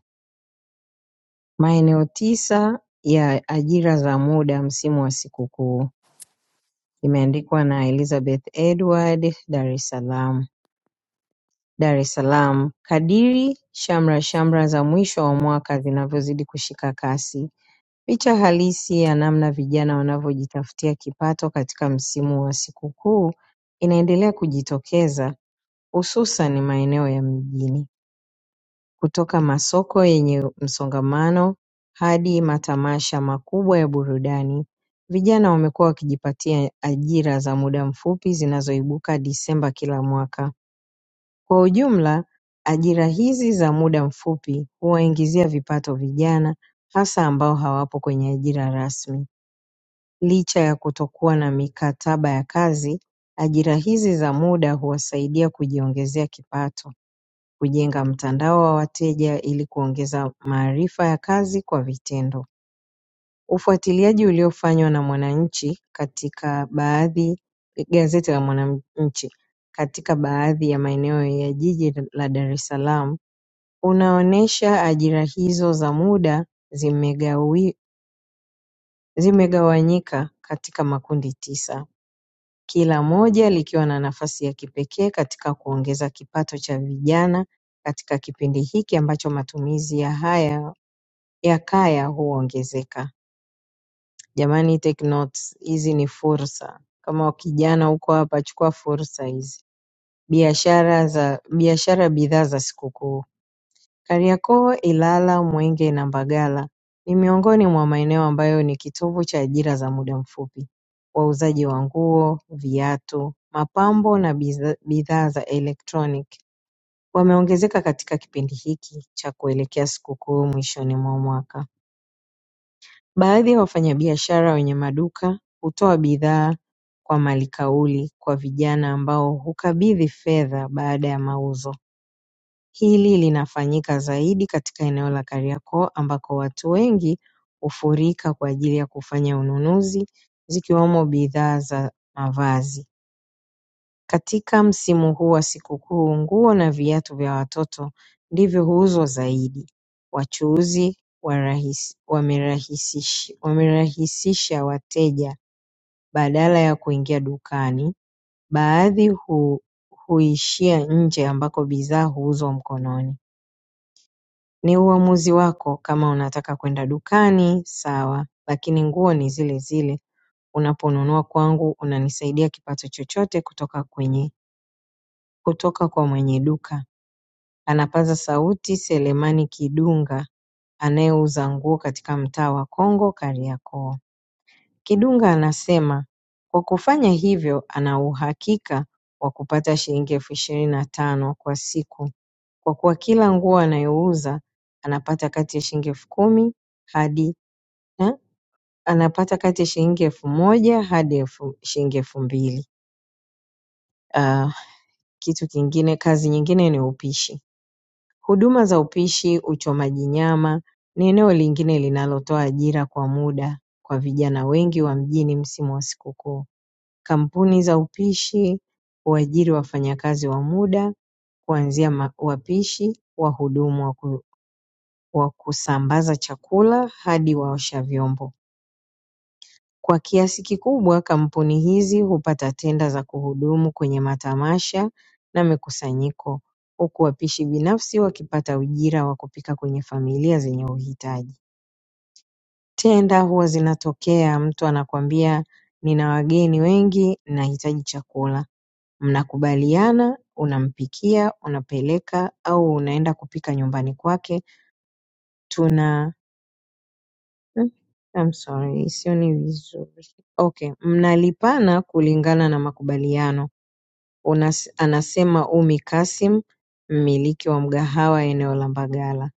Maeneo tisa ya ajira za muda msimu wa sikukuu imeandikwa na Elizabeth Edward, Dar es Salaam. Dar es Salaam, kadiri shamra shamra za mwisho wa mwaka zinavyozidi kushika kasi, picha halisi ya namna vijana wanavyojitafutia kipato katika msimu wa sikukuu inaendelea kujitokeza, hususan maeneo ya mijini. Kutoka masoko yenye msongamano hadi matamasha makubwa ya burudani, vijana wamekuwa wakijipatia ajira za muda mfupi zinazoibuka Disemba kila mwaka. Kwa ujumla, ajira hizi za muda mfupi huwaingizia vipato vijana hasa ambao hawapo kwenye ajira rasmi. Licha ya kutokuwa na mikataba ya kazi, ajira hizi za muda huwasaidia kujiongezea kipato. Kujenga mtandao wa wateja ili kuongeza maarifa ya kazi kwa vitendo. Ufuatiliaji uliofanywa na Mwananchi katika baadhi gazeti la Mwananchi katika baadhi ya maeneo ya jiji la Dar es Salaam unaonyesha ajira hizo za muda zimegawi- zimegawanyika katika makundi tisa. Kila moja likiwa na nafasi ya kipekee katika kuongeza kipato cha vijana katika kipindi hiki ambacho matumizi ya haya ya kaya huongezeka. Jamani take notes hizi ni fursa. Kama kijana uko hapa chukua fursa hizi. Biashara za biashara bidhaa za sikukuu. Kariakoo Ilala Mwenge na Mbagala ni miongoni mwa maeneo ambayo ni kitovu cha ajira za muda mfupi wauzaji wa nguo, viatu, mapambo na bidhaa za elektroniki wameongezeka katika kipindi hiki cha kuelekea sikukuu mwishoni mwa mwaka. Baadhi ya wafanyabiashara wenye maduka hutoa bidhaa kwa malikauli kwa vijana ambao hukabidhi fedha baada ya mauzo. Hili linafanyika zaidi katika eneo la Kariakoo ambako watu wengi hufurika kwa ajili ya kufanya ununuzi zikiwemo bidhaa za mavazi. Katika msimu huu wa sikukuu nguo na viatu vya watoto ndivyo huuzwa zaidi. Wachuuzi warahis- wamerahisishi- wamerahisisha wateja badala ya kuingia dukani, baadhi hu- huishia nje ambako bidhaa huuzwa mkononi. Ni uamuzi wako kama unataka kwenda dukani sawa, lakini nguo ni zile zile. Unaponunua kwangu unanisaidia kipato chochote kutoka kwenye kutoka kwa mwenye duka. Anapaza sauti Selemani Kidunga anayeuza nguo katika mtaa wa Kongo Kariakoo. Kidunga anasema kwa kufanya hivyo ana uhakika wa kupata shilingi elfu ishirini na tano kwa siku kwa kuwa kila nguo anayouza anapata kati ya shilingi elfu kumi hadi na anapata kati ya shilingi elfu moja hadi elfu shilingi elfu mbili. Ah, kitu kingine, kazi nyingine ni upishi. Huduma za upishi, uchomaji nyama ni eneo lingine linalotoa ajira kwa muda kwa vijana wengi wa mjini msimu wa sikukuu. Kampuni za upishi huajiri wafanyakazi wa muda kuanzia ma- wapishi, wahudumu wa ku- wa kusambaza chakula hadi waosha vyombo. Kwa kiasi kikubwa kampuni hizi hupata tenda za kuhudumu kwenye matamasha na mikusanyiko huku wapishi binafsi wakipata ujira wa kupika kwenye familia zenye uhitaji. Tenda huwa zinatokea mtu anakuambia nina wageni wengi nahitaji chakula. Mnakubaliana, unampikia, unapeleka au unaenda kupika nyumbani kwake. Tuna Mm, I'm sorry, sioni vizuri. Okay, mnalipana kulingana na makubaliano. Unas, anasema Umi Kasim, mmiliki wa mgahawa eneo la Mbagala.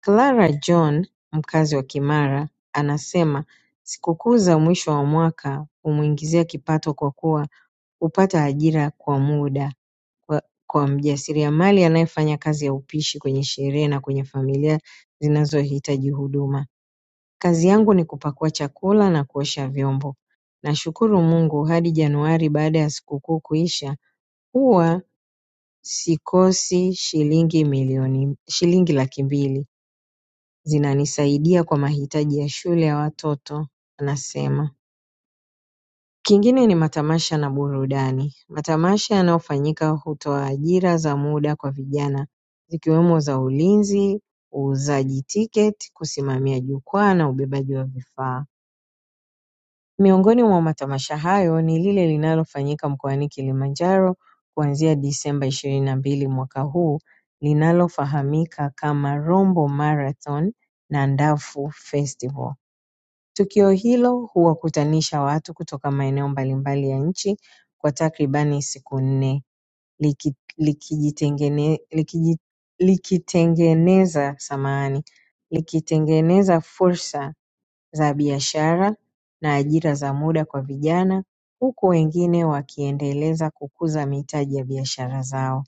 Clara John, mkazi wa Kimara, anasema sikukuu za mwisho wa mwaka humwingizia kipato kwa kuwa hupata ajira kwa muda kwa, kwa mjasiriamali anayefanya kazi ya upishi kwenye sherehe na kwenye familia zinazohitaji huduma. Kazi yangu ni kupakua chakula na kuosha vyombo. Nashukuru Mungu hadi Januari baada ya sikukuu kuisha huwa sikosi shilingi milioni shilingi laki mbili. Zinanisaidia kwa mahitaji ya shule ya watoto anasema. Kingine ni matamasha na burudani. Matamasha yanayofanyika hutoa ajira za muda kwa vijana zikiwemo za ulinzi, uuzaji tiketi, kusimamia jukwaa na ubebaji wa vifaa. Miongoni mwa matamasha hayo ni lile linalofanyika mkoani Kilimanjaro kuanzia Disemba ishirini na mbili mwaka huu linalofahamika kama Rombo Marathon na Ndafu Festival. Tukio hilo huwakutanisha watu kutoka maeneo mbalimbali ya nchi kwa takribani siku nne liki- likijitengene- likiji- likitengeneza samahani likitengeneza fursa za biashara na ajira za muda kwa vijana huku wengine wakiendeleza kukuza mitaji ya biashara zao.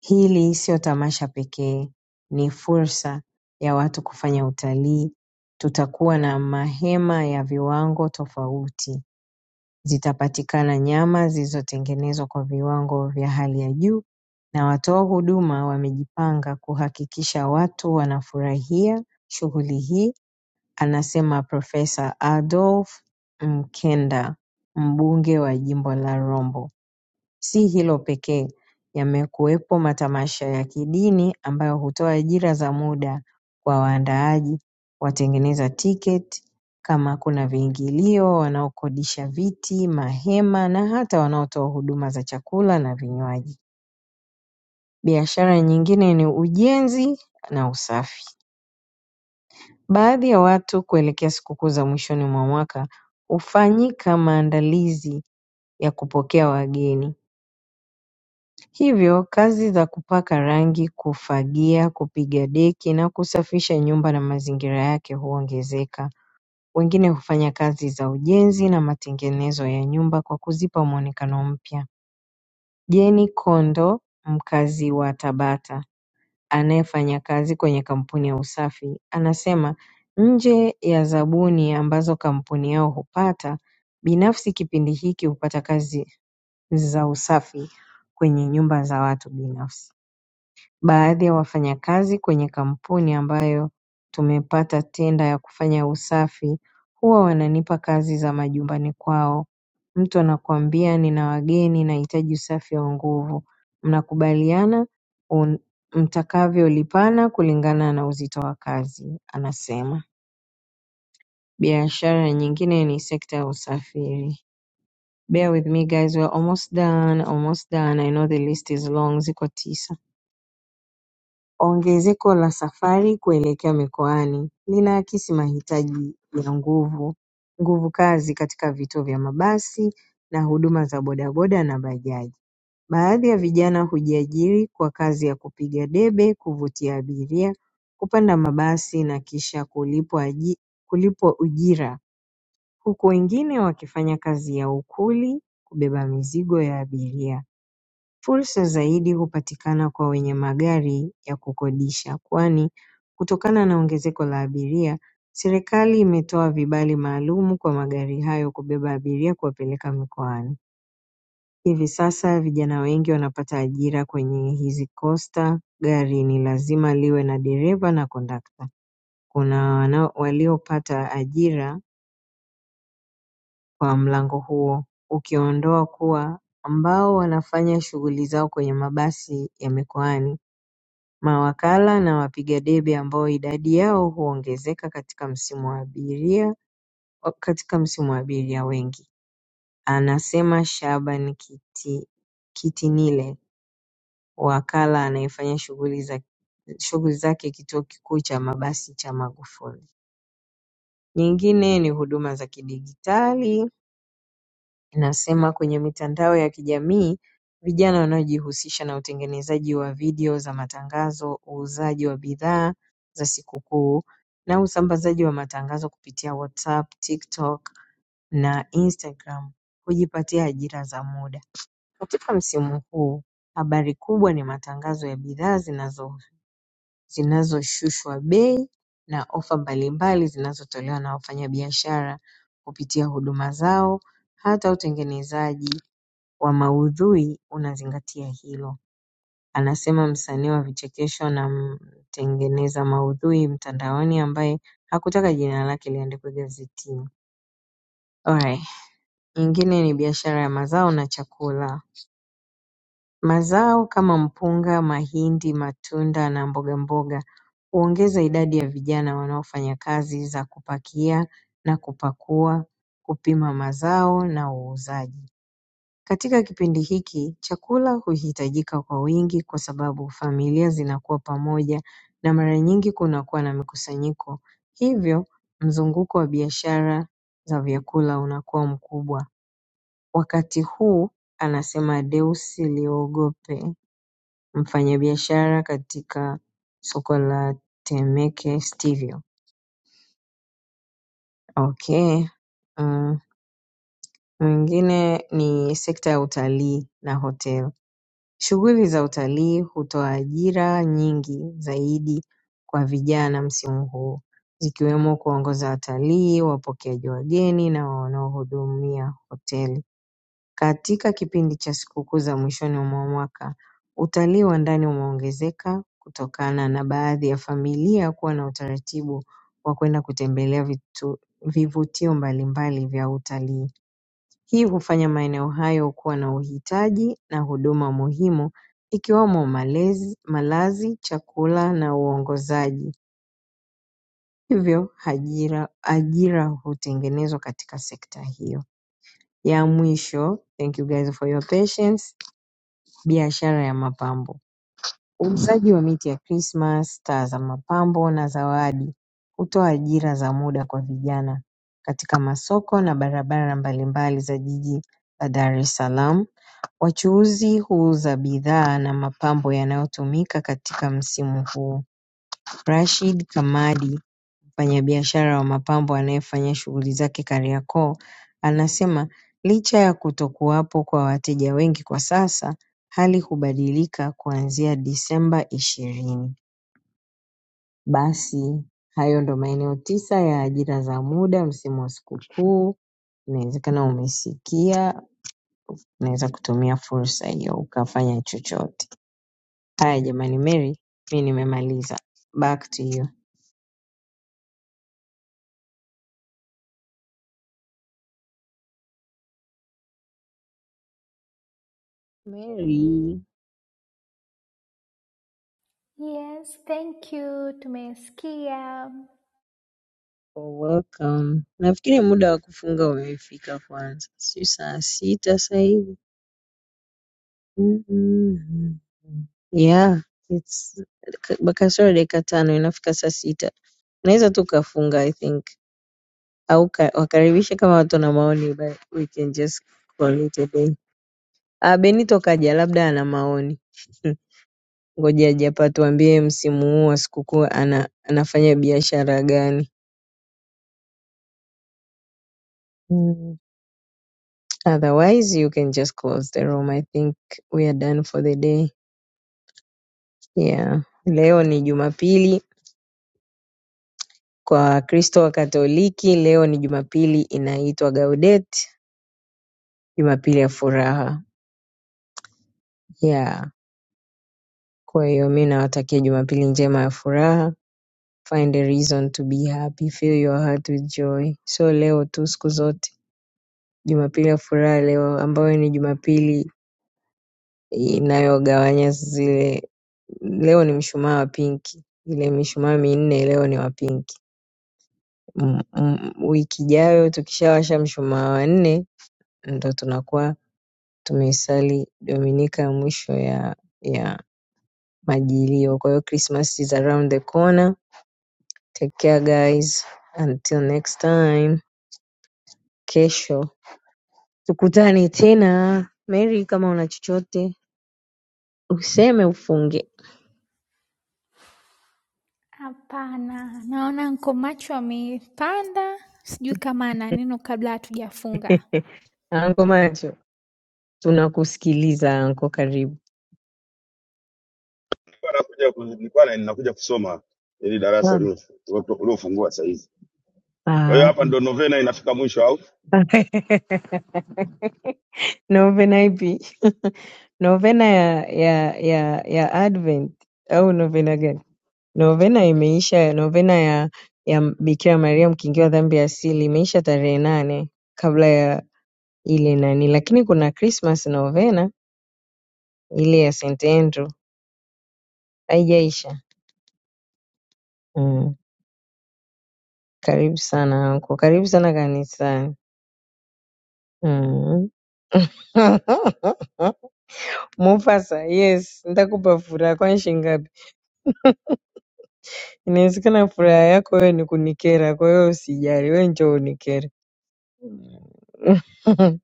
Hili sio tamasha pekee, ni fursa ya watu kufanya utalii. Tutakuwa na mahema ya viwango tofauti, zitapatikana nyama zilizotengenezwa kwa viwango vya hali ya juu na watoa huduma wamejipanga kuhakikisha watu wanafurahia shughuli hii anasema Profesa Adolf Mkenda mbunge wa jimbo la Rombo Si hilo pekee yamekuwepo matamasha ya kidini ambayo hutoa ajira za muda kwa waandaaji watengeneza tiketi kama kuna viingilio wanaokodisha viti mahema na hata wanaotoa huduma za chakula na vinywaji biashara nyingine ni ujenzi na usafi Baadhi ya watu kuelekea sikukuu za mwishoni mwa mwaka hufanyika maandalizi ya kupokea wageni hivyo kazi za kupaka rangi kufagia kupiga deki na kusafisha nyumba na mazingira yake huongezeka wengine hufanya kazi za ujenzi na matengenezo ya nyumba kwa kuzipa muonekano mpya Jane Kondo mkazi wa Tabata anayefanya kazi kwenye kampuni ya usafi anasema nje ya zabuni ambazo kampuni yao hupata binafsi kipindi hiki hupata kazi za usafi kwenye nyumba za watu binafsi baadhi ya wafanyakazi kwenye kampuni ambayo tumepata tenda ya kufanya usafi huwa wananipa kazi za majumbani kwao mtu anakuambia nina wageni nahitaji usafi wa nguvu mnakubaliana un- mtakavyolipana kulingana na uzito wa kazi anasema biashara nyingine ni sekta ya usafiri bear with me guys we're almost done almost done i know the list is long ziko tisa Ongezeko la safari kuelekea mikoani linaakisi mahitaji ya nguvu nguvukazi katika vituo vya mabasi na huduma za bodaboda na bajaji. Baadhi ya vijana hujiajiri kwa kazi ya kupiga debe, kuvutia abiria, kupanda mabasi na kisha kulipwa aji- kulipwa ujira, huku wengine wakifanya kazi ya ukuli, kubeba mizigo ya abiria. Fursa zaidi hupatikana kwa wenye magari ya kukodisha kwani kutokana na ongezeko la abiria serikali imetoa vibali maalumu kwa magari hayo kubeba abiria kuwapeleka mikoani. Hivi sasa vijana wengi wanapata ajira kwenye hizi costa. Gari ni lazima liwe na dereva na kondakta. Kuna wanao- waliopata ajira kwa mlango huo ukiondoa kuwa ambao wanafanya shughuli zao kwenye mabasi ya mikoani. mawakala na wapiga debe ambao idadi yao huongezeka katika msimu wa abiria katika msimu wa abiria wengi anasema Shaaban Kitinile wakala anayefanya shughuli za shughuli zake kituo kikuu cha mabasi cha Magufuli nyingine ni huduma za kidijitali inasema kwenye mitandao ya kijamii vijana wanaojihusisha na utengenezaji wa video za matangazo, uuzaji wa bidhaa za sikukuu na usambazaji wa matangazo kupitia WhatsApp, TikTok na Instagram hujipatia ajira za muda. Katika msimu huu habari kubwa ni matangazo ya bidhaa zinazo- zinazoshushwa bei na ofa mbalimbali zinazotolewa na wafanyabiashara kupitia huduma zao hata utengenezaji wa maudhui unazingatia hilo anasema msanii wa vichekesho na mtengeneza maudhui mtandaoni ambaye hakutaka jina lake liandikwe gazetini. Alright. Nyingine ni biashara ya mazao na chakula. Mazao kama mpunga, mahindi, matunda na mboga mboga huongeza idadi ya vijana wanaofanya kazi za kupakia na kupakua, kupima mazao na uuzaji. Katika kipindi hiki chakula huhitajika kwa wingi kwa sababu familia zinakuwa pamoja na mara nyingi kunakuwa na mikusanyiko hivyo mzunguko wa biashara za vyakula unakuwa mkubwa. Wakati huu anasema Deusi Liogope mfanyabiashara katika soko la Temeke Sterio. Okay. Mm, mwingine ni sekta ya utalii na hotel. Shughuli za utalii hutoa ajira nyingi zaidi kwa vijana msimu huu zikiwemo kuongoza watalii, wapokeaji wageni na wanaohudumia hoteli. Katika kipindi cha sikukuu za mwishoni mwa mwaka, utalii wa ndani umeongezeka kutokana na baadhi ya familia kuwa na utaratibu wa kwenda kutembelea vitu- vivutio mbalimbali vya utalii. Hii hufanya maeneo hayo kuwa na uhitaji na huduma muhimu ikiwemo malezi, malazi, chakula na uongozaji hivyo ajira ajira hutengenezwa katika sekta hiyo. Ya mwisho thank you guys for your patience biashara ya mapambo. Uuzaji wa miti ya Christmas, taa za mapambo na zawadi hutoa ajira za muda kwa vijana katika masoko na barabara mbalimbali za jiji la Dar es Salaam. Wachuuzi huuza bidhaa na mapambo yanayotumika katika msimu huu. Rashid Kamadi, mfanyabiashara wa mapambo anayefanya shughuli zake Kariakoo, anasema licha ya kutokuwapo kwa wateja wengi kwa sasa, hali hubadilika kuanzia Disemba ishirini. Basi hayo ndo maeneo tisa ya ajira za muda msimu wa sikukuu. Inawezekana umesikia, unaweza kutumia fursa hiyo ukafanya chochote. Haya jamani, Mary, mi nimemaliza. Back to you. Mary, Yes, thank you, tumesikia. oh, welcome. Nafikiri muda wa kufunga umefika kwanza, si saa sita sasa hivi. Mhm. Yeah, it's ka- kasoro dakika tano inafika saa sita. Unaweza tu ukafunga I think au ka- wakaribishe kama watu na maoni but we can just call it a day. Ah, Benito kaja, labda ana maoni. Ngoja Japa tuambie msimu huu wa sikukuu ana anafanya biashara gani? Mm. Otherwise you can just close the room. I think we are done for the day. Yeah. Leo ni Jumapili kwa Wakristo wa Katoliki, leo ni Jumapili inaitwa Gaudet, Jumapili ya furaha. Yeah. Kwa hiyo mi nawatakia Jumapili njema ya furaha. Find a reason to be happy, fill your heart with joy. So leo tu siku zote, Jumapili ya furaha leo ambayo ni Jumapili inayogawanya zile leo ni mshumaa wa pinki ile mishumaa minne leo ni wa pinki M- m- wiki ijayo tukishawasha mshumaa wa nne ndo tunakuwa tumeisali dominika ya mwisho ya ya majilio kwa hiyo christmas is around the corner take care guys until next time kesho tukutane tena mary kama una chochote useme ufunge Hapana, naona nko macho amepanda, sijui kama ana neno kabla hatujafunga. anko macho tunakusikiliza anko karibu Nilikuwa nakuja ku- nilikuwa na- ninakuja kusoma ili darasa ulio- uliofungua saa hizi. Kwa hiyo Ah. hapa ndo novena inafika mwisho au? novena ipi? novena ya, ya, ya, ya Advent au novena gani? Novena imeisha, novena ya, ya Bikira Maria mkingiwa dhambi ya asili imeisha tarehe nane kabla ya ile nani, lakini kuna Christmas novena ile ya St Andrew haijaisha. Mm. Karibu sana anko, karibu sana kanisani. Mm. Mufasa yes ndakupa furaha kwani shingapi inawezekana furaha yako wewe ni kunikera kwa hiyo usijali wewe njoo unikere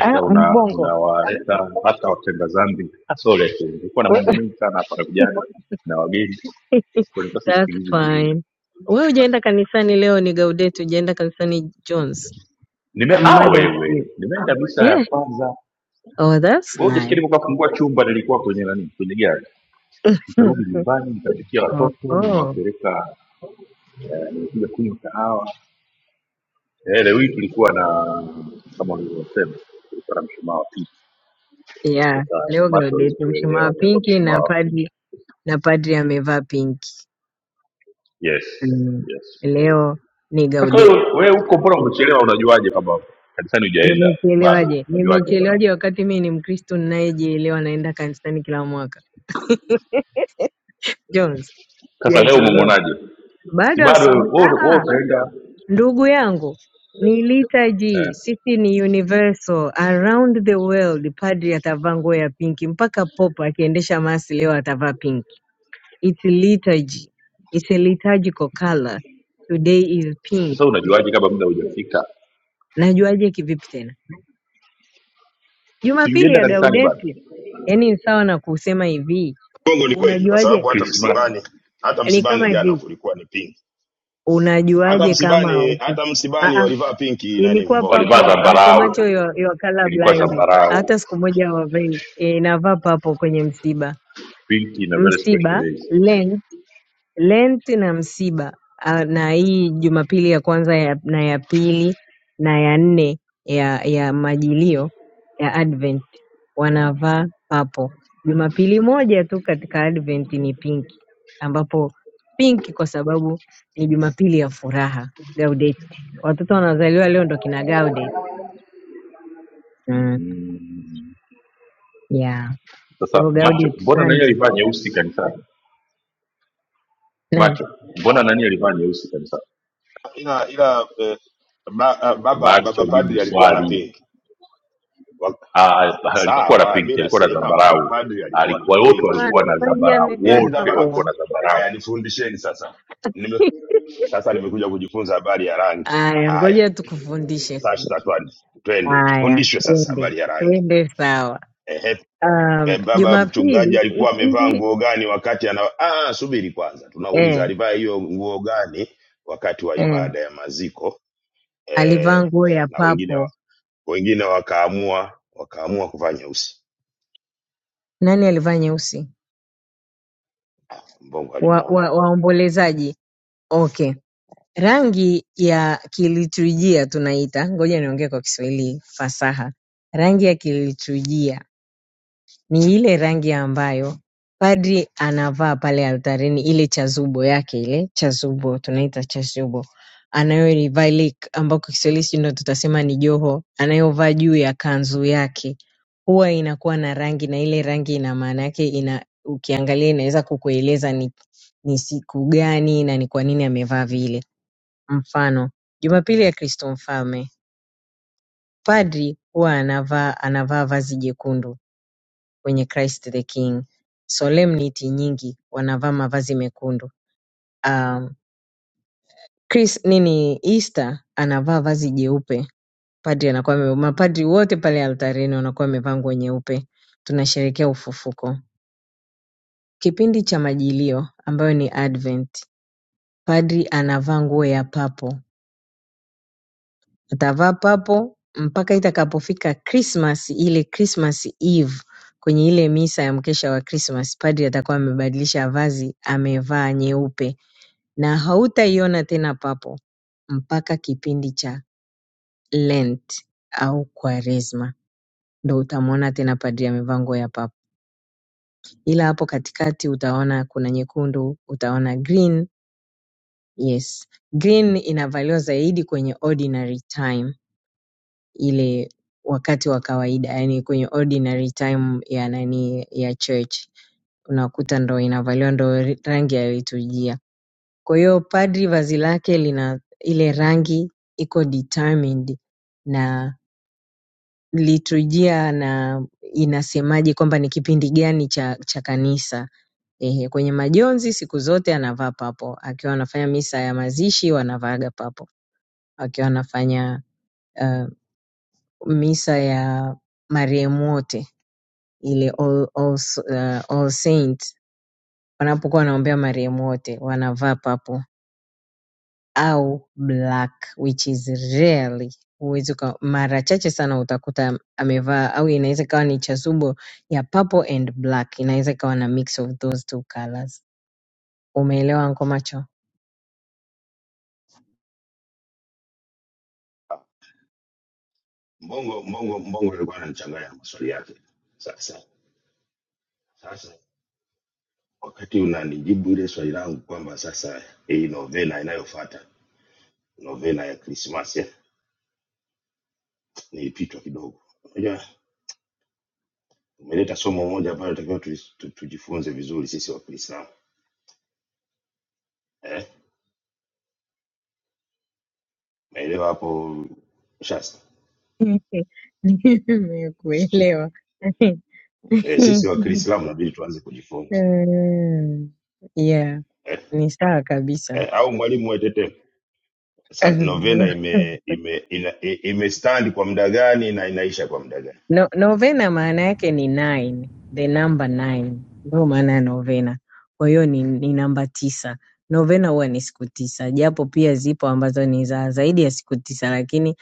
ah una mbongo unawaleta hata watenda zambi. Ah, sorry actually, nilikuwa na we- mambo mengi sana hapa na vijana na wageni. Kwa nini that's sisikilizi vizuri? fine wewe hujaenda kanisani leo ni gaudete hujaenda kanisani jones Nime I'm ah mad at you wewe, nimeenda misa ya eh kwanza. oh that's Wewe hujasikia nice nilipokuwa kufungua chumba nilikuwa kwenye nani? Kwenye gari. Nikarudi nyumbani, nikapikia oh, watoto, oh. nimewapeleka eh, nimekuja kunywa kahawa. Eh, leo hii tulikuwa na kama ulivyosema, tulikuwa na mshumaa wa yeah leo macho hawezi gaudete mshumaa kuelewa wa ameweka pinki mshumaa na wa pink. padri na padri amevaa pinki Yes, mm. yes, yes. leo ni Sasa gaudete wewe wewe huko mbona umechelewa unajuaje kama kanisani hujaenda bado? Nimechelewaje? Unajuaje kama? Nimechelewaje wakati mimi ni Mkristo ninayejielewa naenda kanisani kila mwaka. Jones, Sasa leo sijachelewa. umemwonaje? Si Bado bado asubuhi. wewe Ah, wewe ah, utaenda ndugu yangu, ni eh. liturgy. Sisi ni universal around the world. Padri atavaa nguo ya pinki mpaka popa akiendesha masi leo atavaa pinki. It's liturgy. It's a liturgical color. Today is pink. Sasa unajuaje kama muda hujafika? Najuaje kivipi tena? Si Jumapili ungeenda ya kanisani bado. Gaudete. Yaani ni sawa na kusema hivi. Bongo ni kweli kwa Unajuaje sababu hata Christmas msibani hata Ni msibani kama jana hivi, kulikuwa ni pinki. Hata unajuaje kama msibani haupo? hata Ah, msibani ah, walivaa pinki nani ilikuwa mbongo. walivaa papo anko macho zambarau, yo color ilikuwa blind. zambarau. Hata siku moja wavei inavaa papo kwenye msiba. Pinki na very special Msiba days. lens Lent na msiba ah, na hii Jumapili ya kwanza ya, na ya pili na ya nne ya ya majilio ya Advent wanavaa papo. Jumapili moja tu katika Advent ni pinki, ambapo pinki kwa sababu ni Jumapili ya furaha, Gaudete. Watoto wanazaliwa leo ndo kina Gaudete. Mm. Mm. Yeah. Kwa Sasa hiyo macho, Gaudete mbona nani Sunday. alivaa nyeusi kanisani? Nani? Macho, mbona nani alivaa nyeusi kanisani? Ila ila eh, ba, ah, baba baba macho jibu padri alikuwa na swali pinki. Wa- Ah, ah, alikuwa na Sawa, mimi pinki alikuwa na nasema baba zambarau padri alikuwa na alikuwa wote Hapana, pinki. walikuwa na Fadi zambarau Ile amevaa ni wote zambarau. walikuwa papo. na zambarau Haya nifundisheni sasa. Nime, sasa nimekuja kujifunza habari ya rangi. Aya, Haya. ngoja tukufundishe. Sasa twende twende Haya, tufundishwe sasa twende habari ya rangi. twende, sawa. Ehe, eh, Um, baba mchungaji Jumapili hi- alikuwa amevaa hivi nguo gani wakati ana ah, ah, subiri kwanza, tunauliza eh, alivaa hiyo nguo gani wakati wa eh, ibada ya maziko alivaa eh, nguo ya na wengine papo. wa- wengine wakaamua wakaamua kuvaa nyeusi. Nani alivaa nyeusi? Mbongo Wa, alimuona wa, waombolezaji. Okay, rangi ya kiliturujia tunaita, ngoja niongee kwa Kiswahili fasaha. Rangi ya kiliturujia ni ile rangi ambayo padri anavaa pale altarini, ile chazubo yake, ile chazubo tunaita chazubo anayoivaa ile ambao kwa Kiswahili sijui ndo tutasema ni joho anayovaa juu ya kanzu yake, huwa inakuwa na rangi na ile rangi ina maana yake, ina ukiangalia inaweza kukueleza ni, ni siku gani na ni kwa nini amevaa vile. Mfano, Jumapili ya Kristo Mfalme, padri huwa anavaa anavaa vazi jekundu kwenye Christ the King. Solemnity nyingi wanavaa mavazi mekundu. Um, Chris nini Easter anavaa vazi jeupe. Padri anakuwa ame- mapadri wote pale altarini wanakuwa wamevaa nguo nyeupe. Tunasherehekea ufufuko. Kipindi cha majilio ambayo ni Advent. Padri anavaa nguo ya papo. Atavaa papo mpaka itakapofika Christmas ile Christmas Eve kwenye ile misa ya mkesha wa Christmas, padri atakuwa amebadilisha vazi, amevaa nyeupe na hautaiona tena papo mpaka kipindi cha Lent au Kwaresma, ndo utamwona tena padri amevaa nguo ya papa, ila hapo katikati utaona kuna nyekundu, utaona green. Yes, green inavaliwa zaidi kwenye ordinary time, ile wakati wa kawaida, yani kwenye ordinary time ya nani ya church unakuta ndo inavaliwa, ndo rangi ya liturujia. Kwa hiyo padri vazi lake lina ile rangi iko determined na liturujia na inasemaje kwamba ni kipindi gani cha, cha kanisa. Ehe, kwenye majonzi siku zote anavaa papo, akiwa anafanya misa ya mazishi wanavaaga papo, akiwa anafanya uh, misa ya marehemu wote ile all, all, uh, all saint wanapokuwa wanaombea marehemu wote wanavaa papo. au black which is rarely huwezi uka- mara chache sana utakuta amevaa au inaweza ikawa ni chasubo ya purple and black inaweza ikawa na mix of those two colors umeelewa nko macho Mbongo, Mbongo, Mbongo alikuwa ananichanganya na maswali yake. Sasa sasa wakati unanijibu ile swali langu kwamba sasa eh, hii novena inayofuata novena ya Krismasi ni kichwa kidogo. Unajua, umeleta somo moja ambalo takiwa tujifunze vizuri sisi wa Kiislamu eh? Naelewa hapo Shasta. Sichi- Nimekuelewa. Eh, sisi wa Kiislamu inabidi tuanze kujifunza yeah. yeah eh? ni sawa kabisa Eh, au mwalimu wetete sasa novena ime ime ina, i- imestand kwa muda gani na inaisha kwa muda gani? No, novena maana yake ni nine, the number nine ndio maana ya novena. Kwa hiyo ni, ni namba tisa. Novena huwa ni siku tisa, japo pia zipo ambazo ni za zaidi ya siku tisa, lakini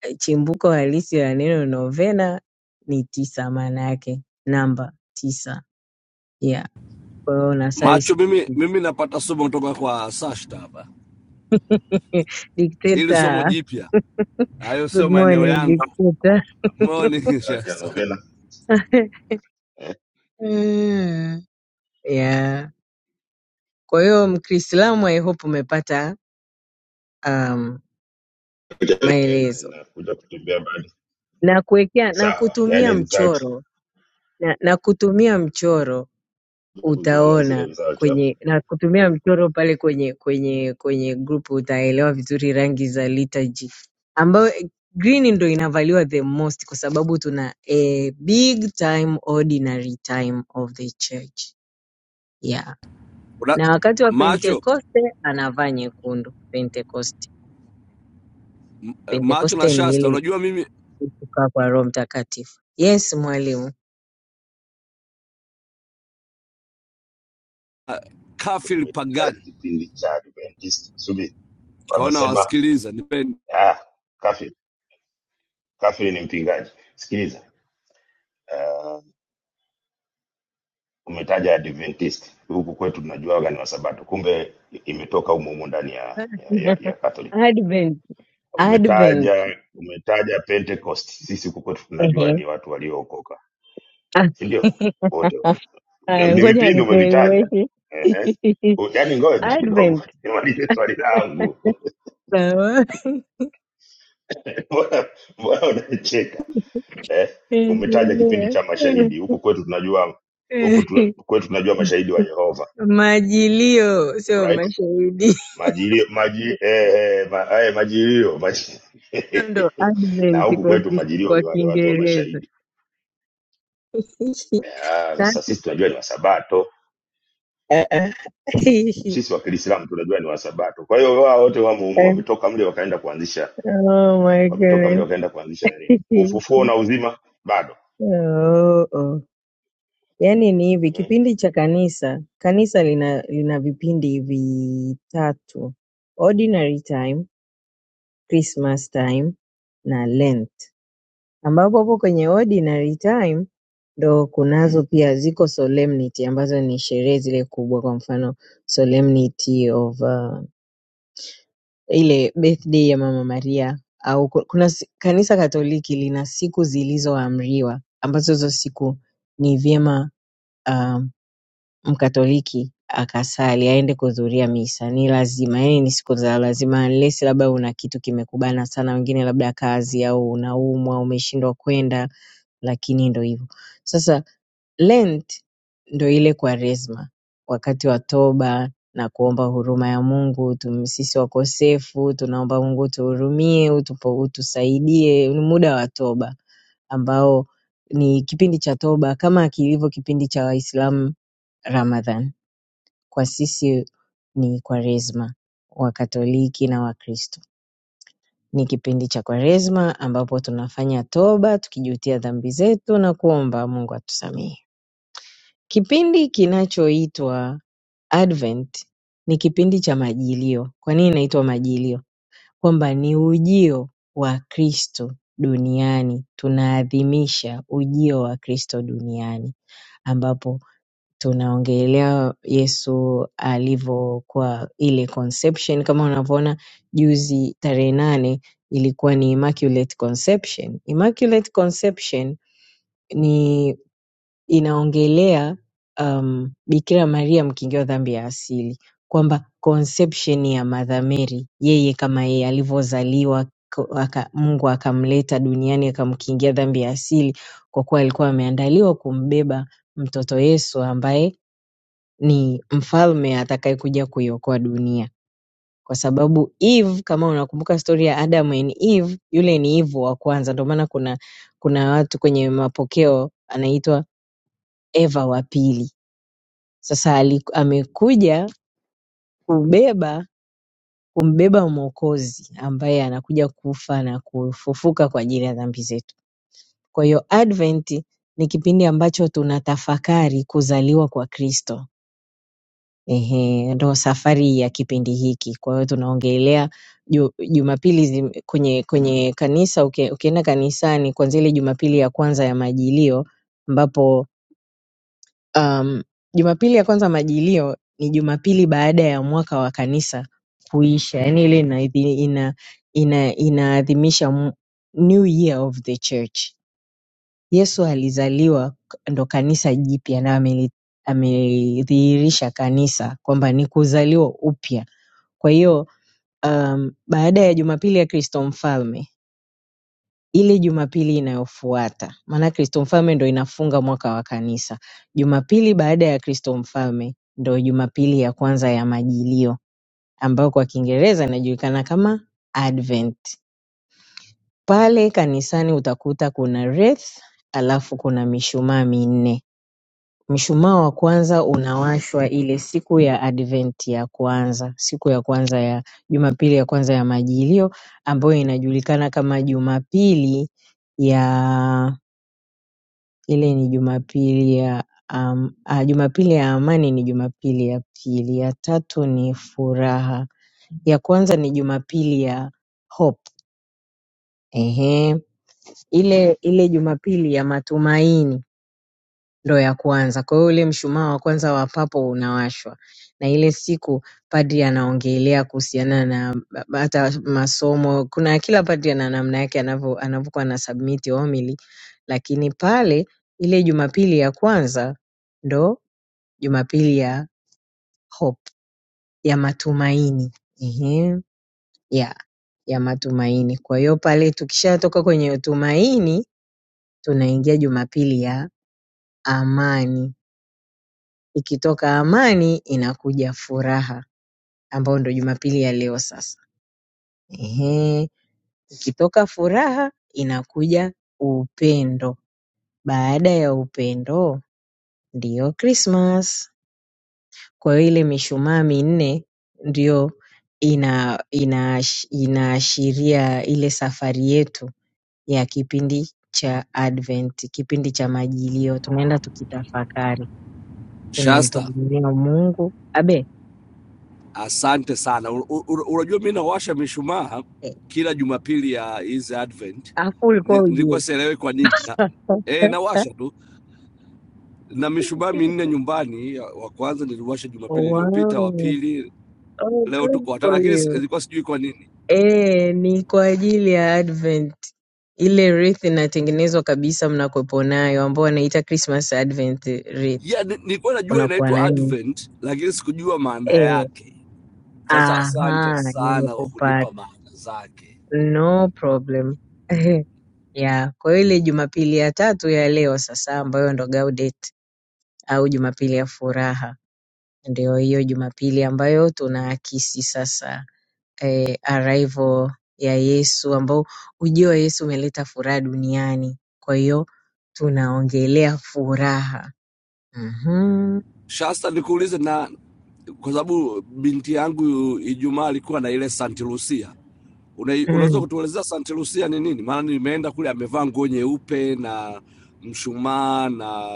eh, chimbuko halisi la neno novena ni tisa, maana yake namba tisa. Yeah, kwa hiyo unasali Macho siku mimi, mimi napata somo kutoka kwa Sashta hapa, ili somo Dictator, jipya. Hayo sio good maeneo morning yangu. dictator. Morning Result ya Shasta. novena eh, Mm, yeah. Kwa hiyo Mkiislamu, I hope umepata um, result ya novena maelezo inakuja kutembea bado na kuwekea na sawa, kutumia yani result mchoro na, na kutumia mchoro kuziona zile utaona result hapo kwenye na kutumia mchoro pale kwenye kwenye kwenye group utaelewa vizuri rangi za liturgy ambayo eh, green ndo inavaliwa the most kwa sababu tuna a big time ordinary time of the church yeah Una, na wakati wa macho pentekoste anavaa nyekundu pentekoste eh, macho na pentekoste ni Shasta, ile unajua mimi kukaa kwa roho mtakatifu yes mwalimu uh, kafil pagani kipindi cha Adventist subiri kaona wamesema wasikiliza nipeni Ah, Kafi, Kafi ni mpingaji. Sikiliza, uh, umetaja Adventist huku kwetu tunajuaga ni Wasabato, kumbe imetoka humo humo ndani ya, ya, ya, ya Catholic. Advent, Advent. Umetaja umetaja Pentecost, sisi huku kwetu tunajua Ehe. ni watu waliookoka, si ndio? Wote Aya, ni Ngoja vipindi umevitaja. nikueleweshe. Ehe. U- Yaani ngoja kidogo Advent. nimalize swali langu. Sawa. Mbona mbona unacheka? eh, umetaja kipindi Endelea. cha mashahidi huku kwetu tunajua huku tu- kwetu tunajua mashahidi wa Yehova Majilio sio right mashahidi. majilio maji eh, eh, ma, eh, majilio maji Hiyo Ndo na Advent huku kwa kwetu kis- majilio kwa ni wale watu wa Kiingereza. mashahidi Ah, Sasa- sasa sisi tunajua ni wasabato Ah, ah. sisi wa Kiislamu tunajua ni wasabato kwa hiyo wao wote wamo humo wametoka mle wakaenda kuanzisha Oh my wametoka mle goodness. wakaenda kuanzisha nini ufufuo na uzima bado Oh, oh. Yaani ni hivi mm-hmm. kipindi cha kanisa, kanisa lina lina vipindi vitatu: ordinary time, Christmas time na Lent, ambapo hapo kwenye ordinary time ndo kunazo pia ziko solemnity ambazo ni sherehe zile kubwa, kwa mfano solemnity of uh, ile birthday ya Mama Maria au ku- kuna si- kanisa Katoliki lina siku zilizoamriwa ambazo hizo siku ni vyema uh, mkatoliki akasali aende kuhudhuria misa ni lazima yani ni siku za lazima unless labda una kitu kimekubana sana wengine labda kazi au unaumwa umeshindwa kwenda lakini ndo hivyo sasa lent ndo ile kwaresma wakati wa toba na kuomba huruma ya mungu tum, sisi wakosefu tunaomba mungu utuhurumie utupo- utusaidie ni muda wa toba ambao ni kipindi cha toba kama kilivyo kipindi cha waislamu ramadhan kwa sisi ni Kwaresma, Wakatoliki na Wakristo. Ni kipindi cha Kwaresma ambapo tunafanya toba tukijutia dhambi zetu na kuomba Mungu atusamehe. Kipindi kinachoitwa Advent ni kipindi cha majilio. Kwa nini inaitwa majilio? Kwamba ni ujio wa Kristo duniani, tunaadhimisha ujio wa Kristo duniani ambapo tunaongelea Yesu alivyokuwa ile conception. Kama unavyoona juzi tarehe nane ilikuwa ni Immaculate Conception. Immaculate Conception ni inaongelea um, Bikira Maria mkingiwa dhambi ya asili, kwamba conception ya Mother Mary, yeye kama yeye alivyozaliwa ko- aka, Mungu akamleta duniani akamkingia dhambi ya asili, kwa kuwa alikuwa ameandaliwa kumbeba mtoto Yesu ambaye ni mfalme atakayekuja kuiokoa dunia kwa sababu Eve, kama unakumbuka stori ya Adam and Eve, yule ni Eve wa kwanza. Ndio maana kuna kuna watu kwenye mapokeo anaitwa Eva wa pili. Sasa ali- amekuja kubeba kumbeba mwokozi ambaye anakuja kufa na kufufuka kwa ajili ya dhambi zetu. Kwa hiyo Advent ni kipindi ambacho tunatafakari kuzaliwa kwa Kristo Ehe, ndo safari ya kipindi hiki. Kwa hiyo tunaongelea ju- Jumapili zim- kwenye kwenye kanisa uki, ukienda kanisani kwanzia ile Jumapili ya kwanza ya Majilio ambapo um, Jumapili ya kwanza Majilio ni Jumapili baada ya mwaka wa kanisa kuisha, yaani ile inaadhi- ina inaadhimisha ina inaadhimisha m- New Year of the Church Yesu alizaliwa ndo kanisa jipya na ameli- amelidhihirisha kanisa kwamba ni kuzaliwa upya. Kwa hiyo um, baada ya Jumapili ya Kristo Mfalme, ile Jumapili inayofuata, maana Kristo Mfalme ndo inafunga mwaka wa kanisa. Jumapili baada ya Kristo Mfalme ndo Jumapili ya kwanza ya Majilio ambayo kwa Kiingereza inajulikana kama Advent. Pale kanisani utakuta kuna wreath alafu kuna mishumaa minne Mshumaa wa kwanza unawashwa ile siku ya advent ya kwanza, siku ya kwanza ya jumapili ya kwanza ya majilio ambayo inajulikana kama jumapili ya ile ni jumapili ya am, ah, jumapili ya amani ni jumapili ya pili, ya tatu ni furaha, ya kwanza ni jumapili ya hope. Ehe, ile ile jumapili ya matumaini ndo ya kwanza. Kwa hiyo ule mshumaa wa kwanza wa papo unawashwa, na ile siku padri anaongelea kuhusiana na ba- hata masomo. Kuna kila padri ana namna yake anavyo anavyokuwa na submit homily, lakini pale ile Jumapili ya kwanza ndo Jumapili ya hope, ya matumaini. Ehe, ya ya matumaini. Kwa hiyo pale tukishatoka kwenye tumaini, tunaingia Jumapili ya amani Ikitoka amani inakuja furaha, ambayo ndo Jumapili ya leo sasa. Ehe, ikitoka furaha inakuja upendo, baada ya upendo ndiyo Krismas. Kwa hiyo ile mishumaa minne ndiyo ina, ina, inaashiria ile safari yetu ya kipindi cha Advent, kipindi cha majilio. Tunaenda tukitafakari, Shasta, tunamtumaini Mungu abe asante sana. U- u- u- Unajua mimi nawasha mishumaa eh, kila Jumapili ya hizi Advent, hapo Ni- ulikuwa nilikuwa sielewi kwa nini na, eh, nawasha tu na mishumaa minne nyumbani. Ya- Wa kwanza niliwasha Jumapili iliyopita, wa Wow. pili Oh, leo good tuko watano, for lakini si- you. ilikuwa sijui kwa nini Eh, ni kwa ajili ya Advent. Ile wreath inatengenezwa kabisa mnakuwepo nayo ambao wanaita Christmas Advent wreath. ya ni- nilikuwa najua Unakuwa inaitwa nayo. Advent, lakini sikujua maana Eh, yake. Sasa asante aha, sana kwa kunipa nimekupata. maana zake. No problem. Yeah, kwa hiyo ile Jumapili ya tatu ya leo sasa ambayo ndo Gaudete au Jumapili ya furaha. Ndio hiyo Jumapili ambayo tunaakisi sasa eh, arrival ya Yesu ambao ujio wa Yesu umeleta furaha duniani. Kwa hiyo tunaongelea furaha. Mhm. Shasta, nikuulize na kwa sababu binti yangu Ijumaa alikuwa na ile Saint Lucia. Una, unaweza Mm. kutuelezea Saint Lucia ni nini? Maana nimeenda kule amevaa nguo nyeupe na mshumaa na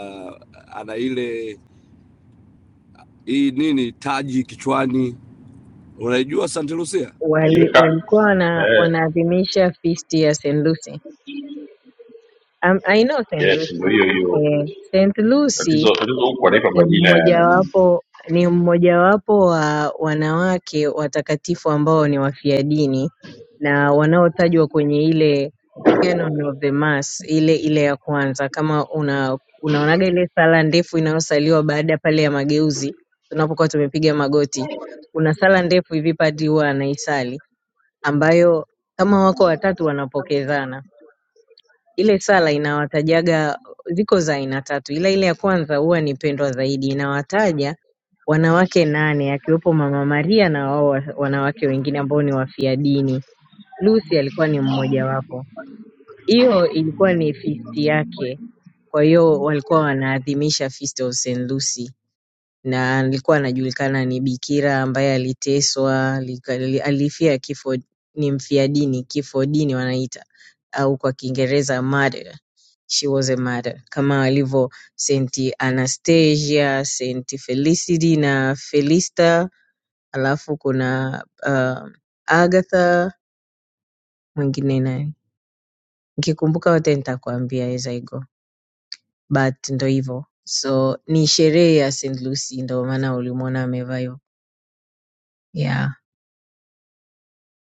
ana ile hii nini taji kichwani. Unaijua Saint Lucia? Wali, aliweka walikuwa wana, eh, wanaadhimisha feast ya St. Lucy. Um, I know St. yes ndio Lucy. hiyo hiyo Eh, St. Lucy tatizo tatizo huku anaipa Ni majina ya nani mmojawapo ni mmojawapo wa wanawake watakatifu ambao ni wafiadini na wanaotajwa kwenye ile canon of the mass ile ile ya kwanza. Kama una unaonaga ile sala ndefu inayosaliwa baada ya pale ya mageuzi, tunapokuwa tumepiga magoti, kuna sala ndefu hivi padri huwa anaisali ambayo kama wako watatu wanapokezana. Ile sala inawatajaga, ziko za aina tatu, ila ile ya kwanza huwa ni pendwa zaidi. Inawataja wanawake nane, akiwepo Mama Maria na wao wa- wanawake wengine ambao ni wafia dini. Lucy alikuwa ni mmojawapo. Hiyo ilikuwa ni fisti yake, kwa hiyo walikuwa wanaadhimisha Feast of St. Lucy na alikuwa anajulikana ni bikira ambaye aliteswa lika- li- alifia kifo ni mfia dini kifo dini wanaita au kwa kiingereza martyr she was a martyr kama alivyo saint anastasia saint felicity na felista alafu kuna uh, agatha mwingine nani nikikumbuka wote nitakwambia as I go but ndo hivyo so ni sherehe ya st lucy ndo maana ulimwona amevaa hivyo yeah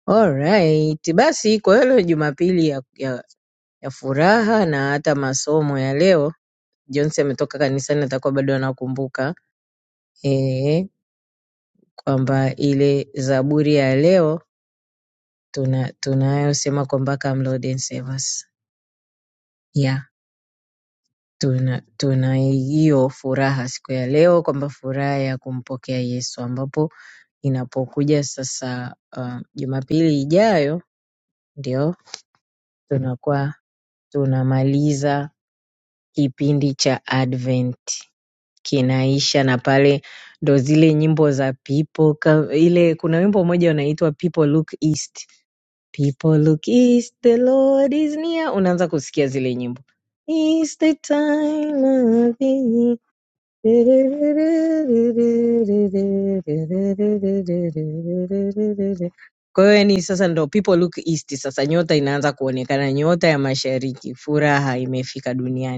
Alright, basi kwa hiyo leo Jumapili ya, ya, ya furaha na hata masomo ya leo, Jonsi ametoka kanisani, atakuwa bado anakumbuka eh, kwamba ile Zaburi ya leo tuna tunayosema kwamba come Lord and save us. Yeah, tuna tuna hiyo furaha siku ya leo kwamba furaha ya kumpokea Yesu, ambapo inapokuja sasa uh, Jumapili ijayo ndio tunakuwa tunamaliza kipindi cha advent kinaisha na pale ndo zile nyimbo za people ka, ile kuna wimbo mmoja unaitwa people look east people look east the lord is near unaanza kusikia zile nyimbo is the time of the year. Kwa hiyo yani sasa ndo people look east, sasa nyota inaanza kuonekana, nyota ya mashariki, furaha imefika duniani.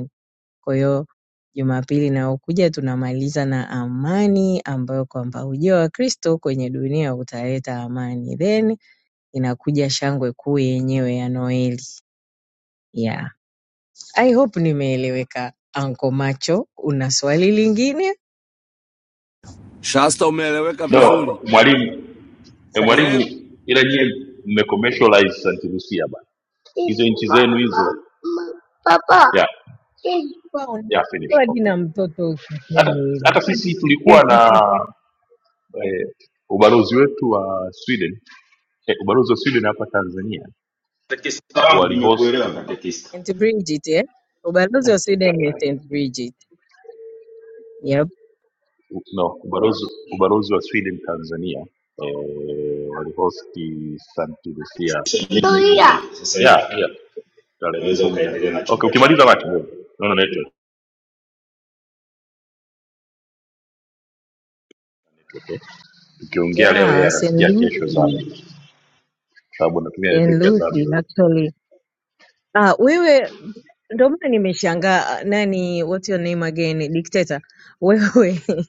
Kwa hiyo Jumapili inayokuja tunamaliza na amani ambayo kwamba ujio wa Kristo kwenye dunia utaleta amani. Then inakuja shangwe kuu yenyewe ya Noeli. Yeah. I hope nimeeleweka. Anko Macho, una swali lingine? Shasta, umeeleweka vizuri. no mwalimu eh, Sasa mwalimu Ehe, ila nyie mme commercialize Saint Lucia bana hizo nchi zenu hizo yeah, yeah, finish unatoa okay. jina mtoto ukisema hata, hivyo. hata sisi tulikuwa na eh, ubalozi wetu wa Sweden eh, ubalozi wa Sweden hapa Tanzania katekista wangu nimekuelewa walihosti katekista St. Bridget, eh? Ubalozi wa Sweden ni St. Bridget. Yep. no, ubalozi, ubalozi wa Sweden Tanzania eh, walihosti St. Lucia Nimekuelewa. yeah, sasa yeah, tarehe unaweza kumi na ukaendelea na okay, chumba ukimaliza chako. macho naona network okay. Tukiongea leo yeye Yeah, St. anasikia kesho Lucy. Zambia, kwa sababu natumia St. network ya Zambia. Lucy, actually Ah, wewe ndio maana nimeshangaa nani what your name again dictator wewe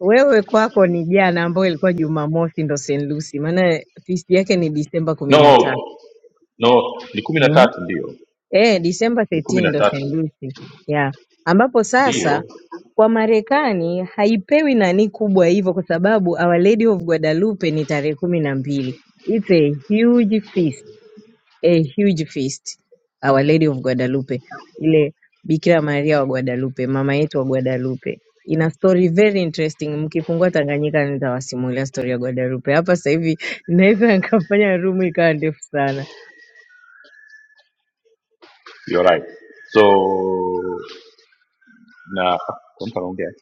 wewe kwako ni jana ambayo ilikuwa Jumamosi ndo St. Lucy maana feast yake ni Disemba kumi na No, tatu no, ni kumi na mm? tatu ndio, eh Disemba ni kumi 13 na ndo St. tatu Lucy yeah ambapo sasa ndio, kwa Marekani haipewi nani kubwa hivyo kwa sababu Our Lady of Guadalupe ni tarehe kumi na mbili it's a huge feast a huge feast Our Lady of Guadalupe, ile Bikira Maria wa Guadalupe, mama yetu wa Guadalupe. Ina story very interesting. Mkifungua Tanganyika nitawasimulia story ya Guadalupe. Hapa sasa hivi naweza nikafanya room ikawa ndefu sana. you're right. So na kwa mtu anaongea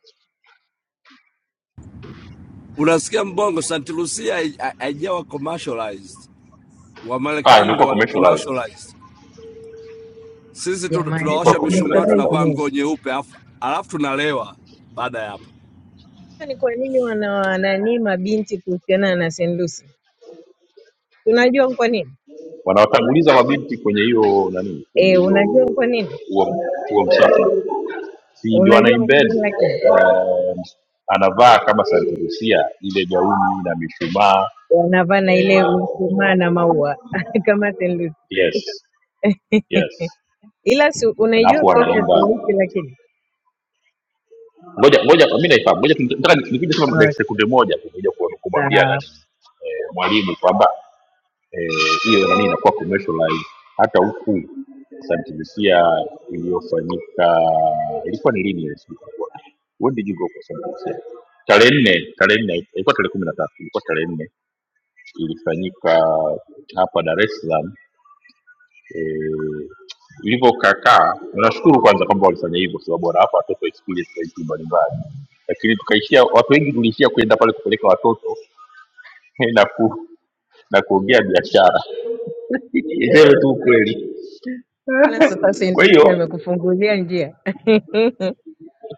unasikia mbongo, St. Lucia hai- haijawa commercialized. ah, Wamarekani ndo imekuwa wana commercialized, commercialized. Sisi tu, Jamani, imekuwa tunawasha mishumaa commercialized tumekommercialize hata tunavaa huko. nini? nguo nyeupe afa- alafu tunalewa baada ya hapo. Ni kwa nini wanawananii mabinti kuhusiana na St. Lucy? Tunajua ni kwa nini? wanawatanguliza mabinti kwenye hiyo nani kwenye Eh, hiyo unajua ni kwa nini? huo huo msafara si ndio Unajua ni kwa anaimbend nini lakini eh, anavaa kama Santa Lucia ile gauni na mishumaa wanavaa na eh, ile mshumaa na maua kama St. Lucy. yes yes ila si alafu unaijua stori ya wanaimba Tanuki lakini ngoja ngoja mimi naifahamu ngoja tu- nataka nikuje sema dakika okay. sekunde moja tu, ngoja ku- kumwambia Sawa nani eh, mwalimu kwamba eh, hiyo nani inakuwa commercialized hata huku santimisia iliyofanyika ilikuwa ni lini ile siku ilikuwa? when did you go for santimisia tarehe nne tarehe nne ilikuwa tarehe kumi na tatu ilikuwa tarehe nne ilifanyika hapa dar es salaam eh, ilivyokakaa nashukuru kwanza kwamba walifanya hivyo kwa sababu wanawapa watoto experience za vitu mbalimbali lakini tukaishia watu wengi tuliishia kwenda pale kupeleka watoto na ku, na kuongea biashara iseme tu ukweli Bwana, sasa Kwa Tanuki hiyo amekufungulia njia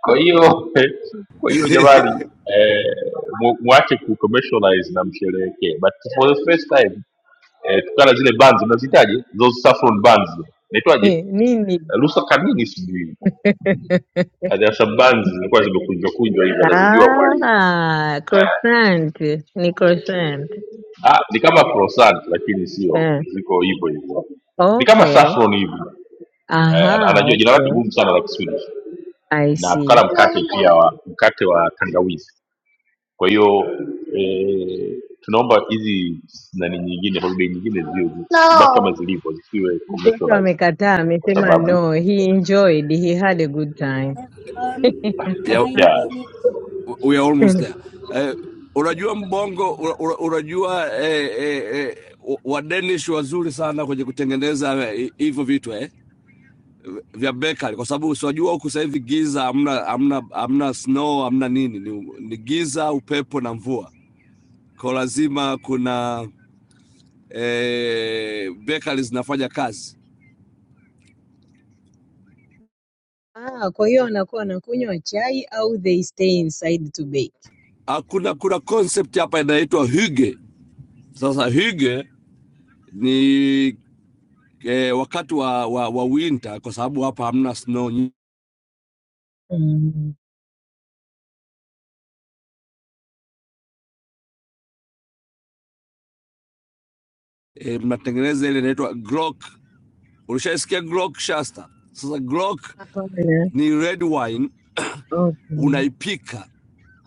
kwa hiyo kwa hiyo jamani, eh, mu- muache ku commercialize na msherehekee, but for the first time eh, tukana zile bands mnazitaje, those saffron bands naitwaje, nini? Lusa Kamini sijui Ah, there are some bands zilikuwa zimekunjwa kunjwa hivi, anazijua mwalimu. Ah, croissant ni croissant. Ah, ni kama croissant lakini sio, Eh. ziko hivyo hivyo, ni kama Okay. saffron hivi eh, ana- Aha, anajua jina lake okay. gumu sana la Kiswahili, I na see. tukana mkate pia wa mkate wa tangawizi kwa hiyo eh, tunaomba hizi nani nyingine holiday nyingine ziwe zibaki kama zilivyo zisiwe Mtoto commercialized amekataa, kwa amesema sababu no, he enjoyed, he had a good time. Um, yeah, nine yeah, minutes. we are almost there. Eh, unajua mbongo, una- una- unajua eh, eh, eh, wa Danish wazuri sana kwenye kutengeneza eh, hivyo vitu eh. vya Berkane kwa sababu siwajua huku sasa hivi giza, hamna hamna hamna snow hamna nini, ni, ni giza, upepo na mvua, kwa lazima kuna eh, Berkane zinafanya kazi. Ah, kwa hiyo anakuwa anakunywa chai au they stay inside to bake. Ah, kuna kuna concept hapa inaitwa hygge. Sasa hygge ni eh, wakati wa, wa, wa winter kwa sababu hapa hamna snow nyi- Mm. eh, mnatengeneza ile inaitwa grog. Ulishaisikia grog Shasta? Sasa grog Hapana. ni red wine Okay. unaipika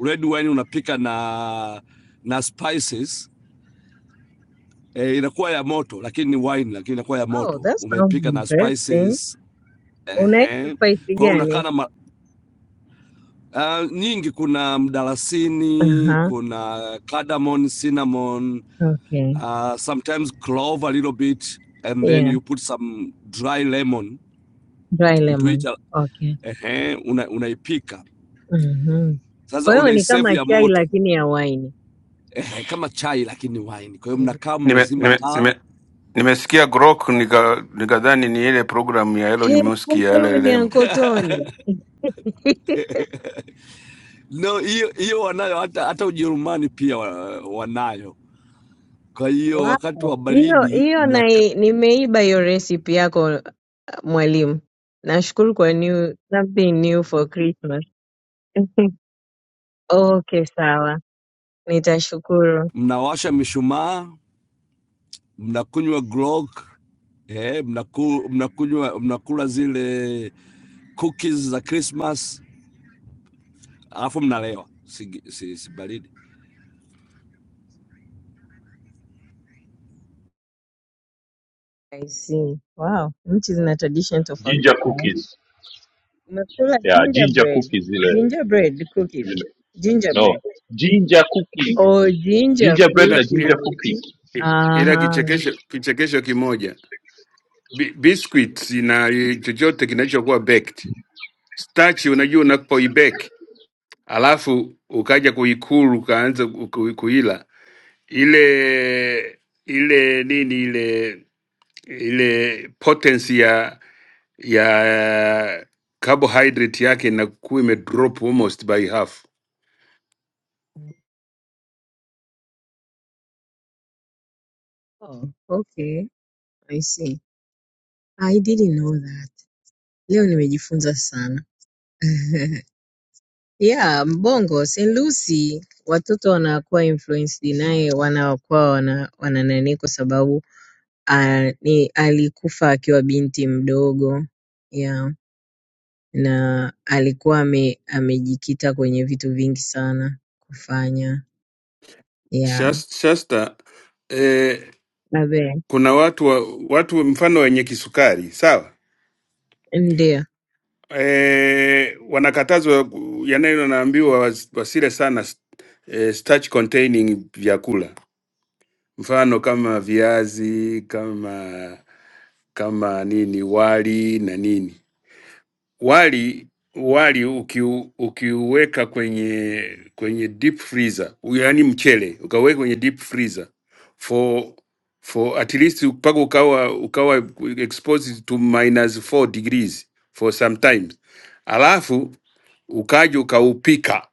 red wine unapika na na spices eh, inakuwa ya moto lakini ni wine lakini inakuwa ya Oh, moto that sounds umeipika na interesting. spices Oh, Next is ehe. spicy kwa hiyo unakaa gani? na ma- ah, nyingi kuna mdalasini Uh-huh. kuna cardamom cinnamon Okay. uh, sometimes clove a little bit and then Yeah. you put some dry lemon Dry into it lemon. Okay. ehe, una, unaipika Mm-hmm. Kwa sasa hiyo ni unaisave kama ya chai moto lakini ya waini. ehe, kama chai lakini wine kwa hiyo mnakaa Nime, mmezima nime, taa nime, nimesikia grok nika- nikadhani ni ile programu ya Elon Hey, Musk kumbe ya huyu ni LLM. Uncle Tony. no, hiyo hiyo wanayo hata, hata Ujerumani pia wa- wanayo. Kwa hiyo wakati Wow. wa Hiyo baridi hiyo mnaka- nai- nimeiba hiyo recipe yako uh, mwalimu. Nashukuru kwa new something new for Christmas. Okay, sawa. Nitashukuru. mnawasha mna mishumaa, mnakunywa grog eh, mnaku, mnakunywa mnakula zile cookies za Christmas alafu mnalewa si, si, si baridi. I see. Wow, which is in a tradition tofauti ginger kwao. cookies Umekula yeah, ginger gingerbread, cookies zile gingerbread cookies, zile no gingerbread ginger cookies or ginger ginger bread na Ila, ila, ginger cookies. cookies ila Aha. kichekesho, kichekesho kimoja Bi- biscuits na chochote kinachokuwa baked starch, unajua unapoibake alafu ukaja kuikulu ukaanza ku- ku- kuila ile ile nini ile ile potency ya ya carbohydrate yake inakuwa imedrop almost by half. Oh, okay. I see. I didn't know that. Leo nimejifunza sana. Yeah, Mbongo, St. Lucy watoto wanakuwa influenced naye wanakuwa wana, wana nani kwa sababu ah, ni alikufa akiwa binti mdogo. Yeah. na alikuwa ame, amejikita kwenye vitu vingi sana kufanya yeah Shas- Shasta, eh, Abe. kuna watu wa, watu mfano wenye kisukari sawa, ndio eh, wanakatazwa ku- yanayo naambiwa was- wasile sana s- eh, starch containing vyakula, mfano kama viazi kama kama nini wali na nini wali wali ukiu, ukiuweka kwenye kwenye deep freezer, yaani mchele ukaweka kwenye deep freezer for for at least mpaka ukawa ukawa exposed to minus 4 degrees for some times, alafu ukaja ukaupika,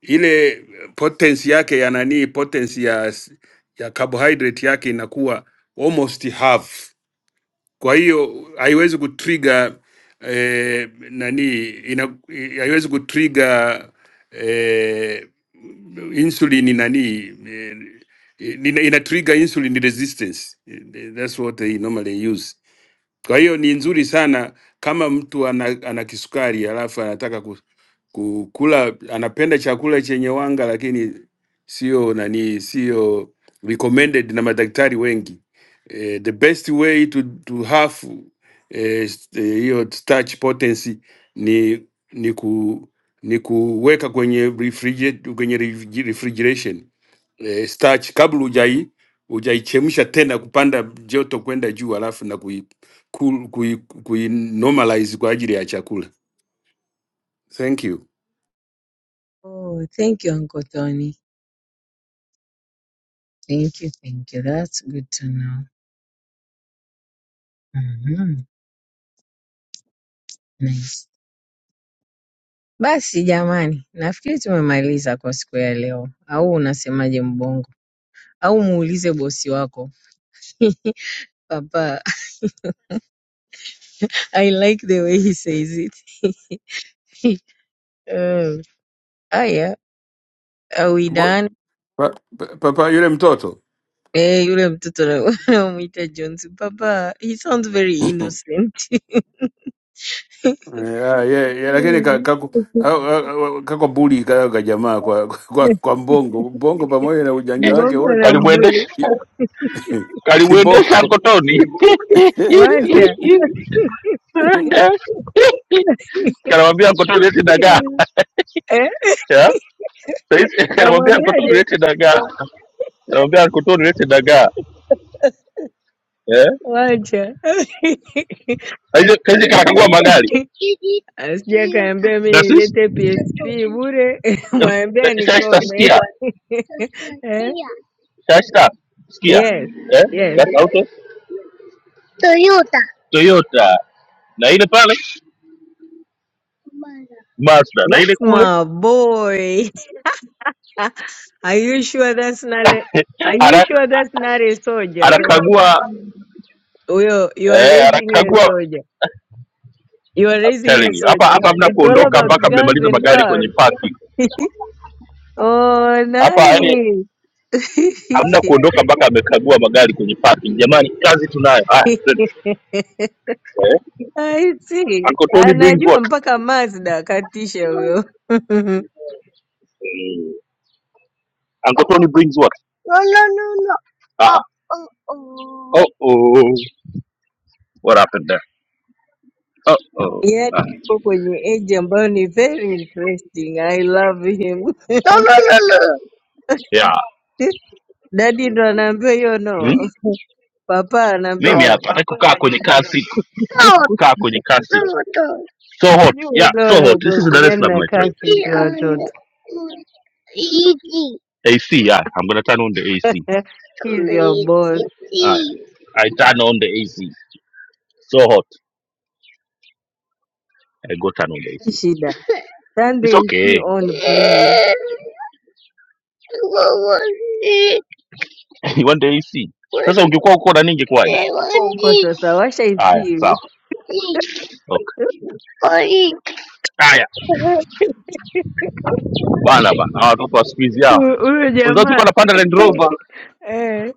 ile potensi yake ya nani, potensi ya ya carbohydrate yake inakuwa almost half kwa hiyo haiwezi kutrigger eh, nani ina, haiwezi kutrigger eh, insulin nani eh, ina, ina trigger insulin resistance. Eh, That's what they normally use. Kwa hiyo ni nzuri sana kama mtu ana, ana kisukari alafu anataka ku, ku, kula anapenda chakula chenye wanga, lakini sio nani, sio recommended na madaktari wengi. Eh, the best way to, to have eh, s- eh, hiyo starch potency ni ni ku ni kuweka kwenye refrigerator, kwenye refrige- refrigeration eh, starch kabla hujai hujaichemsha tena kupanda joto kwenda juu, alafu na kui, ku, kui, kui normalize kwa ajili ya chakula. Thank you. oh, thank you Uncle Tony. Thank you, thank you. That's good to know. Mhm. Nice. Basi jamani, nafikiri tumemaliza kwa siku ya leo, au unasemaje Mbongo? Au muulize bosi wako Papa, I like the way he says it. oh, haya, are we Bo, done? pa, pa, papa yule mtoto Eh, yule mtoto na- wanamuita Jones, baba, he sounds very innocent. yeah, yeah, yeah, lakini ka- Mm. kaku- au- au- au- kako buli ka ka jamaa kwa, kwa, kwa mbongo mbongo pamoja na ujanja wake Mbongo wote anambue, kalimuendesha Ki- kalimuendesha kiboko kotoni wacha kanamwambia kotoni lete dagaa eh, yeah? Saizi, kanamwambia kotoni kamwambiaje? lete dagaa kanamwambia kotoni lete dagaa Yeah? Wacha kaije kanakagua magari asija kaambia mi taasisi nilete PSP bure, mwambia shaista nikome sikia eh? shaista sikia Yes, eh? yes, that's auto Toyota toyota na ile pale mazda Mazda. na ile that's kule my boy Are you sure that's not a, are you Ana- sure that's not a soldier? Because anakagua well, you are eh, raising a anakagua soldier. You are I'm raising a telling you hapa soldier. hapa hamna It's all kuondoka about mpaka guns mmemaliza and magari cars. kwenye parking Oh, nice. hapa yani hamna kuondoka mpaka amekagua magari kwenye parking jamani kazi tunayo haya twende. Eh? I see. Uncle Tony brings Anajua what? mpaka Mazda katisha huyo. Mm. Uncle Tony brings what? No, no, no, no. Uh, Oh, oh, oh. oh, oh. What happened there? Oh, oh. Yaani Ah, yuko kwenye age ambayo ni very interesting. I love him. No, no, no, no. yeah. Daddy ndo anaambiwa hiyo Hmm? no. Papa anaambiwa Mimi Oh, no. hapa nataka kukaa kwenye car seat, no, kaa kwenye car seat. no, no. So hot. Sijui Yeah, waga so wana hot. This is ugomvi Dar es gani Salaam, na my friend. kasi Easy tu watoto. AC, yeah. I'm going to turn on the AC. Come He's your I, boss. easy. I I turn on the AC. So hot. I go turn on the AC. Shida. Turn the It's AC okay. on please. One day you see. Sasa ungekuwa uko nani ingekuwaje? Hayupo huko sasa, washa Haya, AC. sawa. Okay. Haya, bana bana. Hawa watoto wa siku hizi hawa. Huyu huyu Wenzao tulikuwa jamaa. napanda Land Rover. Eh.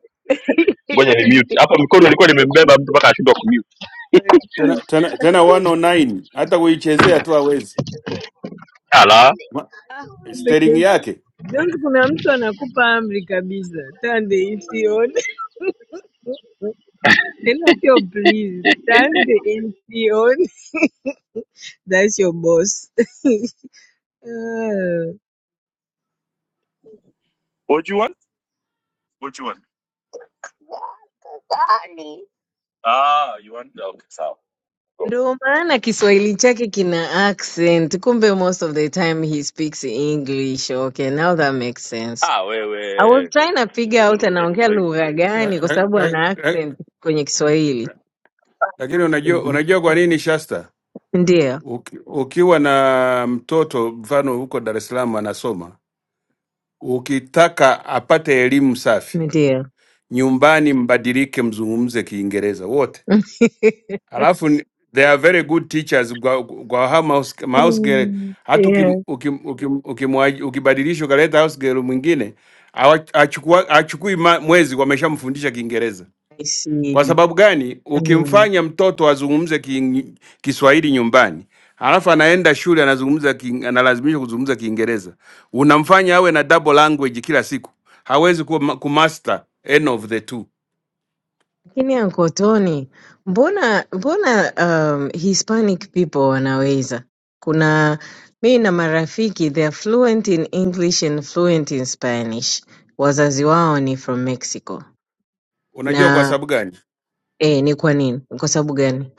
Ngoja ni mute. Hapa mikono ilikuwa nimembeba mtu mpaka ashindwa kumute. tena tena, tena 109 hata kuichezea tu hawezi Ala. Ma- Ah, kumbe steering Jones, yake Jones kuna mtu anakupa amri kabisa. Turn the AC on. Tena sio please. Turn the AC on. That's your boss. Ah. Ndio maana Kiswahili chake kina accent. Kumbe most of the time he speaks English. Okay, now that makes sense. Ah, I was wewe trying to figure kidogo out naongea anaongea Kiswahili. lugha gani La- kwa la- sababu la- ana la- accent kwenye Kiswahili. lakini unajua Mm. unajua kwa nini Shasta Ndio, uki, ukiwa na mtoto mfano huko Dar es Salaam anasoma Ukitaka apate elimu safi, ndio. nyumbani mbadilike, mzungumze Kiingereza wote. Alafu ni- they are very good teachers kwa, kwa hao mouse, mouse girl. Mm, Hata ukim- yeah. ukim- ukim- ukimwa- ukibadilisha ukaleta house girl mwingine awa- achukua- hachukui ma- mwezi, wameshamfundisha Kiingereza. I see. Kwa sababu gani? Hmm. Ukimfanya mtoto azungumze ki, Kiswahili nyumbani halafu anaenda shule anazungumza ki, analazimishwa kuzungumza Kiingereza, unamfanya awe na double language kila siku, hawezi kuwa ma- kumaster any of the two. Lakini Uncle Tony, mbona mbona um, Hispanic people wanaweza? Kuna mi na marafiki they are fluent in English and fluent in Spanish. Wazazi wao ni from Mexico. Unajua kwa Na sababu gani? eh, ni kwa nini? Ni Kwa sababu gani?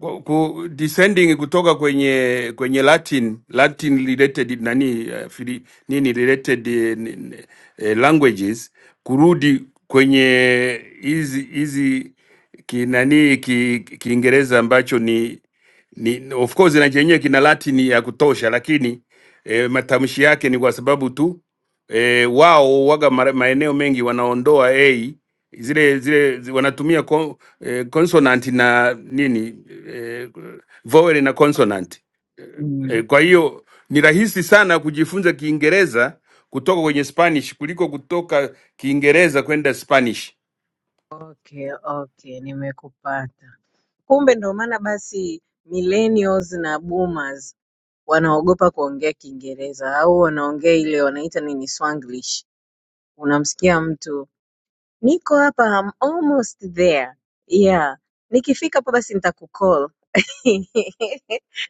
ku, ku, descending kutoka kwenye kwenye Latin Latin related nani eh, fili, nini related eh, ni- ni- eh, languages kurudi kwenye hizi hizi kinani ki- Kiingereza ambacho ni ni of course na chenyewe kina Latin ya kutosha, lakini eh, matamshi yake ni kwa sababu tu e, wao waga mara- maeneo mengi wanaondoa a zile zile zi- wanatumia kon, e, consonant na nini e, vowel na consonant e, Mm. kwa hiyo ni rahisi sana kujifunza Kiingereza kutoka kwenye Spanish kuliko kutoka Kiingereza kwenda Spanish. Okay, okay, nimekupata. Kumbe ndo maana basi millennials na boomers wanaogopa kuongea Kiingereza au wanaongea ile wanaita nini Swanglish. Unamsikia mtu Niko hapa I'm almost there. Yeah. Nikifika hapa basi nitakucall.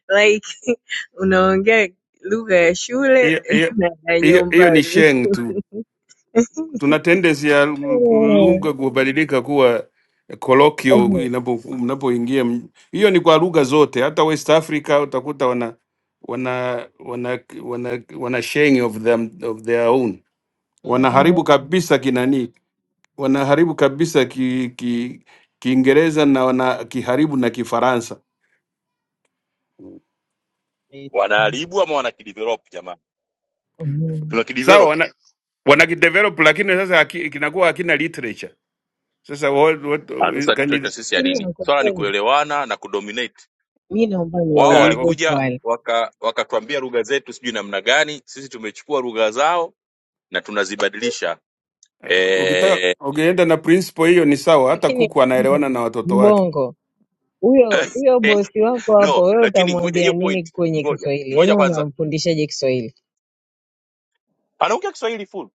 Like unaongea lugha ya shule Hiyo hiyo- na ya hiyo- hiyo ni nyumbani. sheng tu. tuna tendency ya Mhm. lugha kubadilika kuwa colloquial Mhm. inapo- mnapoingia m- hiyo ni kwa lugha zote hata west africa utakuta wana wana wana wana, wana sharing of them of their own Mhm. wanaharibu kabisa kinani wanaharibu kabisa ki, ki, kiingereza na wana kiharibu na kifaransa Wanaharibu ama wanakidevelop jamani? Mhm. sawa Tuna wana wanakidevelop lakini sasa haki- kinakuwa hakina literature sasa what, what, Ah, Sasa can literature sisi ya Lakini nini? Swala ni Uncle kuelewana na kudominate. mi naomba Wao you, niwaulize walikuja swali. waka wakatuambia lugha zetu sijui namna gani, sisi tumechukua lugha zao na tunazibadilisha. Ukitaka Eh, ukienda na principle hiyo ni sawa, hata Lakini kuku anaelewana mm, na watoto wake. Mbongo, huyo huyo bosi wako hapo, no, wewe lakini ngoja utamwambia hiyo nini point, kwenye ngoja Kiswahili? Yaani ngoja kwanza, unamfundishaje Kiswahili? anaongea Kiswahili full,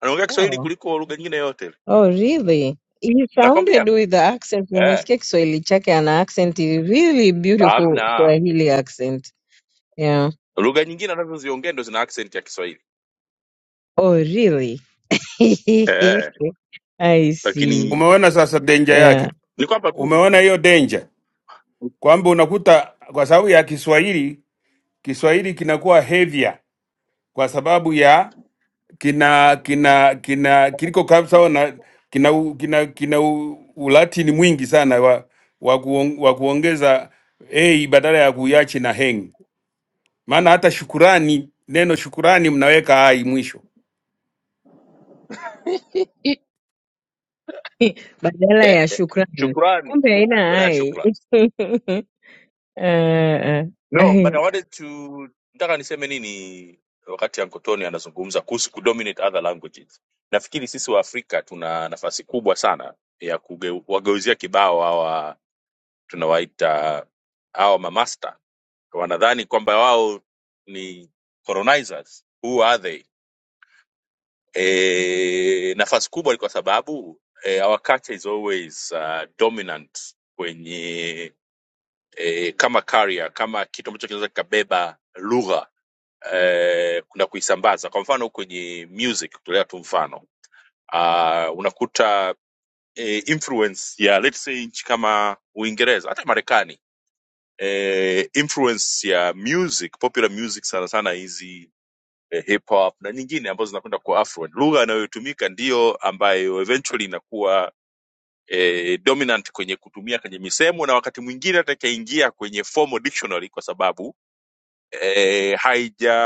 anaongea Oh. Kiswahili kuliko lugha nyingine yote, Oh, really? He nakwambia sounded mimi. with the accent. eh, Nimesikia Kiswahili chake ana accent, really beautiful hamna Swahili accent. Yeah. lugha nyingine anazoziongea ndo zina accent ya Kiswahili Oh, really? eh, I see. lakini Umeona sasa danger Yeah. yake, ni kwamba tu umeona hiyo danger kwamba unakuta kwa sababu ya Kiswahili, Kiswahili kinakuwa heavier kwa sababu ya kina kina kina kiliko kabisa na kina u- kina kina u- ulatini mwingi sana wa, wa, kuon, wa kuongeza a badala ya kuiachi na heng, maana hata shukurani, neno shukurani mnaweka ai mwisho Badala eh, ya shukrani. shukrani Kumbe haina baada ya ai. shukrani. Ah, ah. No, but I wanted to nataka niseme nini wakati Uncle Tony anazungumza kuhusu kudominate other languages. Nafikiri sisi wa Afrika tuna nafasi kubwa sana ya kuwageuzia kibao hawa tunawaita hawa mamasta. Wanadhani kwamba wao ni colonizers. Who are they? E, nafasi kubwa ni kwa sababu e, our culture is always uh, dominant kwenye e, kama carrier, kama kitu ambacho kinaweza kikabeba lugha eh, na kuisambaza kwa mfano kwenye music kutolea tu mfano uh, unakuta eh, influence ya let's say nchi kama uingereza hata marekani eh, influence ya music popular music sana sana hizi eh, hip hop na nyingine ambazo zinakwenda kwa affluent lugha inayotumika ndiyo ambayo eventually inakuwa eh, dominant kwenye kutumia kwenye misemo na wakati mwingine hata ikaingia kwenye formal dictionary kwa sababu eh, haija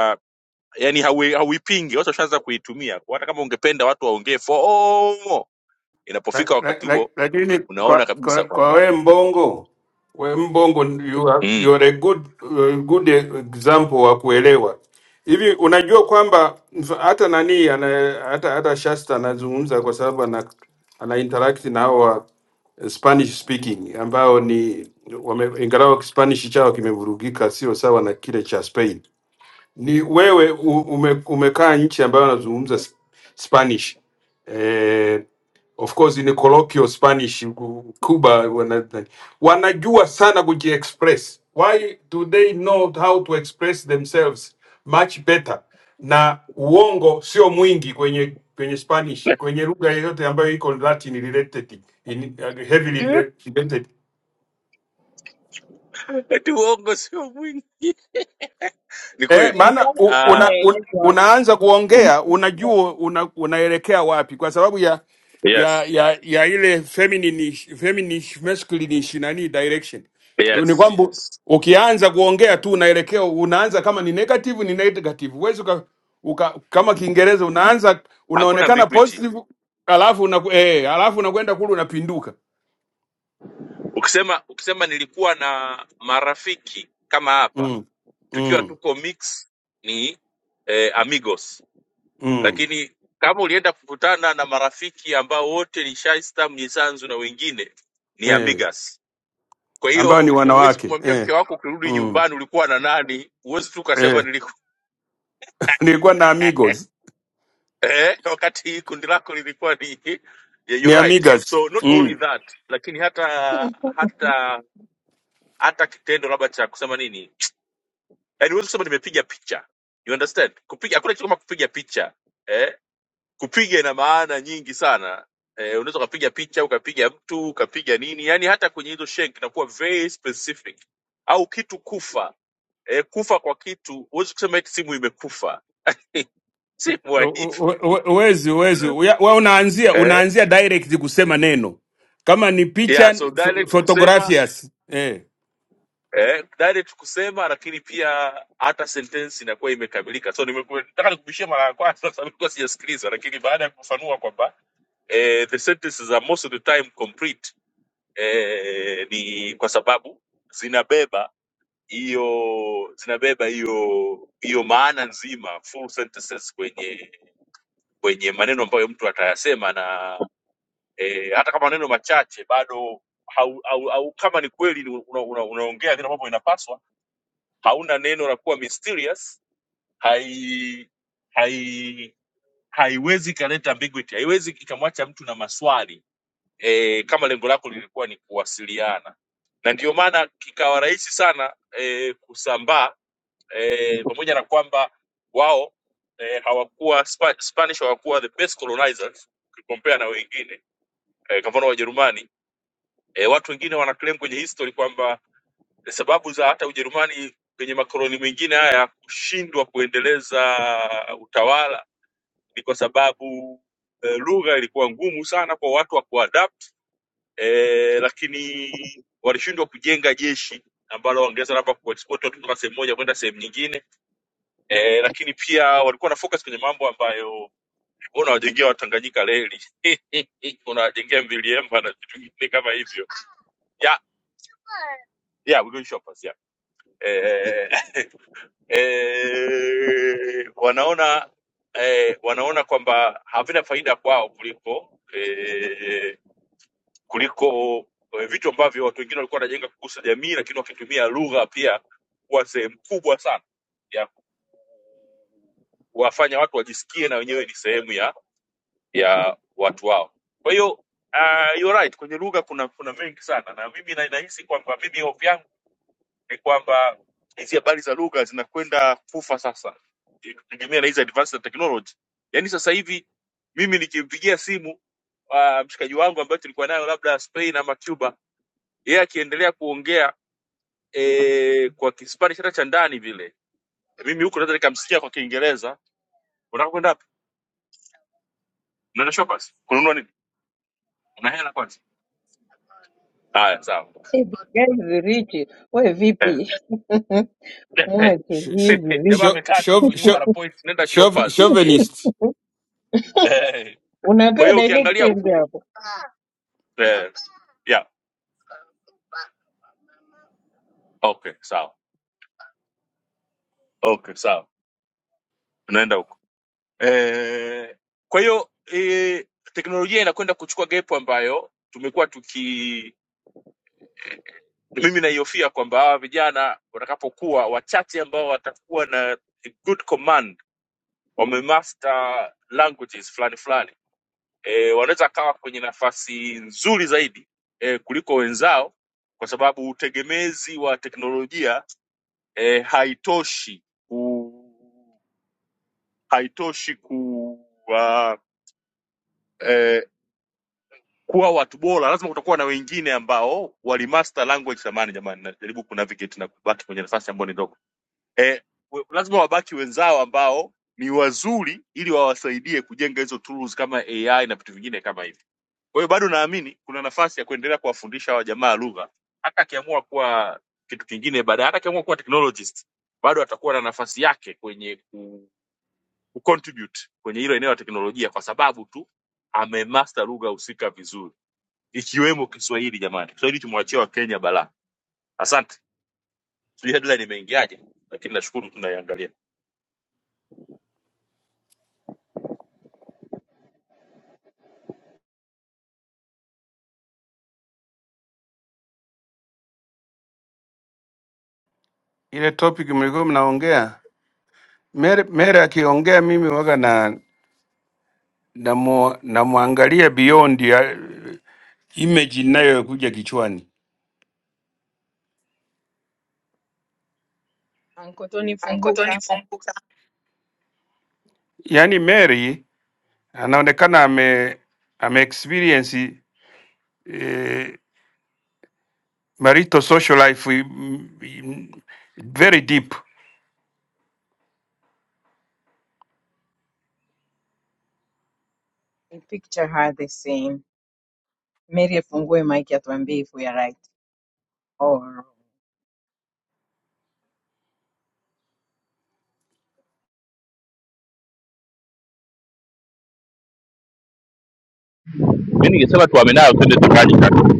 yani haui- hauipingi watu washaanza kuitumia kwa hata kama ungependa watu waongee foo La- inapofika la- wakati la- huo lakini unaona kwa, kabisa kwa, kwa kwamba we mbongo we mbongo you are, mm. you are a good, uh, good example wa kuelewa hivi. Unajua kwamba mf- hata nani ana, hata, hata Shasta anazungumza kwa sababu ana, ana interact na hawa Spanish speaking ambao ni wame, ingalau Spanish chao kimevurugika, sio sawa na kile cha Spain ni wewe u- ume, umekaa nchi ambayo anazungumza sp- Spanish eh, of course ni colloquial Spanish ku- Cuba wana, wanajua sana kujiexpress. Why do they know how to express themselves much better? Na uongo sio mwingi kwenye kwenye Spanish, kwenye lugha yoyote ambayo iko Latin related, in, heavily related eti uongo sio mwingi ni Eh, kweli maana Nilikuwa u- nataka Ah, una, un, maelezo hapo. unaanza kuongea unajua una, unaelekea wapi kwa sababu ya ya yes ya, ya ile feminine feminine masculine nani direction. Ni yes kwamba ukianza kuongea tu unaelekea unaanza kama ni negative ni negative. Huwezi uka, uka, kama Kiingereza unaanza hakuna unaonekana ambiguity positive alafu una, eh, alafu unakwenda kule unapinduka. ukisema ukisema nilikuwa na marafiki kama hapa Mm. tukiwa Mm. tuko mix ni eh, amigos Mm. lakini kama ulienda kukutana na marafiki ambao wote ni shaista mnyisanzu na wengine ni Eh, amigas Kwa ambao ni hiyo huwezi wanawake. kumwambia Eh. mke wako ukirudi Mm. nyumbani ulikuwa na nani, huwezi tu ukasema eh. niliku nilikuwa na amigos eh, wakati kundi lako lilikuwa ni yeah, ni you're right. amigas So not only mm. that, lakini hata hata hata kitendo labda cha kusema nini, yaani huwezi kusema nimepiga picha, you understand? Kupiga hakuna kitu kama kupiga picha eh, kupiga ina maana nyingi sana eh, unaweza ukapiga picha ukapiga mtu ukapiga nini, yaani hata kwenye hizo shenki inakuwa very specific, au kitu kufa e, kufa kwa kitu huwezi kusema eti simu imekufa simu haifi Uwe- uwe- uwezi uwezi Uya- wewe unaanzia eh? unaanzia direct kusema neno kama ni picha yeah, so pho- direct kusema photographias eh. eh, direct kusema lakini pia hata sentensi inakuwa imekamilika so nimeku- nataka nikubishia mara ya kwanza kwa sababu nilikuwa sijasikiliza lakini baada ya kufanua kwamba eh, the sentences are most of the time complete eh, ni kwa sababu zinabeba hiyo zinabeba hiyo hiyo maana nzima full sentences kwenye kwenye maneno ambayo mtu atayasema na e, hata kama maneno machache bado hau, au, au kama ni kweli ni una, una, unaongea vile ambavyo inapaswa hauna neno la kuwa mysterious hai hai haiwezi ikaleta ambiguity haiwezi ikamwacha mtu na maswali e, kama lengo lako lilikuwa ni kuwasiliana na ndio maana kikawa rahisi sana e, kusambaa e, pamoja na kwamba wao e, hawakuwa Spa, spanish hawakuwa the best colonizers ukicompare na wengine eh, kwa mfano Wajerumani eh, watu wengine wana claim kwenye history kwamba eh, sababu za hata Ujerumani kwenye makoloni mengine haya kushindwa kuendeleza utawala ni kwa sababu eh, lugha ilikuwa ngumu sana kwa watu wa kuadapt eh, lakini walishindwa kujenga jeshi ambalo wangeweza labda kuexport watu kutoka sehemu moja kwenda sehemu nyingine eh, lakini pia walikuwa na focus kwenye mambo ambayo wewe unawajengea Watanganyika reli unawajengea Mbiliemba na vitu vingine kama hivyo ya yeah we doing shoppers yeah eh, eh, wanaona eh, wanaona kwamba havina faida kwao kuliko eh, kuliko eh, vitu ambavyo watu wengine walikuwa wanajenga kugusa jamii lakini wakitumia lugha pia kuwa sehemu kubwa sana ya kuwafanya watu wajisikie na wenyewe ni sehemu ya ya watu wao kwa hiyo uh, you're right kwenye lugha kuna kuna mengi sana na mimi na- nahisi kwamba mimi hofu yangu ni kwamba hizi habari za lugha zinakwenda kufa sasa ikitegemea na hizi advanced technology yaani sasa hivi mimi nikimpigia simu uh, mshikaji wangu ambaye tulikuwa nayo labda spain ama cuba yeye akiendelea kuongea e, kwa kispanish hata cha ndani vile mimi huko naweza nikamsikia kwa kiingereza unataka kwenda wapi unaenda shoppers kununua nini una hela kwanza haya sawa Eh, the guy is rich. We Eh. vipi? Mwache Sh- sh- hizi jamaa vipi? sho- amekaa tu huku shov- nyuma na sho- point nenda shov- shoppers chauvinist Eh. kwa Unapewa hiyo ukiangalia directions huku hapo. eh, yeah Okay, sawa. Okay, sawa. Tunaenda huko. Eh, kwa hiyo eh, teknolojia inakwenda kuchukua gap ambayo tumekuwa tuki mimi naihofia kwamba hawa vijana watakapokuwa wachache ambao watakuwa na a good command wamemaster languages fulani fulani e, wanaweza kawa kwenye nafasi nzuri zaidi e, kuliko wenzao kwa sababu utegemezi wa teknolojia e, haitoshi haitoshi kuwa eh, kuwa watu bora, lazima kutakuwa na wengine ambao walimaster language. Samani jamani, najaribu kunavigate na kubaki kwenye nafasi ambayo ni ndogo eh, we- lazima wabaki wenzao ambao ni wazuri, ili wawasaidie kujenga hizo tools kama AI na vitu vingine kama hivi. Kwa hiyo bado naamini kuna nafasi ya kuendelea kuwafundisha hawa jamaa lugha, hata akiamua kuwa kitu kingine baadaye, hata akiamua kuwa technologist bado atakuwa na nafasi yake kwenye ku kucontribute kwenye hilo eneo la teknolojia kwa sababu tu amemaster lugha husika vizuri ikiwemo Kiswahili. Jamani, Kiswahili tumwachia Wakenya balaa. Asante, sijui headline imeingiaje, lakini nashukuru tunaiangalia. ile topic mlikuwa mnaongea mere mere akiongea mimi waga na namu- namwangalia beyond ya image inayokuja kichwani Ankotoni Anko funguka Tony, kumbuka. yaani Mary anaonekana ame, ame experience eh, marital social life mm, mm, very deep. I picture her the same. Mary afungue mic atuambie if we are right or wrong. mi ningesema tuame nayo twende tukali kaka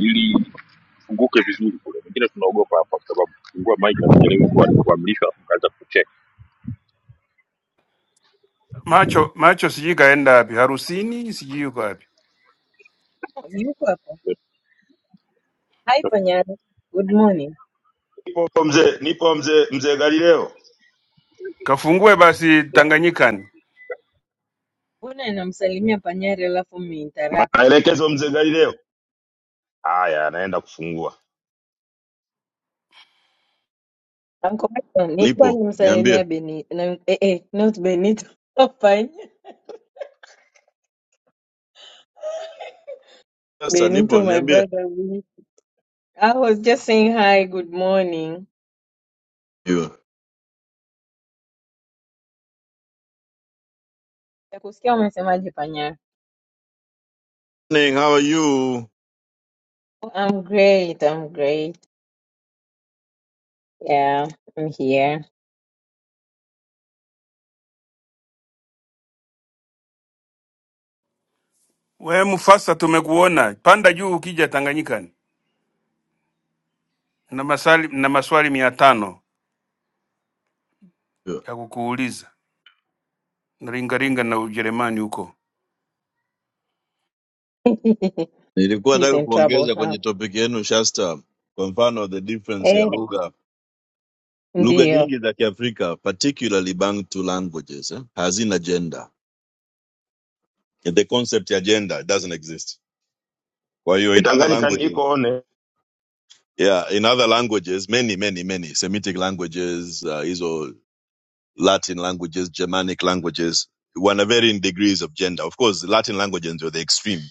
ili funguke vizuri kule wengine tunaogopa hapa kwa sababu kufungua mic hatujaelewi kuwa kuamrishwa afu kaanza kucheck Macho macho sijui kaenda wapi, harusini sijui yuko wapi. Oh, Yuko hapa. Hi Panyari. Good morning. nipo mzee nipo mzee mzee galileo Kafungue basi Tanganyikani. Mbona namsalimia Panyari alafu umeinterrupt jamaa? maelekezo mzee galileo haya anaenda kufungua Uncle Michael, nilikuwa nipo niambie nimsalimia Benito. Na, eh, eh, not Benito. Panya. sasa nipo Benito my niambie brother. we- I was just saying hi, good morning. Yo. Nakusikia umesemaje Panyari? Morning, how are you Oh, I'm great. I'm great. Yeah, I'm here. We Mufasa, tumekuona, panda juu ukija Tanganyikani na maswali, na maswali mia tano Yo. ya kukuuliza na ringaringa na Ujerumani huko He's nilikuwa nataka in trouble, kuongeza huh? kwenye topic yenu shasta kwa mfano the difference ya Eh, lugha lugha ndiyo. nyingi za kiafrika particularly bantu languages eh, hazina gender the concept ya gender doesn't exist kwa hiyo in E, other tanganyika languages iko one Yeah, in other languages, many, many, many Semitic languages, uh, Iso Latin languages, Germanic languages, one are varying degrees of gender. Of course, the Latin languages are the extreme.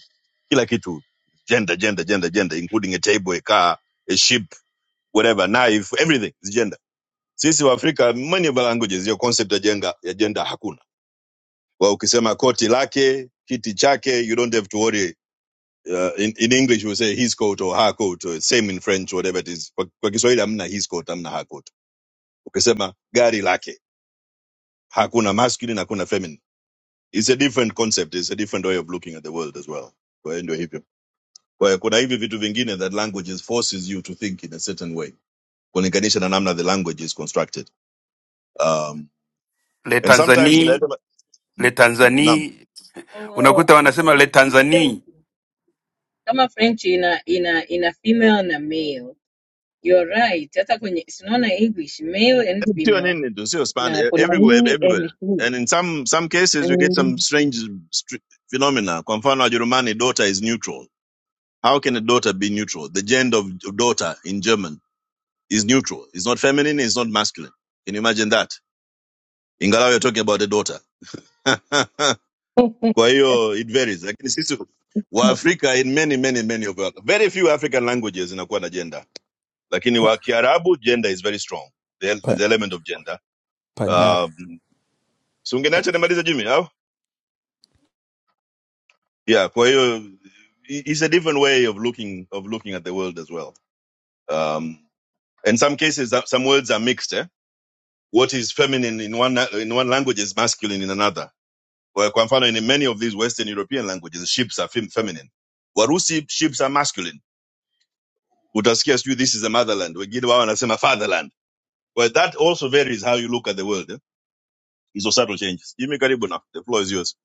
Kila kitu, gender, gender, gender, gender, including a table, a car, a ship, whatever, knife, everything is gender. Sisi wa Afrika, many of our languages, your concept of gender, ya gender hakuna. Wa ukisema koti lake, kiti chake, you don't have to worry uh, in, in English we say his coat or her coat, uh, same in French, whatever it is. Kwa, kwa Kiswahili hamna his coat, hamna her coat. Ukisema gari lake, hakuna masculine, hakuna feminine. It's a different concept, it's a different way of looking at the world as well. Kwa hiyo ndio hivyo. Kwa hiyo kuna hivi vitu vingine that languages forces you to think in a certain way, kulinganisha na namna the language is constructed. Um, le and sometimes in Tanzanii le the. Tanzanii, Oh, unakuta I wanasema le see. Kama Tanzanii French, kama French ina ina ina female na male. You're right. Hata kwenye sinaona English male and female tuning into still Spanish na e- kuna everywhere, hii and everywhere. she. And in some some cases, we get some Mm. strange str- phenomena. Kwa mfano, Wajerumani, daughter is neutral. How can a daughter be neutral? The gender of daughter in German is neutral. It's not feminine. It's not masculine. Can you imagine that? Ingalau you're talking about a daughter. Kwa hiyo, it varies. Lakini sisi Waafrika in many many many of our, very few African languages inakuwa na gender. Lakini wa Kiarabu gender is very strong. The, the element of gender. Panyar Um, si ungenacha nimalize Jimmy au? Yeah, kwa hiyo it's a different way of looking of looking at the world as well. Um, in some cases, uh, some words are mixed. Eh? What is feminine in one na- in one language is masculine in another. Kwa kwa mfano, in many of these Western European languages, ships are fem- feminine. Warusi ships are masculine. Utasikia sijui this is a motherland, wengine wao wanasema fatherland. Well, that also varies how you look at the world. Eh? Hizo subtle changes. Jimmy, karibu na the floor is yours.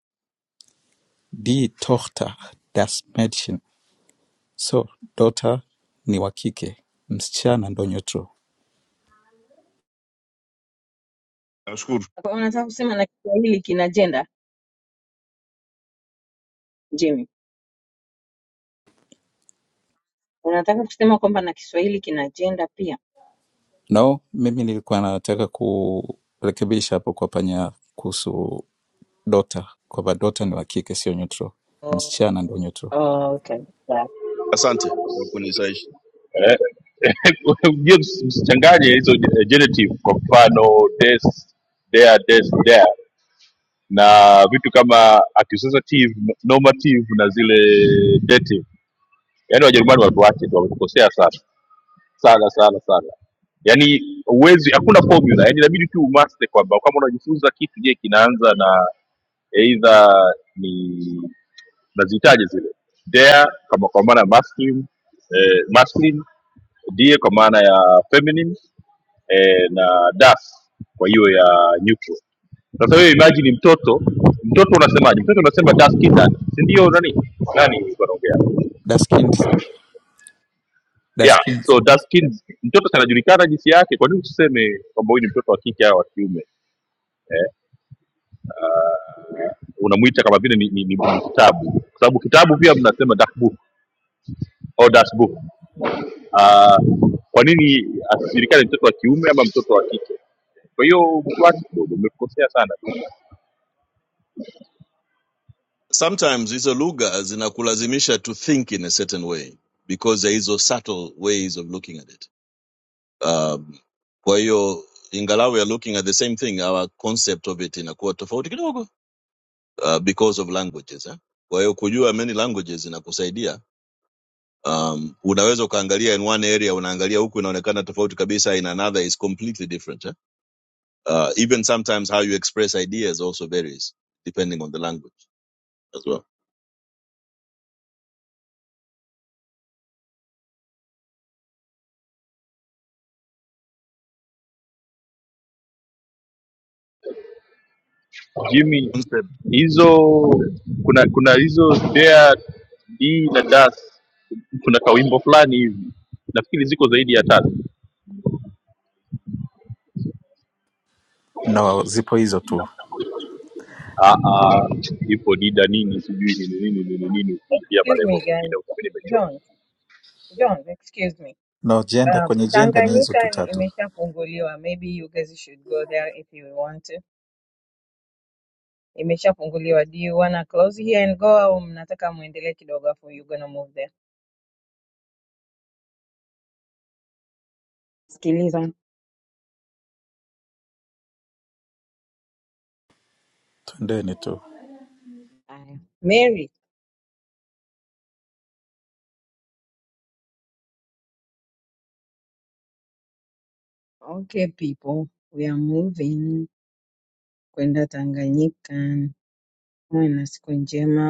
die Tochter das Mädchen so daughter ni wa kike, msichana ndo Nyotro. Nashukuru, Kwa- Unataka kusema na Kiswahili kina gender, Jimmy? Unataka kusema kwamba na Kiswahili kina gender pia? No, mimi nilikuwa nataka kurekebisha hapo kwa Panyar kuhusu daughter, kwamba daughter ni wa kike, sio Nyotro, Oh, msichana ndo Nyotro. oh, okay. Yeah. asante kwa kunisaisha. Eh, eh, msichanganye hizo generative kwa mfano des there des there na vitu kama accusative normative na zile dative yaani wajerumani watuache tu wametukosea sana sana sana sana yaani huwezi hakuna formula yaani inabidi tu umaste kwamba kama unajifunza kitu je kinaanza na eidha ni nazihitaji zile dea kama kwa maana ya masculine, eh, masculine die kwa maana ya feminine eh, na das kwa hiyo ya neutral sasa wewe imagine mtoto mtoto unasemaje? Mtoto unasema dark skin dad, si ndio? Nani nani yuko anaongea? Das Kind, das Yeah, Kind. so dark skin mtoto si anajulikana jinsi yake. Kwa nini usiseme kwamba huyu ni mtoto wa kike au wa kiume? Unamuita kama vile ni, ni, ni, ni kitabu, kwa sababu kitabu pia mnasema dark book au dark book. Ah, kwa nini asijulikane mtoto wa kiume ama mtoto wa kike? Kwa hiyo mkwati kidogo umekosea sana sometimes hizo lugha zinakulazimisha to think in a certain way because there is a subtle ways of looking at it um, kwa hiyo ingalau we are looking at the same thing our concept of it inakuwa tofauti kidogo uh, because of languages eh? kwa hiyo kujua many languages inakusaidia um, unaweza ukaangalia in one area unaangalia huku inaonekana tofauti kabisa in another is completely different eh? uh, even sometimes how you express ideas also varies depending on the language as well. Jimmy, One hizo kuna kuna hizo there d na das kuna kawimbo fulani hivi nafikiri ziko zaidi ya tatu No, zipo hizo tu. Ah, ah, ipo dida nini sijui nini nini nini Mm. nini ukiingia Excuse me malengo mengine guys. utakuwa nimechoka John, John, excuse me. No, jenda Uh, kwenye jenda ni hizo tu Tanganyika ni- tatu, imeshafunguliwa. Maybe you guys should go there if you want to. imeshafunguliwa do you wanna close here and go au mnataka muendelee kidogo afu you gonna move there sikiliza twendeni tu. haya mary okay people we are moving kwenda tanganyika muwe na siku njema